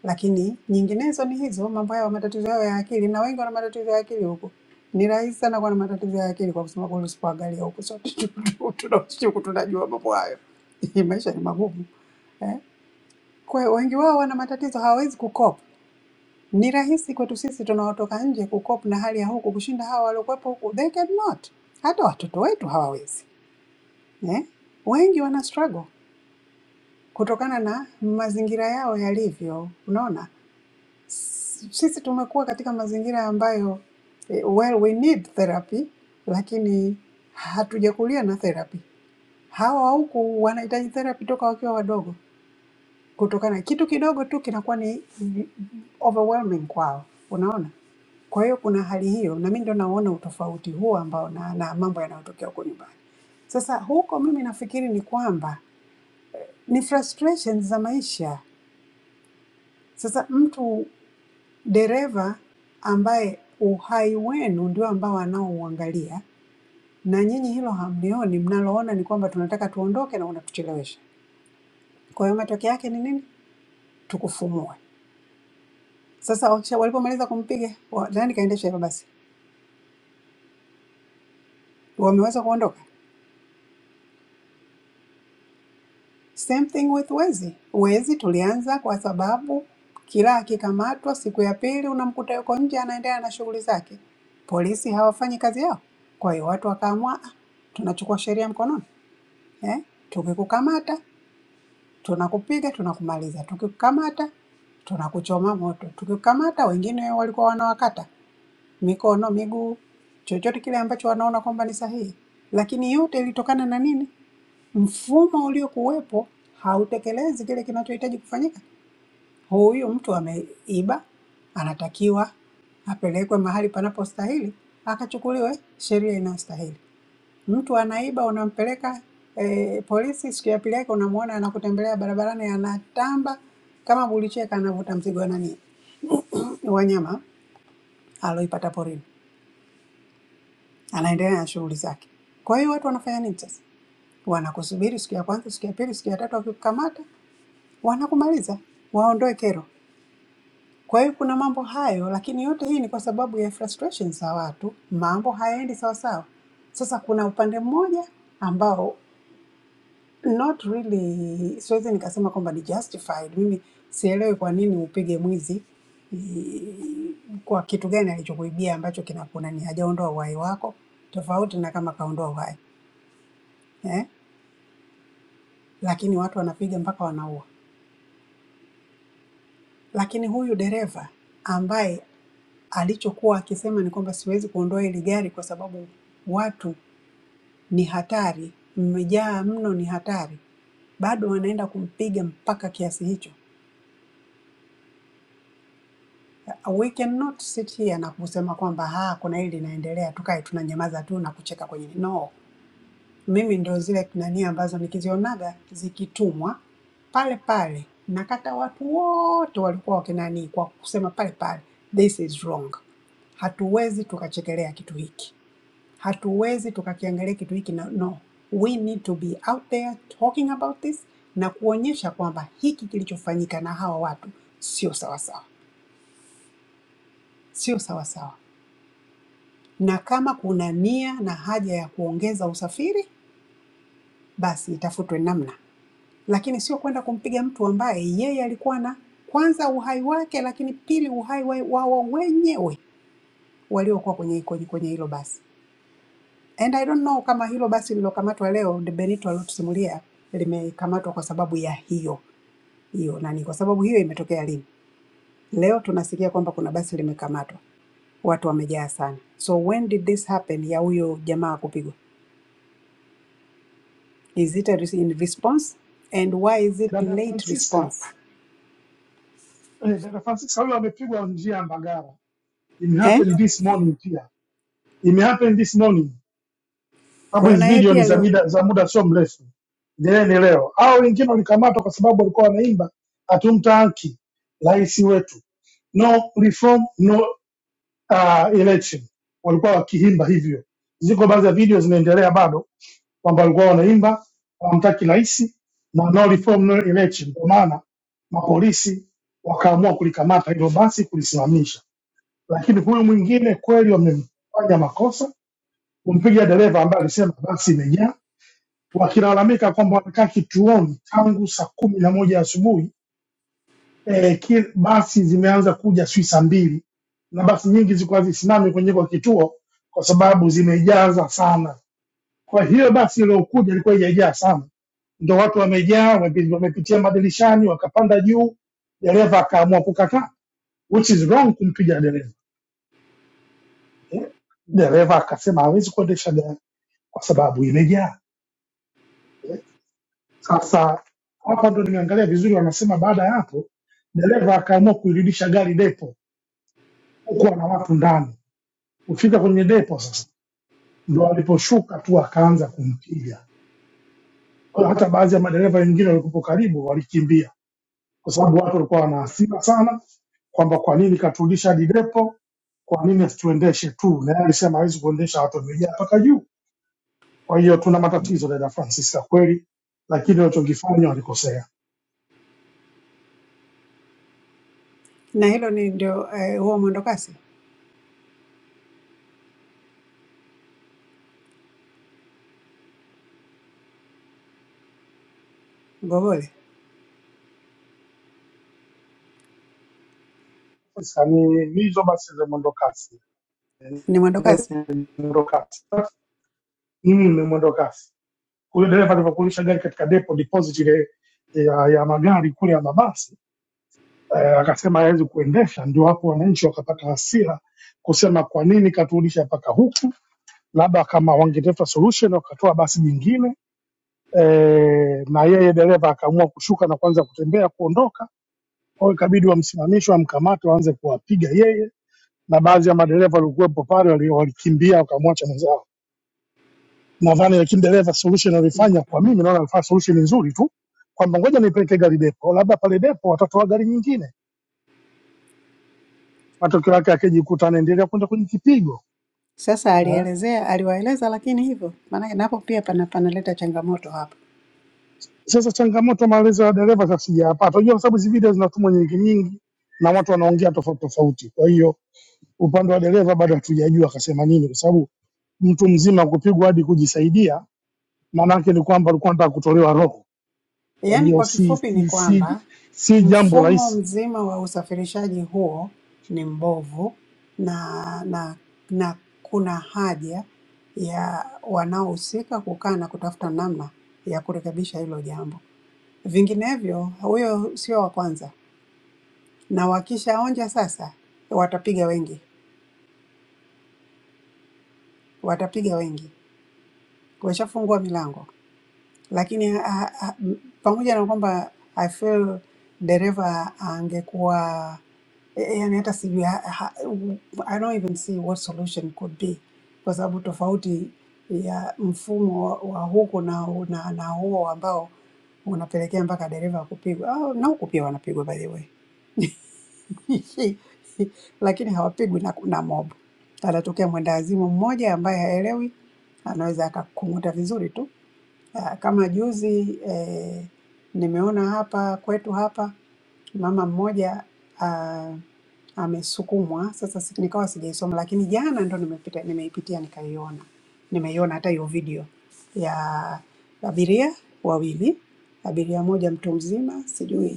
F: Lakini nyinginezo ni hizo mambo yao, matatizo yao ya akili, na wengi wana matatizo ya akili huko. Ni rahisi sana kuwa na matatizo ya akili kwa kusema kweli, usipoangalia huko, sote tunashtuka tunajua mambo hayo. Maisha ni magumu eh. Kwa hiyo wengi wao wana matatizo, hawawezi kucope. Ni rahisi kwetu sisi tunaotoka nje kucope na hali ya huku kushinda hawa waliokuwepo huku, they cannot. Hata watoto wetu hawawezi eh? Wengi wana struggle kutokana na mazingira yao yalivyo. Unaona, S- sisi tumekuwa katika mazingira ambayo eh, well we need therapy, lakini hatujakulia na therapy. Hawa wa huku wanahitaji therapy toka wakiwa wadogo. kutokana kitu kidogo tu kinakuwa ni ni overwhelming kwao, unaona. Kwa hiyo kuna hali hiyo, na mimi ndio naona utofauti huo ambao na, na mambo yanayotokea huko nyumbani. Sasa huko mimi nafikiri ni kwamba ni frustrations za maisha. Sasa mtu dereva ambaye uhai wenu ndio ambao anaouangalia na nyinyi hilo hamlioni, mnaloona ni kwamba tunataka tuondoke na unatuchelewesha. Kwa hiyo matokeo yake ni nini? Tukufumue. Sasa wakisha walipomaliza kumpiga wa- nani kaendesha hilo basi, wameweza kuondoka. Same thing with wezi. Wezi tulianza kwa sababu kila akikamatwa, siku ya pili unamkuta yuko nje anaendelea na shughuli zake, polisi hawafanyi kazi yao. Kwa hiyo watu wakaamua, "Ah, tunachukua sheria mkononi eh? Tukikukamata tunakupiga tunakumaliza, tukikukamata tunakuchoma moto, tukikukamata wengine walikuwa wanawakata mikono, miguu, chochote kile ambacho wanaona kwamba ni sahihi, lakini yote ilitokana na nini? Mfumo uliokuwepo hautekelezi kile kinachohitaji kufanyika. Huyu mtu ameiba, anatakiwa apelekwe mahali panapostahili, akachukuliwe sheria inayostahili. Mtu anaiba, unampeleka eh, polisi, siku ya pili yake unamwona anakutembelea barabarani, anatamba kama bulicheka, anavuta mzigo wa nani, wanyama aloipata porini. anaendelea na shughuli zake. Kwa hiyo watu wanafanya nini sasa? Wanakusubiri siku ya kwanza, siku ya pili, siku ya tatu, wakikukamata wanakumaliza, waondoe kero. Kwa hiyo kuna mambo hayo, lakini yote hii ni kwa sababu ya frustration za watu, mambo hayaendi sawasawa. Sasa kuna upande mmoja ambao not really, siwezi nikasema kwamba ni justified. Mimi sielewi kwa nini upige mwizi i- kwa kitu gani alichokuibia ambacho kinakuna ni hajaondoa uhai wako, tofauti na kama kaondoa uhai Eh? lakini watu wanapiga mpaka wanaua. Lakini huyu dereva ambaye alichokuwa akisema ni kwamba siwezi kuondoa hili gari kwa sababu watu ni hatari, mmejaa mno, ni hatari, bado wanaenda kumpiga mpaka kiasi hicho. We cannot sit here na kusema kwamba ha, kuna hili linaendelea, tukae tunanyamaza tu na kucheka kwenye no. Mimi ndo zile nani ambazo nikizionaga zikitumwa pale pale nakata watu wote walikuwa wakinani kwa kusema pale pale, this is wrong. Hatuwezi tukachekelea kitu hiki, hatuwezi tukakiangalia kitu hiki na no, we need to be out there talking about this na kuonyesha kwamba hiki kilichofanyika na hawa watu sio sawasawa, sio sawasawa, na kama kuna nia na haja ya kuongeza usafiri, basi itafutwe namna lakini sio kwenda kumpiga mtu ambaye yeye alikuwa na kwanza uhai wake, lakini pili uhai wa wa- wao wenyewe waliokuwa kwenye kwenye kwenye hilo basi. And I don't know kama hilo basi lilokamatwa leo de Benito aliotusimulia limekamatwa kwa sababu ya hiyo hiyo nani, kwa sababu hiyo imetokea lini? Leo tunasikia kwamba kuna basi limekamatwa, watu wamejaa sana. So when did this happen ya huyo jamaa kupigwa? Is it a res- in response and why is it
L: Dada
F: late
L: Francisca,
F: response?
L: eh, dada Francisca huyo amepigwa njia ya Mbagala. It
F: Eh?
L: happened this morning pia. It happened this morning.
F: Kwa
L: sababu
F: hiyo
L: hizi
F: na yeye
L: video ni
F: pia
L: za
F: leo
L: muda za muda sio mrefu, endeleeni leo. Au wengine walikamatwa kwa sababu walikuwa wanaimba hatumtaki rais wetu, no reform no uh, election, walikuwa wakiimba hivyo. Ziko baadhi ya video zinaendelea bado kwamba walikuwa wanaimba hawamtaki rais na no reform no election, ndio maana mapolisi wakaamua kulikamata hilo basi kulisimamisha. Lakini huyu mwingine kweli wamemfanya makosa kumpiga dereva ambaye alisema basi imejaa wakilalamika kwamba wamekaa kituoni tangu saa kumi na moja asubuhi e, ki, basi zimeanza kuja sijui saa mbili na basi nyingi zilikuwa hazisimami kwenye kwa kituo kwa sababu zimejaza sana. Kwa hiyo basi iliyokuja ilikuwa haijajaa sana, ndo watu wamejaa, wamepi- wamepitia madirishani, wakapanda juu, dereva akaamua kukataa, which is wrong kumpiga dereva. Eh, Dereva akasema hawezi kuendesha gari kwa sababu imejaa. Eh, Sasa hapa ndo nimeangalia vizuri, wanasema baada ya hapo dereva akaamua kuirudisha gari depo, huku ana watu ndani. Kufika kwenye depo sasa ndo aliposhuka tu akaanza kumpiga. Kwa hiyo hata baadhi ya madereva wengine walikupo karibu walikimbia, kwa sababu watu walikuwa wana hasira sana kwamba kwa nini katurudisha hadi depo, kwa nini asituendeshe tu, na yeye alisema hawezi kuendesha, watu wamejaa mpaka juu. Kwa hiyo tuna matatizo dada Francis, ya kweli, lakini walichokifanya walikosea.
F: na hilo ni ndio eh, huo mwendokasi Gobole
L: Sasa ni hizo basi za mwendo kasi.
F: ni mwendokasi
L: mwendokasi. Sasa mimi ni mwendokasi, huyo dereva alivyokulisha gari katika depo deposit ile eh, ya, ya magari kule ya mabasi eh, akasema hawezi kuendesha. Ndio hapo wananchi wakapata hasira kusema kwa nini katurudisha mpaka huku, labda kama wangetafuta solution wakatoa basi jingine eh, na yeye dereva akaamua kushuka na kuanza kutembea kuondoka. Kwa hiyo ikabidi wamsimamishe, wamkamate, waanze kuwapiga yeye na baadhi ya madereva waliokuwepo pale wali- walikimbia wakamwacha mwenzao nadhani, lakini dereva solution alifanya
F: mm.
L: kwa mimi, naona alifanya solution nzuri tu kwamba ngoja nipeleke gari depo, labda pale depo watatoa gari nyingine, matokeo yake akijikuta anaendelea kwenda kwenye kipigo
F: Sasa
L: eh.
F: alielezea aliwaeleza, lakini hivyo maanake napo pia pana panaleta changamoto hapa.
L: Sasa changamoto maelezo ya dereva sasa sijayapata, unajua, kwa sababu hizi video zinatumwa nyingi nyingi na watu wanaongea tofauti tofauti, kwa hiyo upande wa dereva bado hatujajua akasema nini, kwa sababu mtu mzima kupigwa hadi kujisaidia, maana yake ni kwamba alikuwa anataka kutolewa roho, kwa
F: Yaani
L: hiyo
F: kwa
L: si,
F: kifupi ni
L: si, si,
F: kwamba
L: si jambo
F: mfumo
L: rahisi.
F: mzima wa usafirishaji huo ni mbovu na na na kuna haja ya wanaohusika kukaa na kutafuta namna ya kurekebisha hilo jambo, vinginevyo huyo sio wa kwanza na wakishaonja sasa, watapiga wengi, watapiga wengi, washafungua milango. Lakini ha, ha, m- pamoja na kwamba I feel dereva angekuwa eh, yani, hata sijui ha, ha, I don't even see what solution could be, kwa sababu tofauti ya mfumo wa, wa huku na, na, na huo ambao unapelekea mpaka dereva kupigwa. Oh, na huku pia wanapigwa by the way lakini hawapigwi na, na mob. Anatokea mwendawazimu mmoja ambaye haelewi, anaweza akakung'uta vizuri tu. Ah, Kama juzi eh, nimeona hapa kwetu hapa mama mmoja ah, amesukumwa. Sasa si- nikawa sijaisoma, lakini jana ndo nimepita, nimeipitia nikaiona, nimeiona hata hiyo video ya abiria wawili, abiria moja mtu mzima, sijui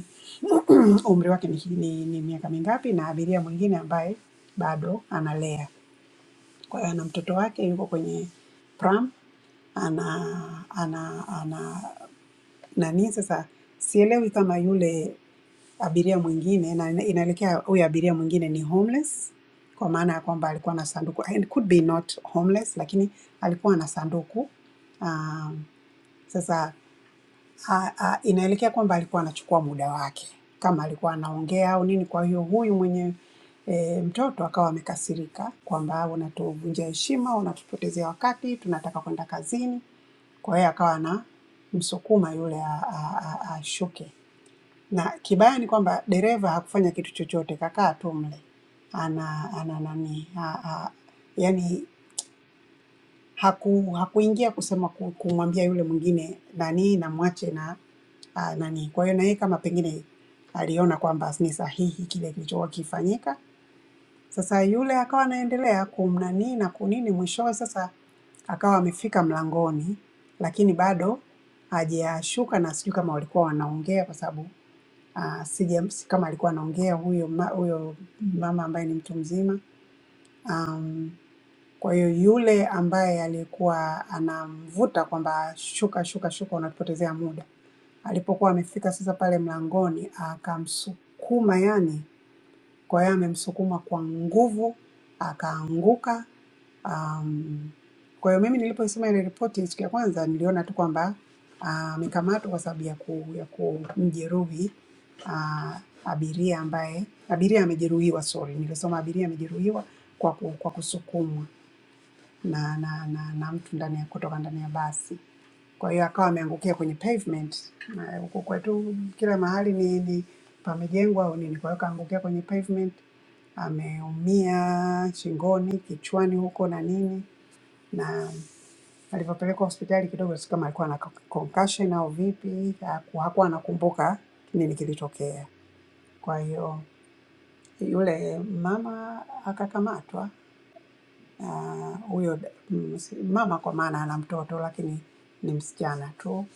F: umri wake ni, ni, ni miaka mingapi, na abiria mwingine ambaye bado analea. Kwa hiyo ana mtoto wake yuko kwenye pram, ana ana ana nani sasa, sielewi kama yule abiria mwingine, na ina- inaelekea huyu abiria mwingine ni homeless, kwa maana ya kwamba alikuwa na sanduku and could be not homeless, lakini alikuwa na sanduku um, sasa Ah, ah, inaelekea kwamba alikuwa anachukua muda wake kama alikuwa anaongea au nini. Kwa hiyo huyu mwenye e, mtoto akawa amekasirika kwamba unatuvunjia heshima, unatupotezea wakati, tunataka kwenda kazini. Kwa hiyo akawa anamsukuma yule a- a- a- ashuke, na kibaya ni kwamba dereva hakufanya kitu chochote, kakaa tu mle ana ana nani, yani haku hakuingia kusema ku- kumwambia yule mwingine nani namwache na uh, nani. Kwa hiyo na yeye kama pengine aliona kwamba ni sahihi kile kilichokuwa kifanyika, sasa yule akawa anaendelea kumnani na kunini, mwishowe sasa akawa amefika mlangoni, lakini bado hajashuka, na sijui kama walikuwa wanaongea kwa sababu uh, sija si kama alikuwa anaongea huyo ma, huyo mama ambaye ni mtu mzima um, kwa hiyo yule ambaye alikuwa anamvuta kwamba shuka shuka shuka, unatupotezea muda, alipokuwa amefika sasa pale mlangoni, akamsukuma yani, kwa hiyo amemsukuma kwa nguvu akaanguka. Um, kwa hiyo mimi nilipoisoma ile ripoti siku ya kwanza niliona tu kwamba ah, amekamatwa uh, kwa sababu ya ku, ya kumjeruhi ah, abiria ambaye abiria amejeruhiwa, sorry, nilisoma abiria amejeruhiwa kwa, ku, kwa kusukumwa na na na, na mtu ndani ya kutoka ndani ya basi. Kwa hiyo akawa ameangukia kwenye pavement. Na huku kwetu kila mahali ni, ni pamejengwa au nini, kwa hiyo kaangukia kwenye pavement, ameumia shingoni, kichwani huko na nini, na alivyopelekwa hospitali kidogo, si kama alikuwa na concussion au vipi, haku- hakuwa anakumbuka nini kilitokea. Kwa hiyo yule mama akakamatwa ah, huyo da- mm, si- mama kwa maana ana mtoto lakini ni msichana tu.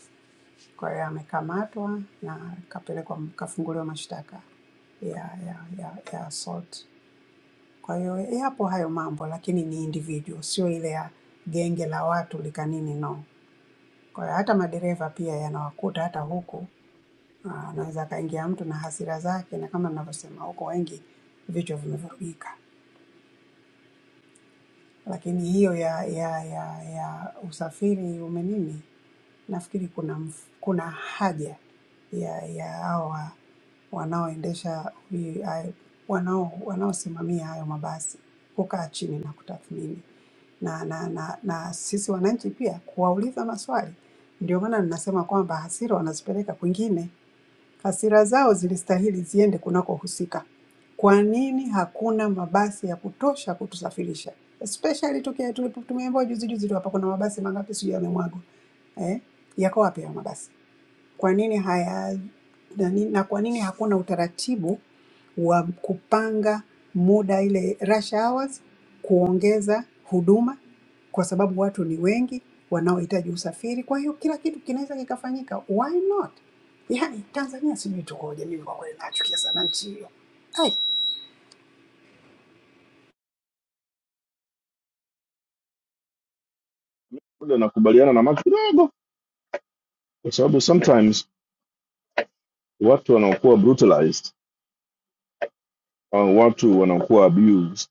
F: Kwa hiyo amekamatwa na kapelekwa, kafunguliwa mashtaka ya, ya, ya, ya assault. Kwa hiyo yapo hayo mambo, lakini ni individual, sio ile ya genge la watu lika nini, no. Kwa hiyo hata madereva pia yanawakuta hata huku, Ah, anaweza akaingia mtu na hasira zake, na kama ninavyosema huko wengi vichwa vimevurugika, lakini hiyo ya, ya, ya, ya usafiri umenini Nafikiri kuna mf- kuna haja ya ya hawa wanaoendesha hii hayo- wanao wanaosimamia hayo mabasi kukaa chini na kutathmini na na, na na sisi wananchi pia kuwauliza maswali. Ndio maana ninasema kwamba hasira wanazipeleka kwingine. Hasira zao zilistahili ziende kunakohusika. Kwa nini hakuna mabasi ya kutosha kutusafirisha? Especially tukia tulipo- tumeambiwa juzi juzi tu hapa kuna mabasi mangapi sijui yamemwagwa eh, yako wapi hayo mabasi? Kwa nini haya nani, na kwa nini hakuna utaratibu wa kupanga muda ile rush hours kuongeza huduma, kwa sababu watu ni wengi wanaohitaji usafiri. Kwa hiyo kila kitu kinaweza kikafanyika, why not? Yaani Tanzania sijui tukoje, mimi kwa kweli nachukia sana nchi hiyo. Ai,
J: Ule nakubaliana na Mark kidogo, kwa sababu sometimes watu wanaokuwa brutalized au watu wanaokuwa abused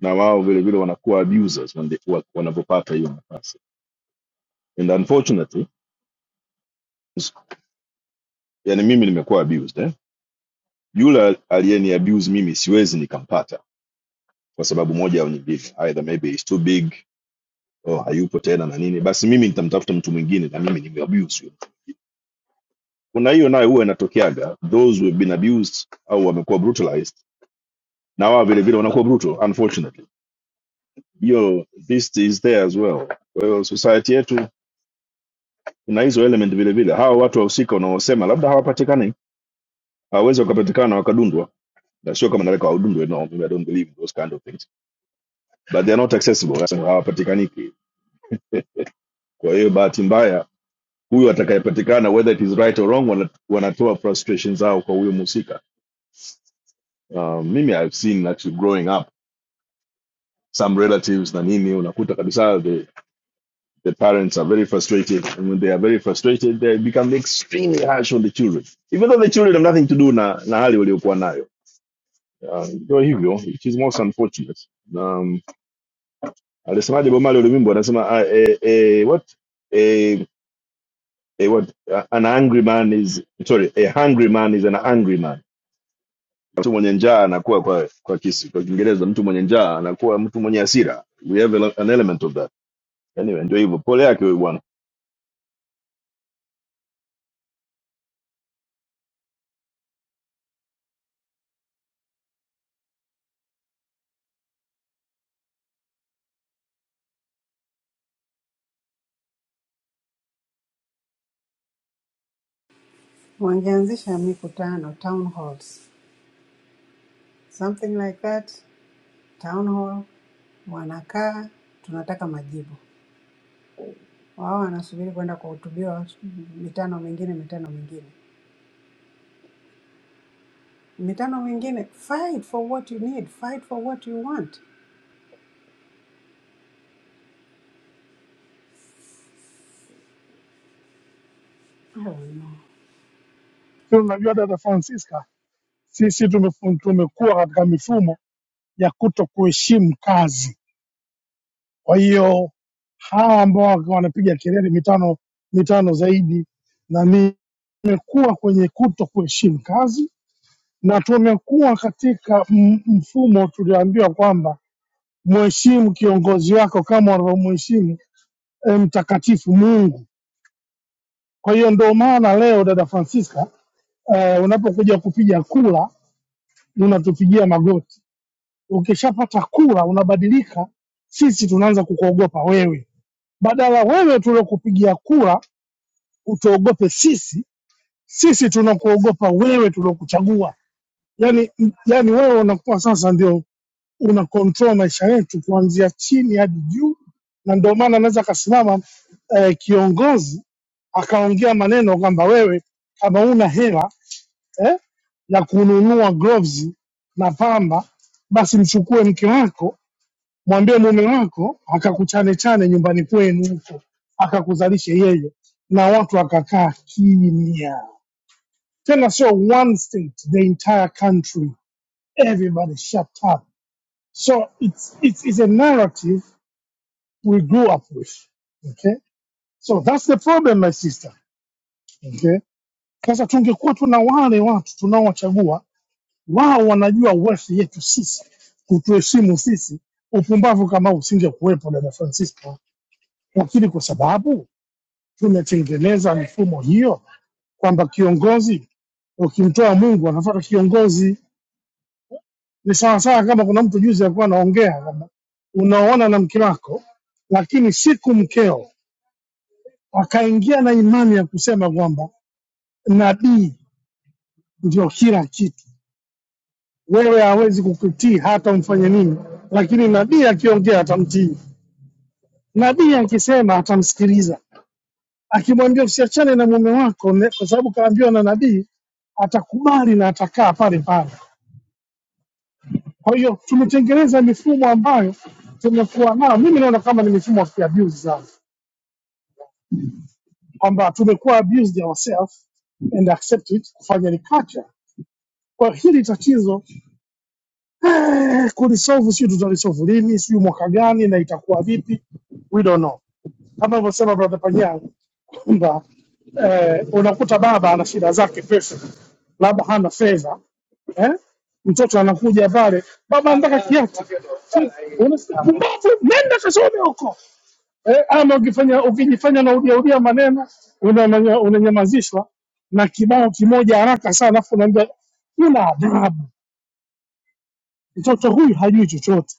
J: na wao vile vile wanakuwa abusers wande- wa- wanavyopata hiyo nafasi. And unfortunately, yani mimi nimekuwa abused eh? Yule aliyeni abuse mimi siwezi nikampata kwa sababu moja au nyingine, either maybe he's too big oh, hayupo tena na nini basi mimi nitamtafuta mtu mwingine na mimi nimeabuse huyo. kuna hiyo nayo huwa inatokeaga those who have been abused au wamekuwa brutalized na wao vile vile wanakuwa brutal unfortunately hiyo this is there as well kwa hiyo society yetu kuna hizo element vile vile hawa watu wahusika unaosema labda hawapatikani hawawezi wakapatikana wakadundwa na sio kama nataka wadundwe no mimi i don't believe in those kind of things but they are not accessible Sasa hawapatikaniki kwa hiyo bahati mbaya huyu atakayepatikana whether it is right or wrong wana- wanatoa frustration zao kwa huyo mhusika uh, mimi i've seen actually growing up some relatives na nini unakuta kabisa the, the parents are very frustrated and when they are very frustrated they become extremely harsh on the children even though the children have nothing to do na, na hali waliokuwa nayo uh, ndio hivyo which is most unfortunate um, alisemaje bomali ulimwimbo anasema ah, eh, eh, what eh, eh, what uh, an angry man is sorry a hungry man is an angry man mtu mwenye njaa anakuwa kwa kwa kisi kwa kiingereza mtu mwenye njaa anakuwa mtu mwenye hasira we have a- an element of that anyway ndio hivyo pole yake huyu bwana
F: wangeanzisha mikutano town halls, something like that, town hall, wanakaa tunataka majibu. wao wanasubiri kwenda kuhutubiwa mitano mingine mitano mingine mitano mingine fight for what you need fight for what you want I don't know.
L: Pia Unajua dada Francisca Sisi tumefu- tumekuwa katika mifumo ya kuto kuheshimu kazi. Kwa hiyo hawa ambao wako wanapiga kelele mitano mitano zaidi, na mimi tumekuwa kwenye kuto kuheshimu kazi, na tumekuwa katika m- mfumo tulioambiwa kwamba mheshimu kiongozi wako kama unavyomheshimu eh, mtakatifu Mungu. Kwa hiyo ndio maana leo dada Francisca eh, unapokuja kupiga kula unatupigia magoti Ukishapata kura unabadilika, sisi tunaanza kukuogopa wewe. Badala wewe tuliokupigia kura utuogope sisi, sisi tunakuogopa wewe tuliokuchagua. Yani, yani wewe unakuwa sasa ndio una control maisha yetu kuanzia chini hadi juu, na ndio maana anaweza akasimama eh, kiongozi akaongea maneno kwamba wewe kama una hela eh, ya kununua gloves na pamba, basi mchukue mke wako mwambie mume wako akakutane chane nyumbani kwenu huko akakuzalishe yeye na watu akakaa kimya tena sio one state the entire country everybody shut up so it's, it's, it's a narrative we grew up with okay so that's the problem my sister okay sasa tungekuwa tuna wale watu tunaowachagua wao wanajua worth yetu sisi kutuheshimu sisi upumbavu kama usingekuwepo dada francisco lakini kwa sababu tumetengeneza mifumo hiyo kwamba kiongozi ukimtoa Mungu anafuata kiongozi. Ni sawasawa kama kuna mtu juzi alikuwa anaongea kwamba unaoana na mke wako, lakini siku mkeo akaingia na imani ya kusema kwamba nabii ndio kila kitu, wewe hawezi kukutii hata umfanye nini, lakini nabii akiongea atamtii, nabii akisema atamsikiliza. akimwambia usiachane na mume wako ne- kwa sababu kaambiwa na nabii atakubali na atakaa pale pale. Kwa hiyo tumetengeneza mifumo ambayo tumekuwa nayo, mimi naona kama ni mifumo ya kuabuse sana, kwamba tumekuwa abused ourselves and accept it, kufanya ni culture. Kwa hili tatizo eh, kulisolve sio tutalisolve lini, sio mwaka gani na itakuwa vipi, we don't know. Kama alivyosema brother Panyao, kwamba eh, unakuta baba ana shida zake pesa, labda hana fedha eh? Mtoto anakuja pale, baba anataka kiatu, Si- unasikia pumbavu, nenda kasome huko eh, ama ukifanya ukijifanya na udiaudia maneno unamanya- unanyamazishwa na kibao kimoja haraka sana, alafu unaambia una adabu, mtoto huyu hajui chochote.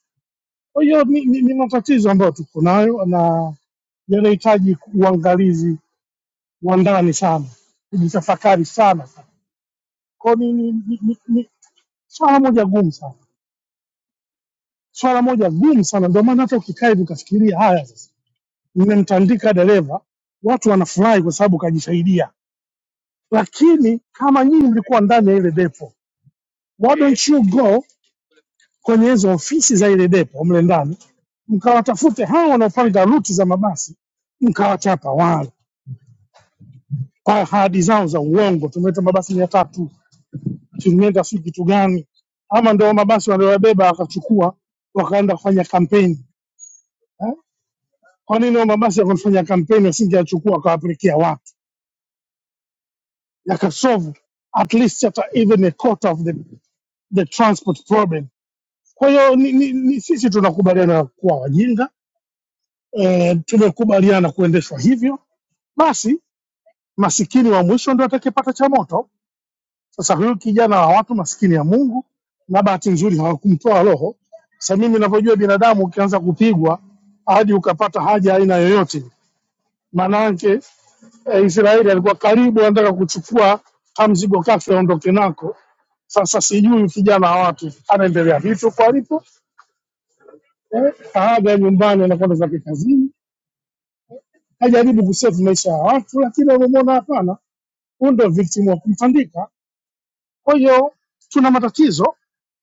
L: Kwa hiyo ni, ni, ni matatizo ambayo tuko nayo na yanahitaji uangalizi uandani sana, kujitafakari sana sana. Kwa hiyo ni, ni, ni, ni, ni swala moja gumu sana, swala moja gumu sana. Ndio maana hata ukikaa hivi ukafikiria, haya sasa, nimemtandika dereva, watu wanafurahi kwa sababu kajisaidia, lakini kama nyinyi mlikuwa ndani ya ile depo, why don't you go kwenye hizo ofisi za ile depo mle ndani, mkawatafute hao wanaopanga ruti za mabasi, mkawachapa wale kwa ahadi zao za uongo, tumeleta mabasi mia tatu kimeenda si kitu gani, ama ndio mabasi waliyobeba wakachukua wakaenda kufanya kampeni eh? Kwa nini hao mabasi yakufanya kampeni wasingeyachukua wakawapelekea watu yakasolve at least hata even a quarter of the, the transport problem. Kwa hiyo ni, ni, ni, sisi tunakubaliana kuwa wajinga eh, tumekubaliana kuendeshwa hivyo, basi masikini wa mwisho ndio atakayepata cha moto. Sasa huyu kijana wa watu maskini ya Mungu, na bahati nzuri hawakumtoa roho. Sasa mimi ninavyojua binadamu, ukianza kupigwa hadi ukapata haja aina yoyote, maanake eh, Israeli alikuwa karibu anataka kuchukua kamzigo kake aondoke nako. Sasa sijui huyu kijana wa watu anaendelea vipi huko alipo, eh, kaaga nyumbani, anakwenda zake kazini, hajaribu kusave maisha ya watu, lakini wamemwona hapana, huyu ndio victim wa kumtandika. Kwa hiyo tuna matatizo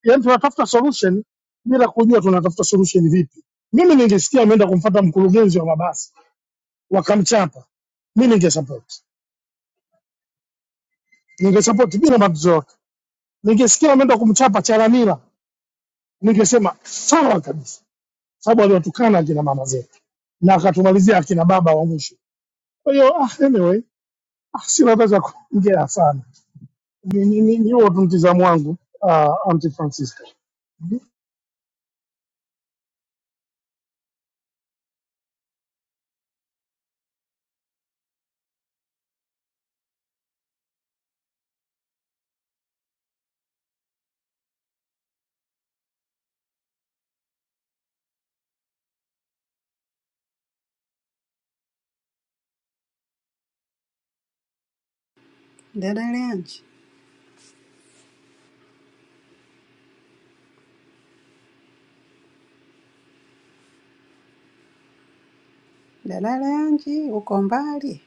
L: yani, tunatafuta solution bila kujua tunatafuta solution vipi. Mimi ningesikia ameenda kumfata mkurugenzi wa mabasi wakamchapa, mi ningesupport, ningesupport bila matatizo yote. Ningesikia ameenda kumchapa Chalamila, ningesema sawa kabisa, sababu aliwatukana akina mama zetu na akatumalizia akina baba wa mwisho. Kwa hiyo ah, anyway, ah, sina hata cha kuongea sana, ni ni- ni- ni huo tu mtizamo wangu ah, Aunty Francisca.
F: dada leanji dada leanji uko mbali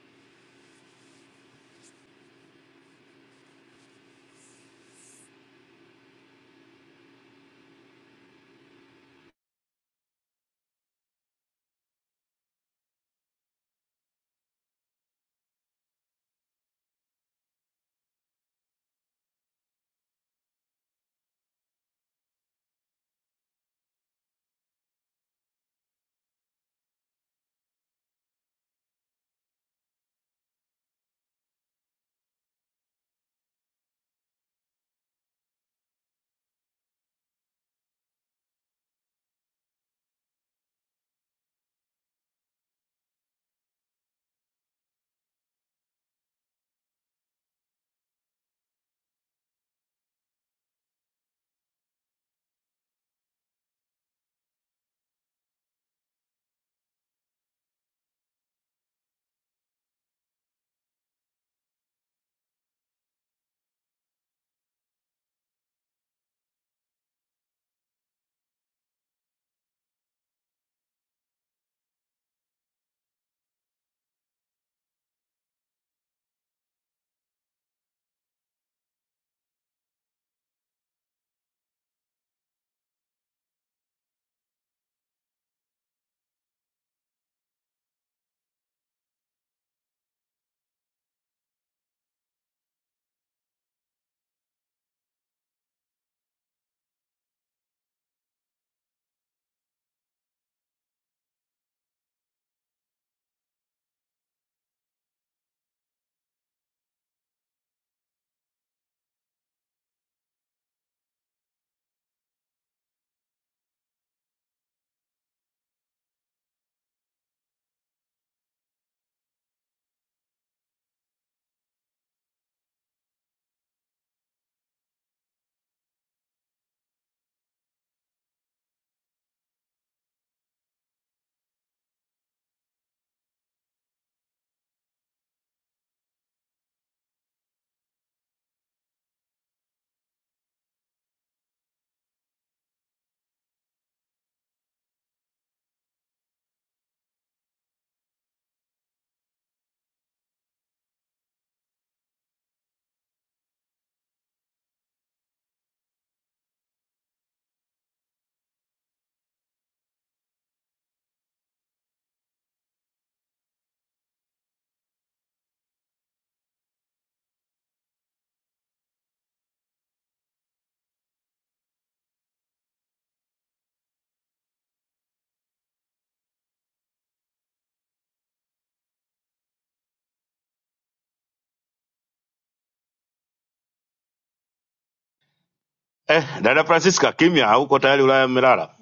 K: Eh, dada Francisca, kimya hauko tayari, Ulaya mmelala.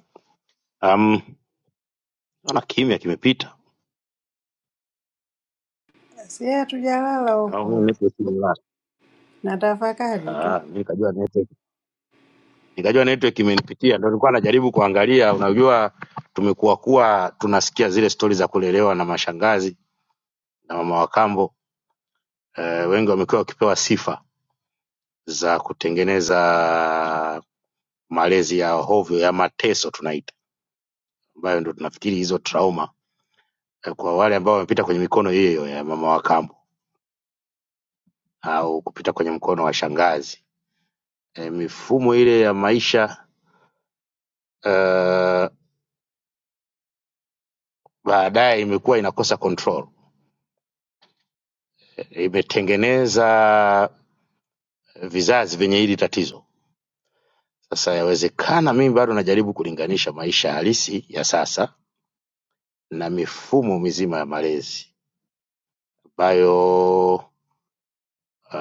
K: Um, ona kimya kimepita.
F: si hatujalala
K: au mimi
F: huku
K: network imenilala.
F: na tafakari tu
K: Ah, mimi nikajua network, nikajua network imenipitia, ndio nilikuwa najaribu kuangalia. Unajua tumekuwa kuwa tunasikia zile stori za kulelewa na mashangazi na mama wa kambo eh, wengi wamekuwa wakipewa sifa za kutengeneza malezi ya hovyo ya mateso tunaita, ambayo ndio tunafikiri hizo trauma eh, kwa wale ambao wamepita kwenye mikono hiyo hiyo ya mama wa kambo au kupita kwenye mkono wa shangazi eh, mifumo ile ya maisha eh, baadaye imekuwa inakosa control, imetengeneza vizazi vyenye hili tatizo. Sasa yawezekana, mimi bado najaribu kulinganisha maisha halisi ya sasa na mifumo mizima ya malezi ambayo uh,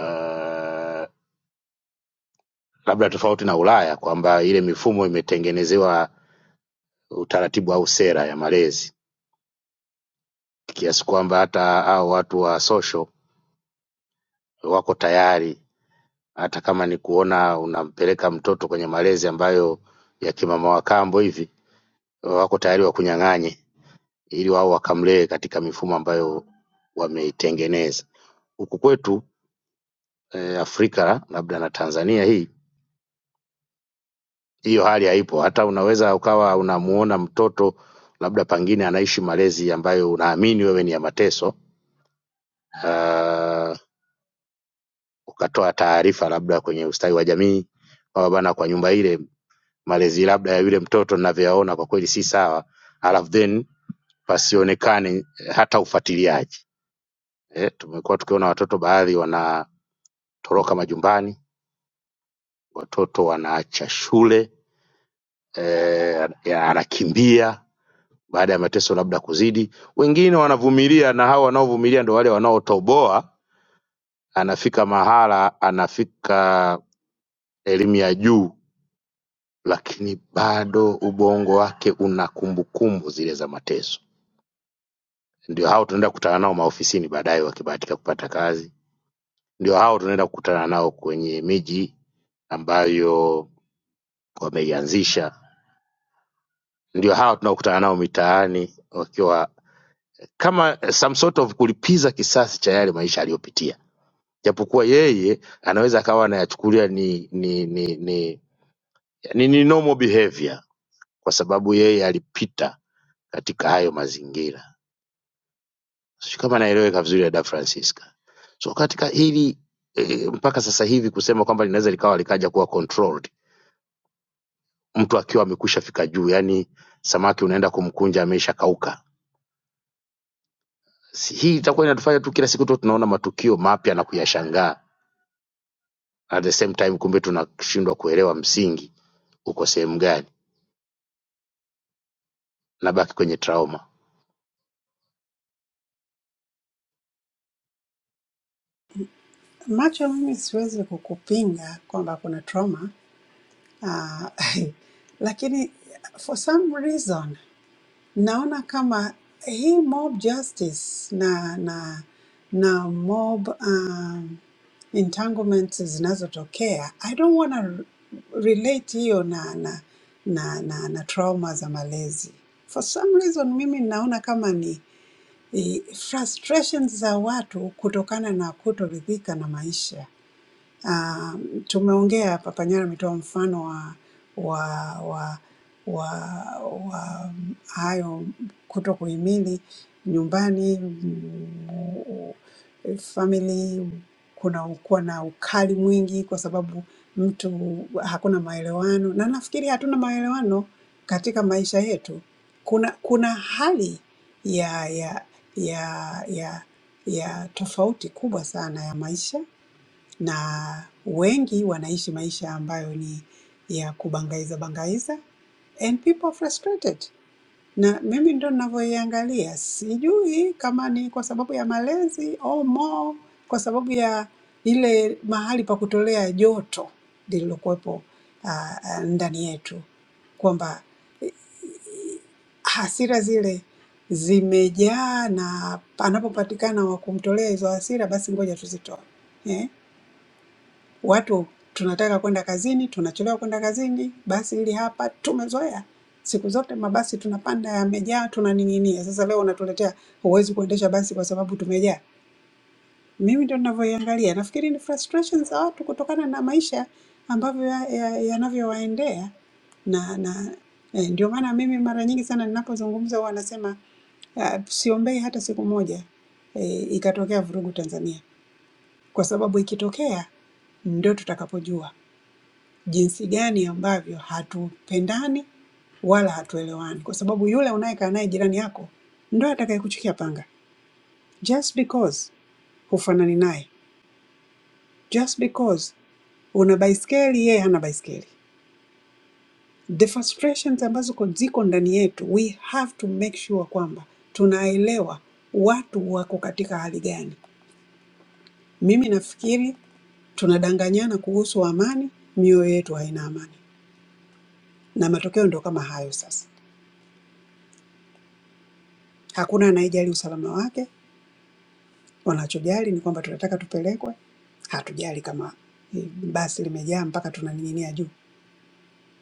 K: labda tofauti na Ulaya kwamba ile mifumo imetengenezewa utaratibu au sera ya malezi kiasi kwamba hata hao watu wa social wako tayari hata kama ni kuona unampeleka mtoto kwenye malezi ambayo ya kimama wa kambo hivi wako tayari wakunyang'anye ili wao wakamlee katika mifumo ambayo wameitengeneza. Huku kwetu eh, Afrika labda na Tanzania hii hiyo hali haipo. Hata unaweza ukawa unamuona mtoto labda pengine anaishi malezi ambayo unaamini wewe ni ya mateso uh, ukatoa taarifa labda kwenye ustawi wa jamii kwamba bana, kwa nyumba ile malezi labda ya yule mtoto ninavyoyaona kwa kweli si sawa, alafu then pasionekane hata ufuatiliaji Eh, tumekuwa tukiona watoto baadhi wanatoroka majumbani, watoto wanaacha shule eh, ya- anakimbia baada ya mateso labda kuzidi. Wengine wanavumilia, na hao wanaovumilia ndo wale wanaotoboa. Anafika mahala, anafika elimu ya juu, lakini bado ubongo wake una kumbukumbu zile za mateso. Ndio hao tunaenda kukutana nao maofisini baadaye, wakibahatika kupata kazi. Ndio hao tunaenda kukutana nao kwenye miji ambayo wameianzisha ndio hawa tunaokutana nao mitaani wakiwa kama some sort of kulipiza kisasi cha yale maisha aliyopitia japokuwa yeye anaweza akawa anayachukulia ni ni ni ni, ni, ni normal behavior kwa sababu yeye alipita katika hayo mazingira sijui kama naeleweka vizuri dada francisca so katika hili e, mpaka sasa hivi kusema kwamba linaweza likawa likaja kuwa controlled mtu akiwa amekwisha fika juu yani samaki unaenda kumkunja amesha kauka Si- hii itakuwa inatufanya tu kila siku tu tunaona matukio mapya na kuyashangaa at the same time kumbe tunashindwa kuelewa msingi uko sehemu gani nabaki kwenye trauma
F: macho mimi siwezi kukupinga kwamba kuna trauma ah, lakini for some reason naona kama hii mob justice na na na mob um, entanglements zinazotokea i don't want to relate hiyo na na, na na na trauma za malezi for some reason mimi naona kama ni eh, frustrations za watu kutokana na kutoridhika na maisha Uh, tumeongea hapa, Panyara ametoa mfano wa wa wa wa, wa hayo kuto kuhimili nyumbani mm, family, kuna kuwa na ukali mwingi kwa sababu mtu hakuna maelewano, na nafikiri hatuna maelewano katika maisha yetu. Kuna kuna hali ya ya ya ya ya tofauti kubwa sana ya maisha na wengi wanaishi maisha ambayo ni ya kubangaiza bangaiza and people are frustrated na mimi ndo ninavyoiangalia sijui kama ni kwa sababu ya malezi au more kwa sababu ya ile mahali pa kutolea joto lililokuwepo ah, ah, ndani yetu kwamba hasira zile zimejaa na panapopatikana wa kumtolea hizo hasira basi ngoja tuzitoe eh? Watu tunataka kwenda kazini, tunachelewa kwenda kazini, basi hili hapa tumezoea. Siku zote mabasi tunapanda yamejaa, tunaning'inia. Sasa leo unatuletea huwezi kuendesha basi kwa sababu tumejaa. Mimi ndio ninavyoiangalia. Nafikiri ni frustration za watu kutokana na maisha ambavyo yanavyowaendea ya, ya yanavyowaendea. na, na eh, ndio maana mimi mara nyingi sana ninapozungumza huwa nasema ah, siombei hata siku moja eh, ikatokea vurugu Tanzania, kwa sababu ikitokea ndio tutakapojua jinsi gani ambavyo hatupendani wala hatuelewani, kwa sababu yule unayekaa naye jirani yako ndo atakayekuchukia panga, just because hufanani naye, just because una baiskeli yeye hana baiskeli. The frustrations ambazo ko- ziko ndani yetu, we have to make sure kwamba tunaelewa watu wako katika hali gani. Mimi nafikiri tunadanganyana kuhusu amani, mioyo yetu haina amani, na matokeo ndio kama hayo sasa. Hakuna anayejali usalama wake. Wanachojali ni kwamba tunataka tupelekwe, hatujali kama eh, basi limejaa mpaka tunaning'inia juu.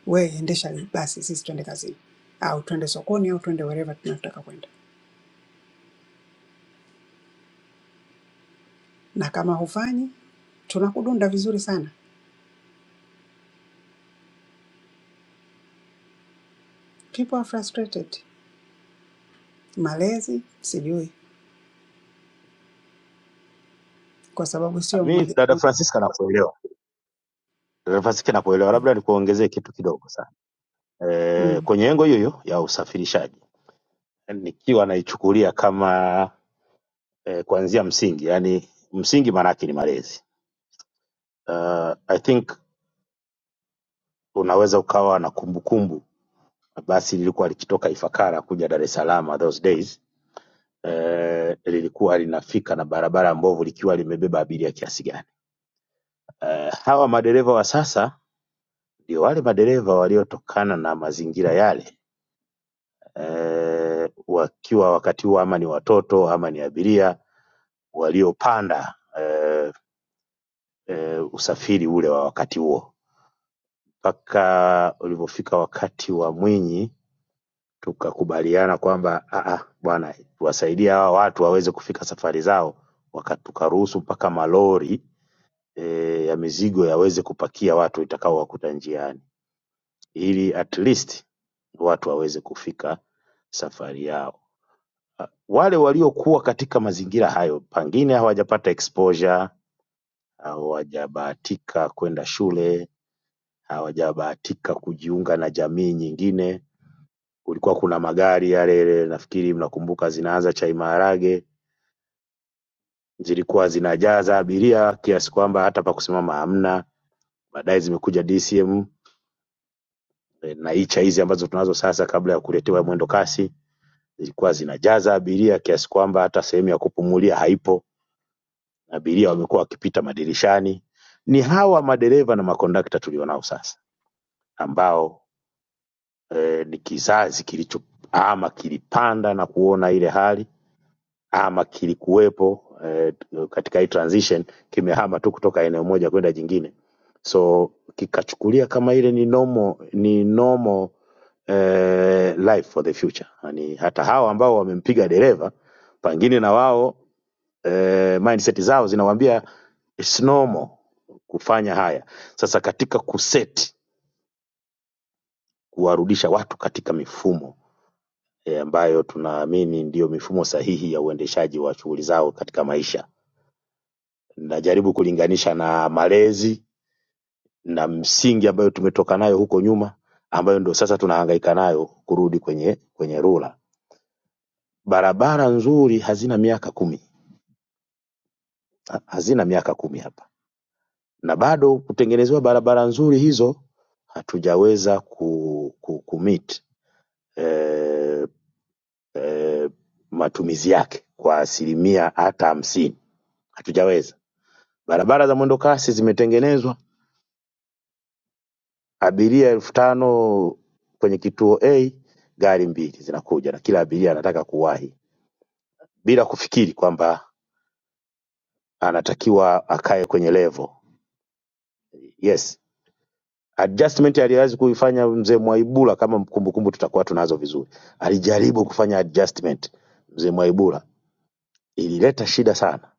F: We endesha hili basi, sisi twende kazini au twende sokoni au twende wherever tunataka kwenda, na kama hufanyi tunakudunda vizuri sana. People are frustrated. Malezi sijui, kwa sababu sio
K: Mi
F: mmoja
K: dada
F: mmoja.
K: Francisca nakuelewa, dada Francisca nakuelewa, labda nikuongezee kitu kidogo sana e,
F: Mm.
K: kwenye engo hiyo hiyo ya usafirishaji, yani nikiwa naichukulia kama e, kuanzia msingi, yani msingi maana yake ni malezi. I think unaweza ukawa na kumbukumbu basi lilikuwa likitoka Ifakara kuja Dar es Salaam those days eh, lilikuwa linafika na barabara mbovu likiwa limebeba abiria kiasi gani. Eh, hawa madereva wa sasa ndio wale madereva waliotokana na mazingira yale eh, wakiwa wakati huo ama ni watoto ama ni abiria waliopanda eh, eh, usafiri ule wa wakati huo mpaka ulivyofika wakati wa Mwinyi tukakubaliana kwamba "Ah, ah, bwana tuwasaidie hawa watu waweze kufika safari zao, waka tukaruhusu mpaka malori eh, ya mizigo yaweze kupakia watu itakaowakuta njiani ili at least watu waweze kufika safari yao. Wale waliokuwa katika mazingira hayo pengine hawajapata exposure, hawajabahatika kwenda shule, hawajabahatika kujiunga na jamii nyingine. Kulikuwa kuna magari yale, nafikiri mnakumbuka, zinaanza chai maharage, zilikuwa zinajaza abiria kiasi kwamba hata pa kusimama hamna. Baadaye zimekuja DCM E, na icha hizi ambazo tunazo sasa kabla ya kuletewa mwendo kasi zilikuwa zinajaza abiria kiasi kwamba hata sehemu ya kupumulia haipo, abiria wamekuwa wakipita madirishani. Ni hawa madereva na makondakta tulionao sasa ambao e, ni kizazi kilicho ama kilipanda na kuona ile hali ama kilikuwepo e, katika hii transition kimehama tu kutoka eneo moja kwenda jingine, so kikachukulia kama ile ni nomo, ni nomo eh, life for the future. Yani hata hao ambao wamempiga dereva pengine na wao eh, mindset zao zinawaambia it's normal kufanya haya. Sasa katika kuseti, kuwarudisha watu katika mifumo eh, ambayo tunaamini ndiyo mifumo sahihi ya uendeshaji wa shughuli zao katika maisha. Najaribu kulinganisha na malezi na msingi ambayo tumetoka nayo huko nyuma, ambayo ndio sasa tunahangaika nayo kurudi kwenye kwenye rula. Barabara nzuri hazina miaka kumi ha- hazina miaka kumi hapa, na bado kutengenezewa barabara nzuri hizo hatujaweza ku, ku, ku meet, eh, eh, matumizi yake kwa asilimia hata hamsini, hatujaweza. Barabara za mwendo kasi zimetengenezwa, abiria elfu tano kwenye kituo A, gari mbili zinakuja na kila abiria anataka kuwahi bila kufikiri kwamba anatakiwa akae kwenye level. Yes, adjustment aliwezi kuifanya mzee Mwaibula, kama kumbukumbu tutakuwa tunazo vizuri, alijaribu kufanya adjustment mzee Mwaibula, ilileta shida sana.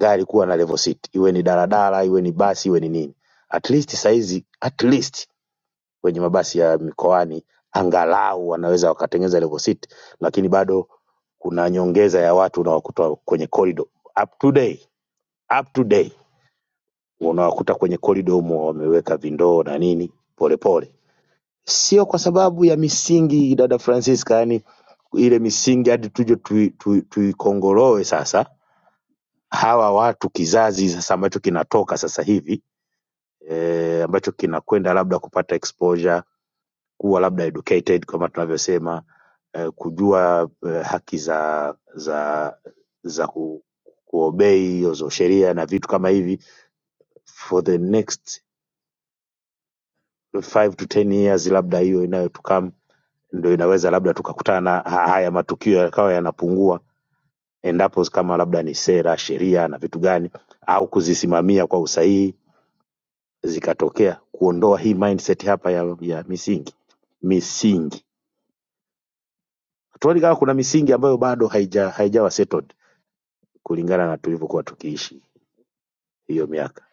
K: Gari kuwa na level seat, iwe ni daladala, iwe ni basi, iwe ni nini. At least saizi, at least kwenye mabasi ya mikoani angalau wanaweza wakatengeneza level seat, lakini bado kuna nyongeza ya watu unawakuta kwenye corridor up to day, up to day unawakuta kwenye corridor humo wameweka vindoo na nini polepole sio kwa sababu ya misingi dada Francisca, yani ile misingi hadi tuje tuikongoroe tui, tui tuikongoroe sasa hawa watu kizazi sasa ambacho kinatoka sasa hivi e, ambacho kinakwenda labda kupata exposure kuwa labda educated kama tunavyosema e, kujua e, haki za za za ku, kuobei hizo sheria na vitu kama hivi for the next five to ten years labda hiyo inayotukam ndo inaweza labda tukakutana na ha- haya matukio yakawa yanapungua endapo kama labda ni sera, sheria na vitu gani, au kuzisimamia kwa usahihi zikatokea, kuondoa hii mindset hapa ya, ya misingi misingi. Tuoni kama kuna misingi ambayo bado haija, haijawa settled kulingana na tulivyokuwa tukiishi hiyo miaka.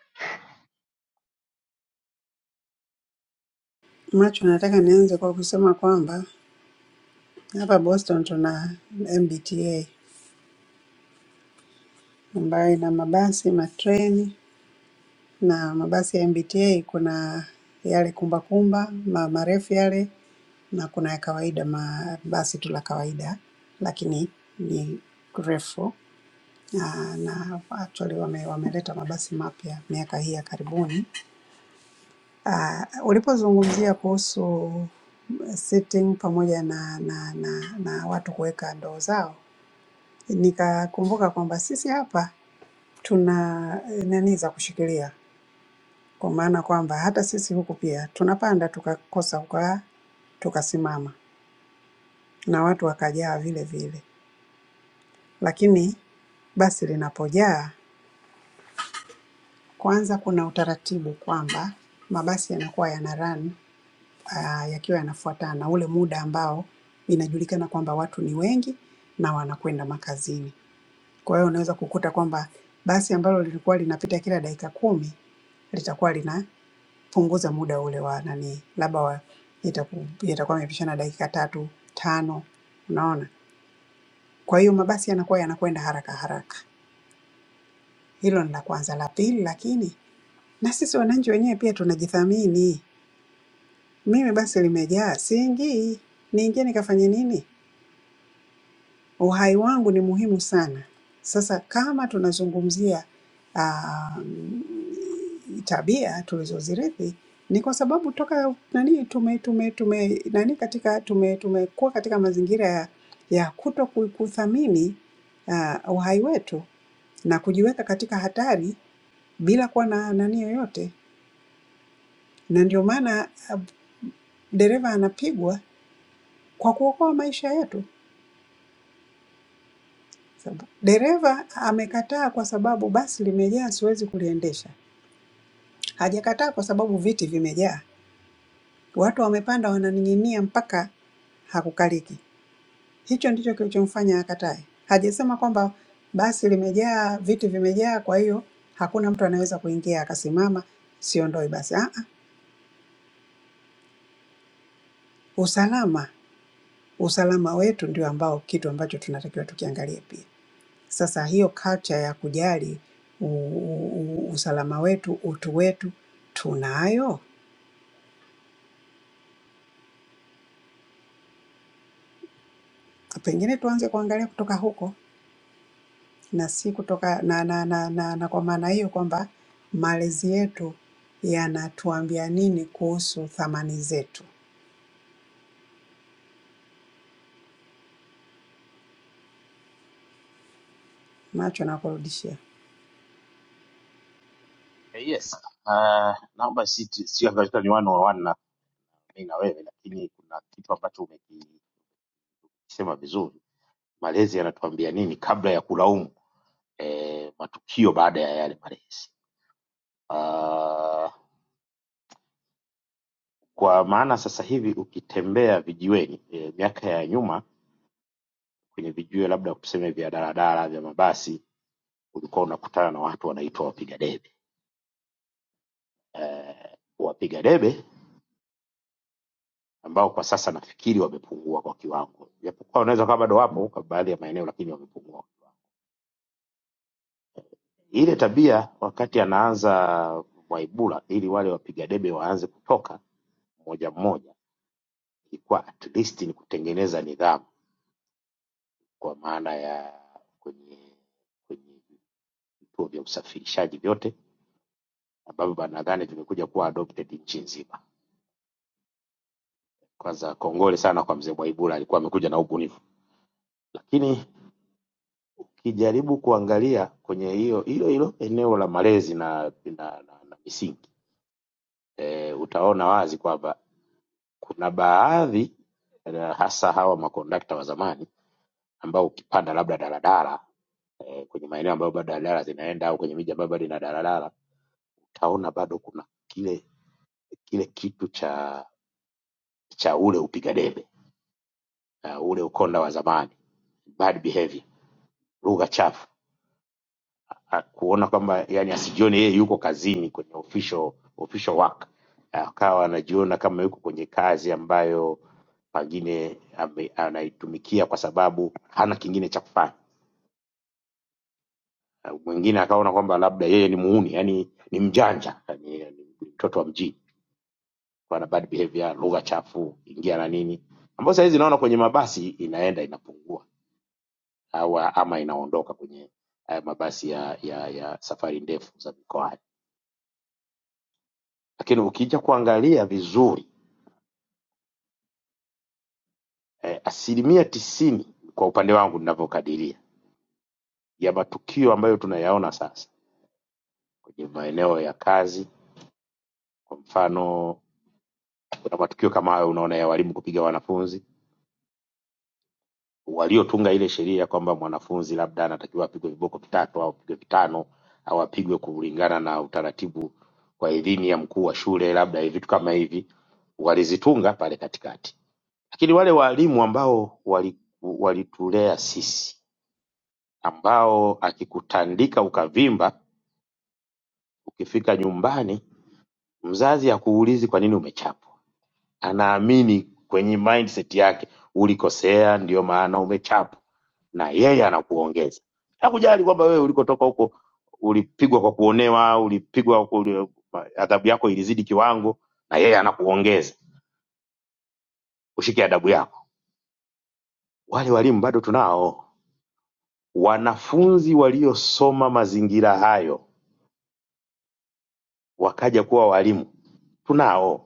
F: Macho, nataka nianze kwa kusema kwamba hapa Boston tuna MBTA ambayo ina mabasi, matreni na mabasi ya MBTA kuna yale kumbakumba ma- marefu yale na kuna ya kawaida ma- basi tu la kawaida lakini ni refu Ah, na actually wame, wameleta mabasi mapya miaka hii ya karibuni. Ah, Ulipozungumzia kuhusu sitting pamoja na, na, na, na watu kuweka ndoo zao, nikakumbuka kwamba sisi hapa tuna eh, nani za kushikilia Kwa maana kwamba hata sisi huku pia tunapanda tukakosa kukaa, tukasimama na watu wakajaa vile vile. Lakini basi linapojaa, kwanza kuna utaratibu kwamba mabasi yanakuwa yana run ah, yakiwa yanafuatana ule muda ambao inajulikana kwamba watu ni wengi na wanakwenda makazini. Kwa hiyo unaweza kukuta kwamba basi ambalo lilikuwa linapita kila dakika kumi litakuwa lina punguza muda ule wa nani, labda wa yataku- yatakuwa yamepishana dakika tatu tano, unaona. Kwa hiyo mabasi yanakuwa yanakwenda haraka haraka. Hilo ni la kwanza. La pili, lakini na sisi wananchi wenyewe pia tunajithamini. Mimi basi limejaa, siingii, niingie nikafanye nini? Uhai wangu ni muhimu sana. Sasa kama tunazungumzia um, tabia tulizozirithi, ni kwa sababu toka nani tume tume tume nani katika tume tumekuwa katika mazingira ya, ya kuto ku- kuthamini uh, uhai wetu na kujiweka katika hatari bila kuwa na nani yoyote, na ndio maana uh, dereva anapigwa kwa kuokoa maisha yetu. Saba- Dereva amekataa kwa sababu basi limejaa, siwezi kuliendesha. Hajakataa kwa sababu viti vimejaa, watu wamepanda, wananing'inia mpaka hakukaliki. Hicho ndicho kilichomfanya akatae. Hajasema kwamba basi limejaa, viti vimejaa, kwa hiyo hakuna mtu anaweza kuingia akasimama, siondoi basi. Ah, ah, usalama usalama wetu ndio ambao kitu ambacho tunatakiwa tukiangalie pia. Sasa hiyo culture ya kujali u, u, u- usalama wetu, utu wetu tunayo? Pengine tuanze kuangalia kutoka huko na si kutoka na, na, na, na, na kwa maana hiyo kwamba malezi yetu yanatuambia nini kuhusu thamani zetu. Macho nakurudishia.
K: Eh, Yes. Uh, naomba si sio katika miwano wa wana na mimi na wewe, lakini kuna kitu ambacho umekisema vizuri. Malezi yanatuambia nini kabla ya kulaumu? eh, matukio baada ya yale malezi. Ah, Kwa maana sasa hivi ukitembea vijiweni, eh, miaka ya nyuma kwenye vijiwe labda tuseme vya daladala vya mabasi, ulikuwa unakutana na watu wanaitwa wapiga debe. Eh, Wapiga debe ambao kwa sasa nafikiri wamepungua kwa kiwango, japokuwa unaweza kama bado wapo kwa baadhi ya maeneo, lakini wamepungua. Ile tabia wakati anaanza Mwaibura, ili wale wapiga debe waanze kutoka mmoja mmoja ilikuwa at least ni kutengeneza nidhamu kwa maana ya kwenye kwenye vituo vya usafirishaji vyote ambavyo ba- nadhani vimekuja kuwa adopted nchi nzima. Kwanza kongole sana kwa mzee Mwaibura, alikuwa amekuja na ubunifu, lakini ukijaribu kuangalia kwenye hiyo hilo hilo eneo la malezi na, na, na, na misingi eh, utaona wazi kwamba kuna baadhi eh, hasa hawa makondakta wa zamani ambao ukipanda labda daladala eh, kwenye maeneo ambayo bado daladala zinaenda au kwenye miji ambayo bado ina daladala utaona bado kuna kile kile kitu cha cha ule upiga debe uh, ule ukonda wa zamani bad behavior lugha chafu ah, kuona kwamba yani asijione yeye yuko kazini kwenye official, official work, akawa anajiona kama yuko kwenye kazi ambayo pengine ame- anaitumikia kwa sababu hana kingine cha kufanya. Ah, Mwingine akaona kwamba labda yeye ni muuni, yani ni mjanja, yani yani, ni mtoto wa mjini, ana bad behavior, lugha chafu, ingia na nini, ambayo saa hizi naona kwenye mabasi inaenda inapungua au ama inaondoka kwenye eh, mabasi ya, ya, ya safari ndefu za mikoa Lakini ukija kuangalia vizuri eh, asilimia tisini kwa upande wangu ninavyokadiria ya matukio ambayo tunayaona sasa kwenye maeneo ya kazi, kwa mfano kuna matukio kama hayo unaona ya walimu kupiga wanafunzi waliotunga ile sheria kwamba mwanafunzi labda anatakiwa apigwe viboko vitatu au apigwe vitano au apigwe kulingana na utaratibu wa idhini ya mkuu wa shule, labda vitu kama hivi walizitunga pale katikati. Lakini wale walimu ambao wali- walitulea sisi ambao akikutandika ukavimba, ukifika nyumbani mzazi hakuulizi kwa nini umechapwa. Anaamini kwenye mindset yake ulikosea, ndio maana umechapwa, na yeye anakuongeza. Hakujali kwamba wewe ulikotoka huko ulipigwa kwa kuonewa, ulipigwa kwa uli- adhabu yako ilizidi kiwango, na yeye anakuongeza ushike adabu yako. Wale walimu bado tunao, wanafunzi waliosoma mazingira hayo wakaja kuwa walimu tunao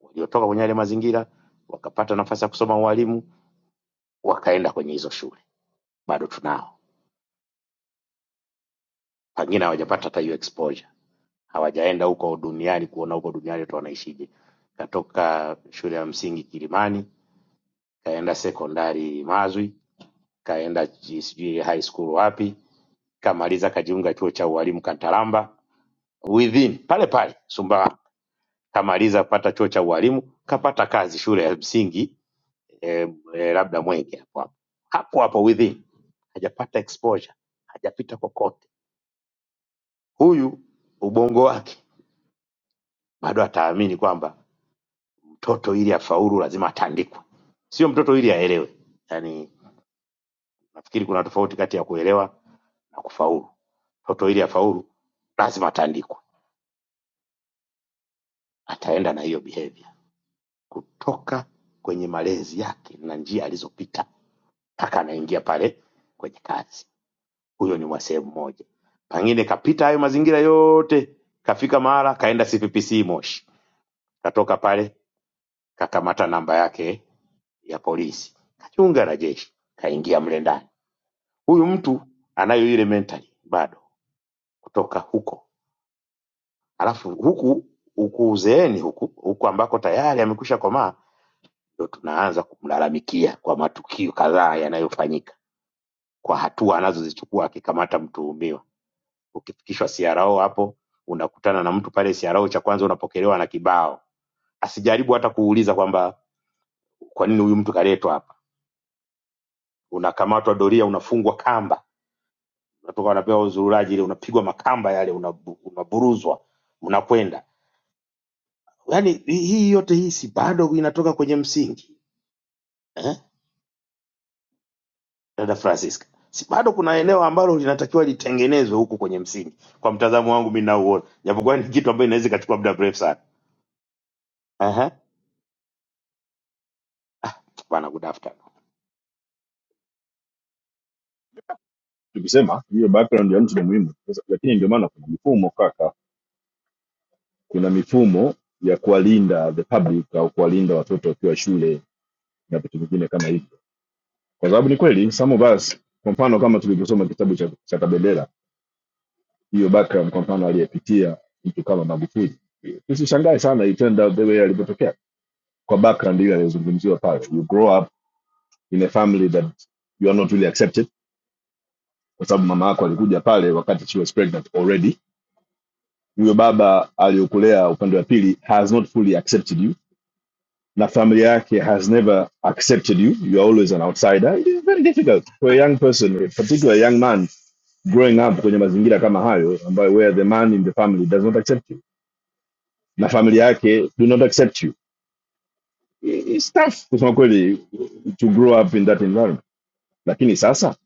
K: waliotoka kwenye yale mazingira wakapata nafasi ya kusoma ualimu wakaenda kwenye hizo shule bado tunao pengine hawajapata hata hiyo exposure hawajaenda huko duniani kuona huko duniani watu wanaishije katoka shule ya msingi kilimani kaenda sekondari mazwi kaenda ji- sijui high school wapi kamaliza kajiunga chuo cha ualimu kantaramba within pale pale sumbawa kamaliza kupata chuo cha ualimu kapata kazi shule ya msingi eh, eh, labda mwenge hapo hapo hapo hapo within hajapata exposure, hajapita kokote. Huyu ubongo wake bado ataamini kwamba mtoto ili afaulu lazima atandikwe, sio mtoto ili aelewe. Yani nafikiri kuna tofauti kati ya kuelewa na kufaulu. Mtoto ili afaulu lazima atandikwe, ataenda na hiyo behavior kutoka kwenye malezi yake na njia alizopita mpaka anaingia pale kwenye kazi. Huyo ni wa sehemu moja. Pengine kapita hayo mazingira yote, kafika mahala kaenda CPPC Moshi, katoka pale Kakamata namba yake ya polisi, kachunga na jeshi, kaingia mle ndani. Huyu mtu anayo ile mentali bado kutoka huko, alafu huku huku uzeeni huku huku ambako tayari amekwisha komaa, ndo tunaanza kumlalamikia kwa matukio kadhaa yanayofanyika, kwa hatua anazozichukua akikamata mtuhumiwa. Ukifikishwa CRO hapo unakutana na mtu pale CRO, cha kwanza unapokelewa na kibao, asijaribu hata kuuliza kwamba kwa nini huyu mtu kaletwa hapa. Unakamatwa doria, unafungwa kamba unatoka unapewa uzururaji ile unapigwa makamba yale unabu- unaburuzwa unakwenda yaani hii hii yote hii si bado inatoka kwenye msingi eh? dada francisca si bado kuna eneo ambalo linatakiwa litengenezwe huku kwenye msingi kwa mtazamo wangu mi nauona japokuwa ni kitu ambayo inaweza ikachukua muda mrefu sana Aha. bana good afternoon
J: background ya mtu mwingine ndio maana kuna mifumo kaka kuna mifumo ya kuwalinda the public au kuwalinda watoto wakiwa shule na vitu vingine kama hivyo kwa sababu ni kweli some of us kwa mfano kama tulivyosoma kitabu cha, cha kabendera hiyo background kwa mfano aliyepitia mtu kama magufuli tusishangae sana it turned out the way alivyotokea kwa background hiyo aliyozungumziwa pale you grow up in a family that you are not really accepted kwa sababu mama yako alikuja pale wakati she was pregnant already huyo baba aliyokulea upande wa pili has not fully accepted you na familia yake has never accepted you you are always an outsider it is very difficult for a young person particularly a young man growing up kwenye mazingira kama hayo ambayo where the man in the family does not accept you na familia yake do not accept you it's tough kusema kweli to grow up in that environment lakini sasa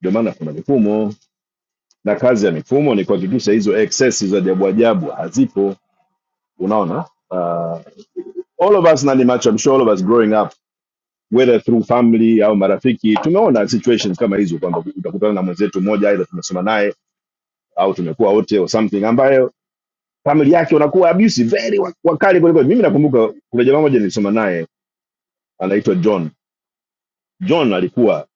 J: ndio maana kuna mifumo na kazi ya mifumo ni kuhakikisha hizo excesses za ajabu ajabu hazipo unaona uh, all of us nani macho I'm sure all of us growing up whether through family au marafiki tumeona situations kama hizo kwamba utakutana na mwenzetu mmoja aidha tumesoma naye au tumekuwa wote or something ambayo family yake wanakuwa abusive very wakali kuliko mimi nakumbuka kuna jamaa mmoja nilisoma naye anaitwa John John alikuwa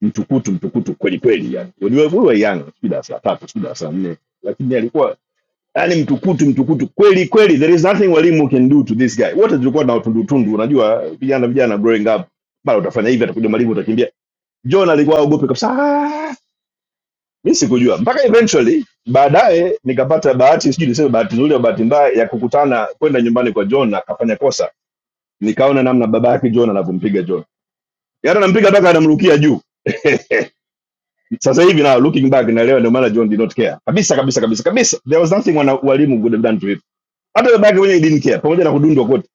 J: mtukutu mtukutu kweli kweli yani we were we were young sijui darasa la tatu sijui darasa nne lakini alikuwa yani mtukutu mtukutu kweli kweli there is nothing walimu can do to this guy wote tulikuwa na utundutundu unajua vijana vijana growing up bado utafanya hivi atakuja mwalimu utakimbia john alikuwa aogope kabisa "Ah, mi sikujua mpaka eventually baadaye nikapata bahati sijui niseme bahati nzuri au bahati mbaya ya kukutana kwenda nyumbani kwa john na akafanya kosa nikaona namna baba yake john anavyompiga john yaani anampiga mpaka anamrukia juu sasa hivi na looking back na leo ndio maana john did not care kabisa kabisa kabisa kabisa there was nothing wana, walimu would have done to him hata baba yake mwenyewe didn't care pamoja na kudundwa kote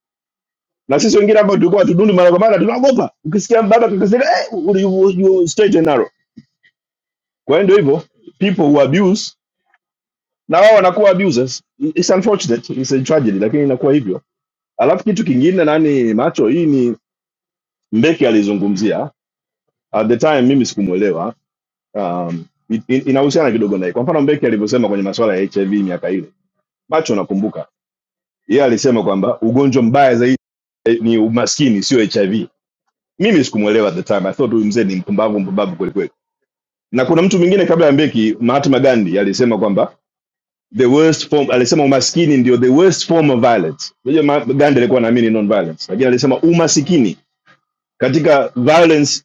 J: na sisi wengine ambao tulikuwa tudundi mara kwa mara tunaogopa ukisikia baba tukasema eh you, you you straight and narrow kwa hiyo ndio hivyo people who abuse na wao wanakuwa abusers it's unfortunate it's a tragedy lakini inakuwa hivyo alafu kitu kingine nani macho hii ni mbeki alizungumzia at the time mimi sikumuelewa um, in- in- inahusiana kidogo naye kwa mfano mbeki alivyosema kwenye masuala ya hiv miaka ile macho nakumbuka yeye alisema kwamba ugonjwa mbaya zaidi eh, ni umaskini sio hiv mimi sikumwelewa at the time. I thought huyu mzee ni mpumbavu mpumbavu kweli kweli. Na kuna mtu mwingine kabla ya Mbeki, Mahatma Gandhi alisema kwamba the worst form, alisema umaskini ndio the worst form of violence. Unajua Mahatma Gandhi alikuwa anaamini non violence, lakini alisema umasikini katika violence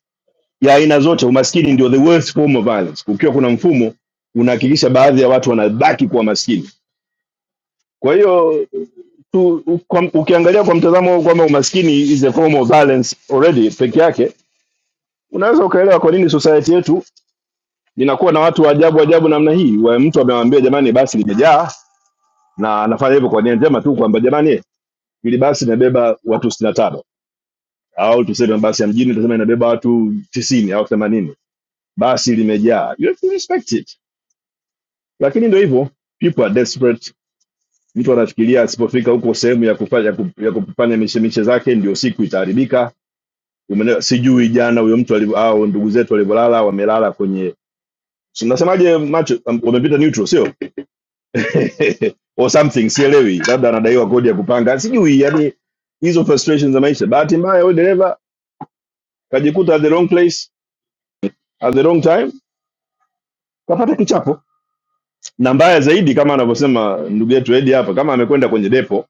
J: ya aina zote, umaskini ndio the worst form of violence. Ukiwa kuna mfumo unahakikisha baadhi ya watu wanabaki kuwa maskini. Kwa hiyo tu, u- kwa, ukiangalia kwa mtazamo huu kwamba umaskini is a form of violence already peke yake, unaweza ukaelewa kwa nini society yetu Ninakuwa na watu wa ajabu ajabu namna hii, wa mtu amemwambia jamani, basi limejaa, na anafanya hivyo kwa nia njema tu kwamba jamani, ili basi inabeba watu 65 tano au tuseme basi ya mjini tuseme inabeba watu tisini au themanini basi limejaa. You have to respect it, lakini ndio hivyo, people are desperate. Mtu anafikiria asipofika huko sehemu ya kufanya ya ku- ya kufanya mishemishe zake ndio siku itaharibika. Umeelewa? Sijui jana huyo mtu alivyo- au ndugu zetu walivyolala, wamelala kwenye si- nasemaje, macho um, wamepita neutral, sio or something sielewi labda anadaiwa kodi ya kupanga sijui yani hizo frustrations za maisha bahati mbaya huyo dereva kajikuta at the wrong place at the wrong time kapata kichapo na mbaya zaidi kama anavyosema ndugu yetu edi hapa kama amekwenda kwenye depo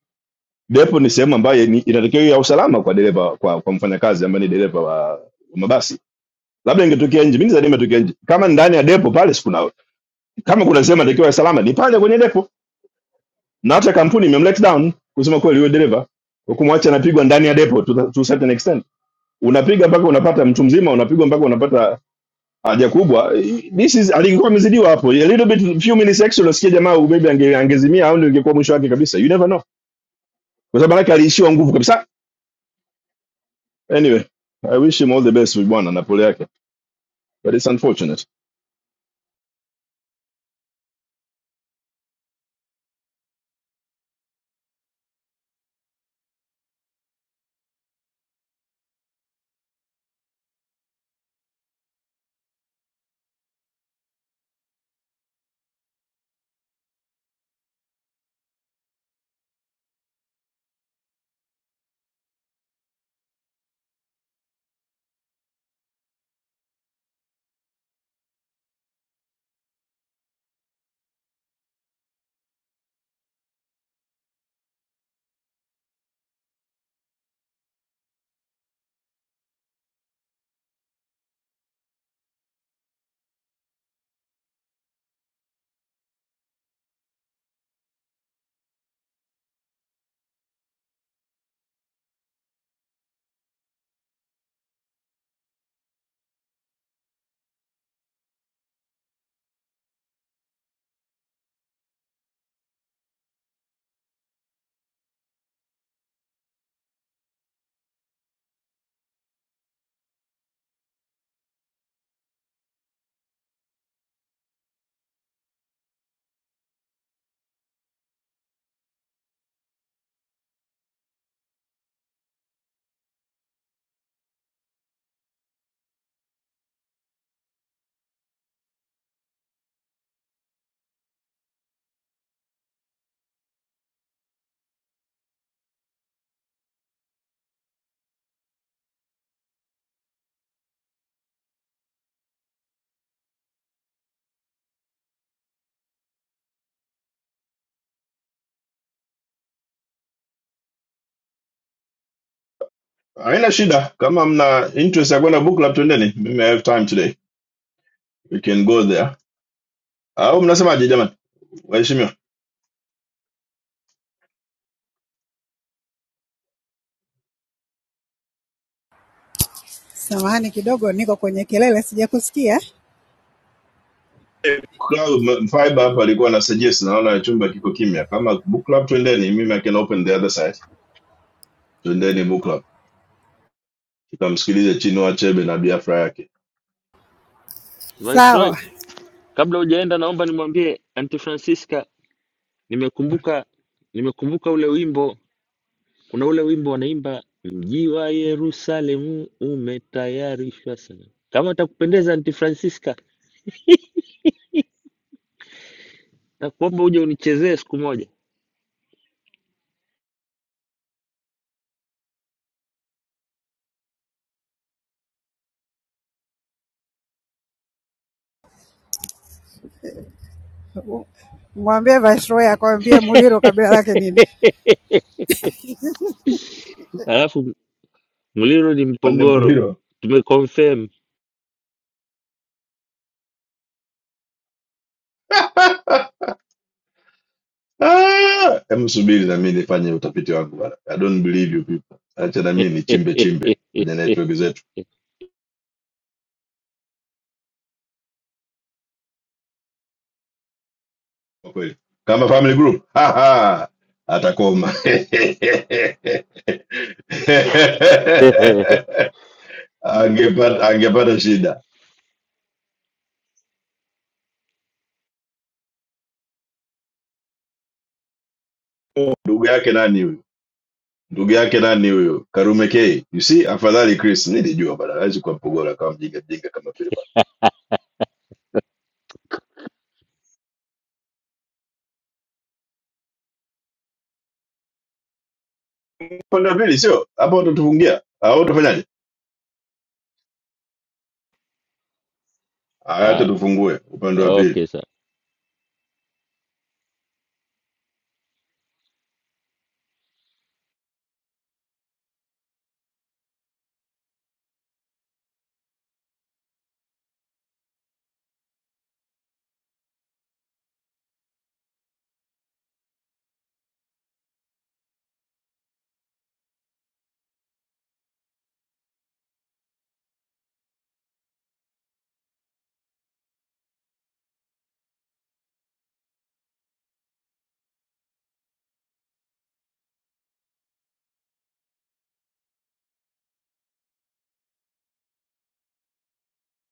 J: depo ni sehemu ambayo ni- inatakiwa iwe ya usalama kwa dereva kwa, kwa mfanyakazi ambaye ni dereva wa, wa mabasi labda ingetokea nje mimi nadhani imetokea nje kama ndani ya depo pale sikuna kama kuna sehemu inatakiwa ya salama ni pale kwenye depo na hata kampuni imemlet down kusema kweli huyo dereva Kwa kumwacha anapigwa ndani ya depo to, the- to a certain extent unapiga mpaka unapata mtu mzima unapigwa mpaka unapata haja kubwa this is alikuwa amezidiwa hapo a little bit few minutes extra unasikia jamaa maybe ange, angezimia au ndio ingekuwa mwisho wake kabisa you never know kwa sababu manake aliishiwa nguvu kabisa anyway i wish him all the best with bwana na pole yake but it's unfortunate haina shida kama mna interest ya kwenda book club twendeni mimi i have time today we can go there au mnasemaje jamani waheshimiwa
F: Samahani kidogo, niko kwenye kelele, sijakusikia.
J: Club, Fiber hapa alikuwa na suggest, naona chumba kiko kimya. Kama book club, twendeni, mimi I can open the other side. Twendeni book club, tukamsikilize Chinua Achebe na biafra yake.
B: Viceroy,
F: Sawa,
B: kabla hujaenda naomba nimwambie Aunty Francisca nimekumbuka nimekumbuka ule wimbo kuna ule wimbo wanaimba mji wa yerusalemu umetayarishwa sana kama takupendeza anti francisca takuomba uje unichezee siku moja
F: ngoja akwambie Muliro kabila lake nini.
B: alafu mliro ni
J: Mande
B: mpogoro
J: Muliro,
B: tumeconfirm
J: ah, hebu subiri na mimi nifanye utafiti wangu bana. I don't believe you people. Acha na mimi nichimbe chimbe kwenye network zetu, kwa kweli kama family group ha ha, atakoma angepata angepata shida. Ndugu yake nani huyu? ndugu yake nani huyo karume k you see afadhali chris nilijua bana hawezi kuwa mpogola kama mjinga mjinga kama vile bana upande wa pili sio hapo watatufungia Ah, hao utafanyaje Ah, hata
B: Haya,
J: tufungue upande wa pili
B: okay sawa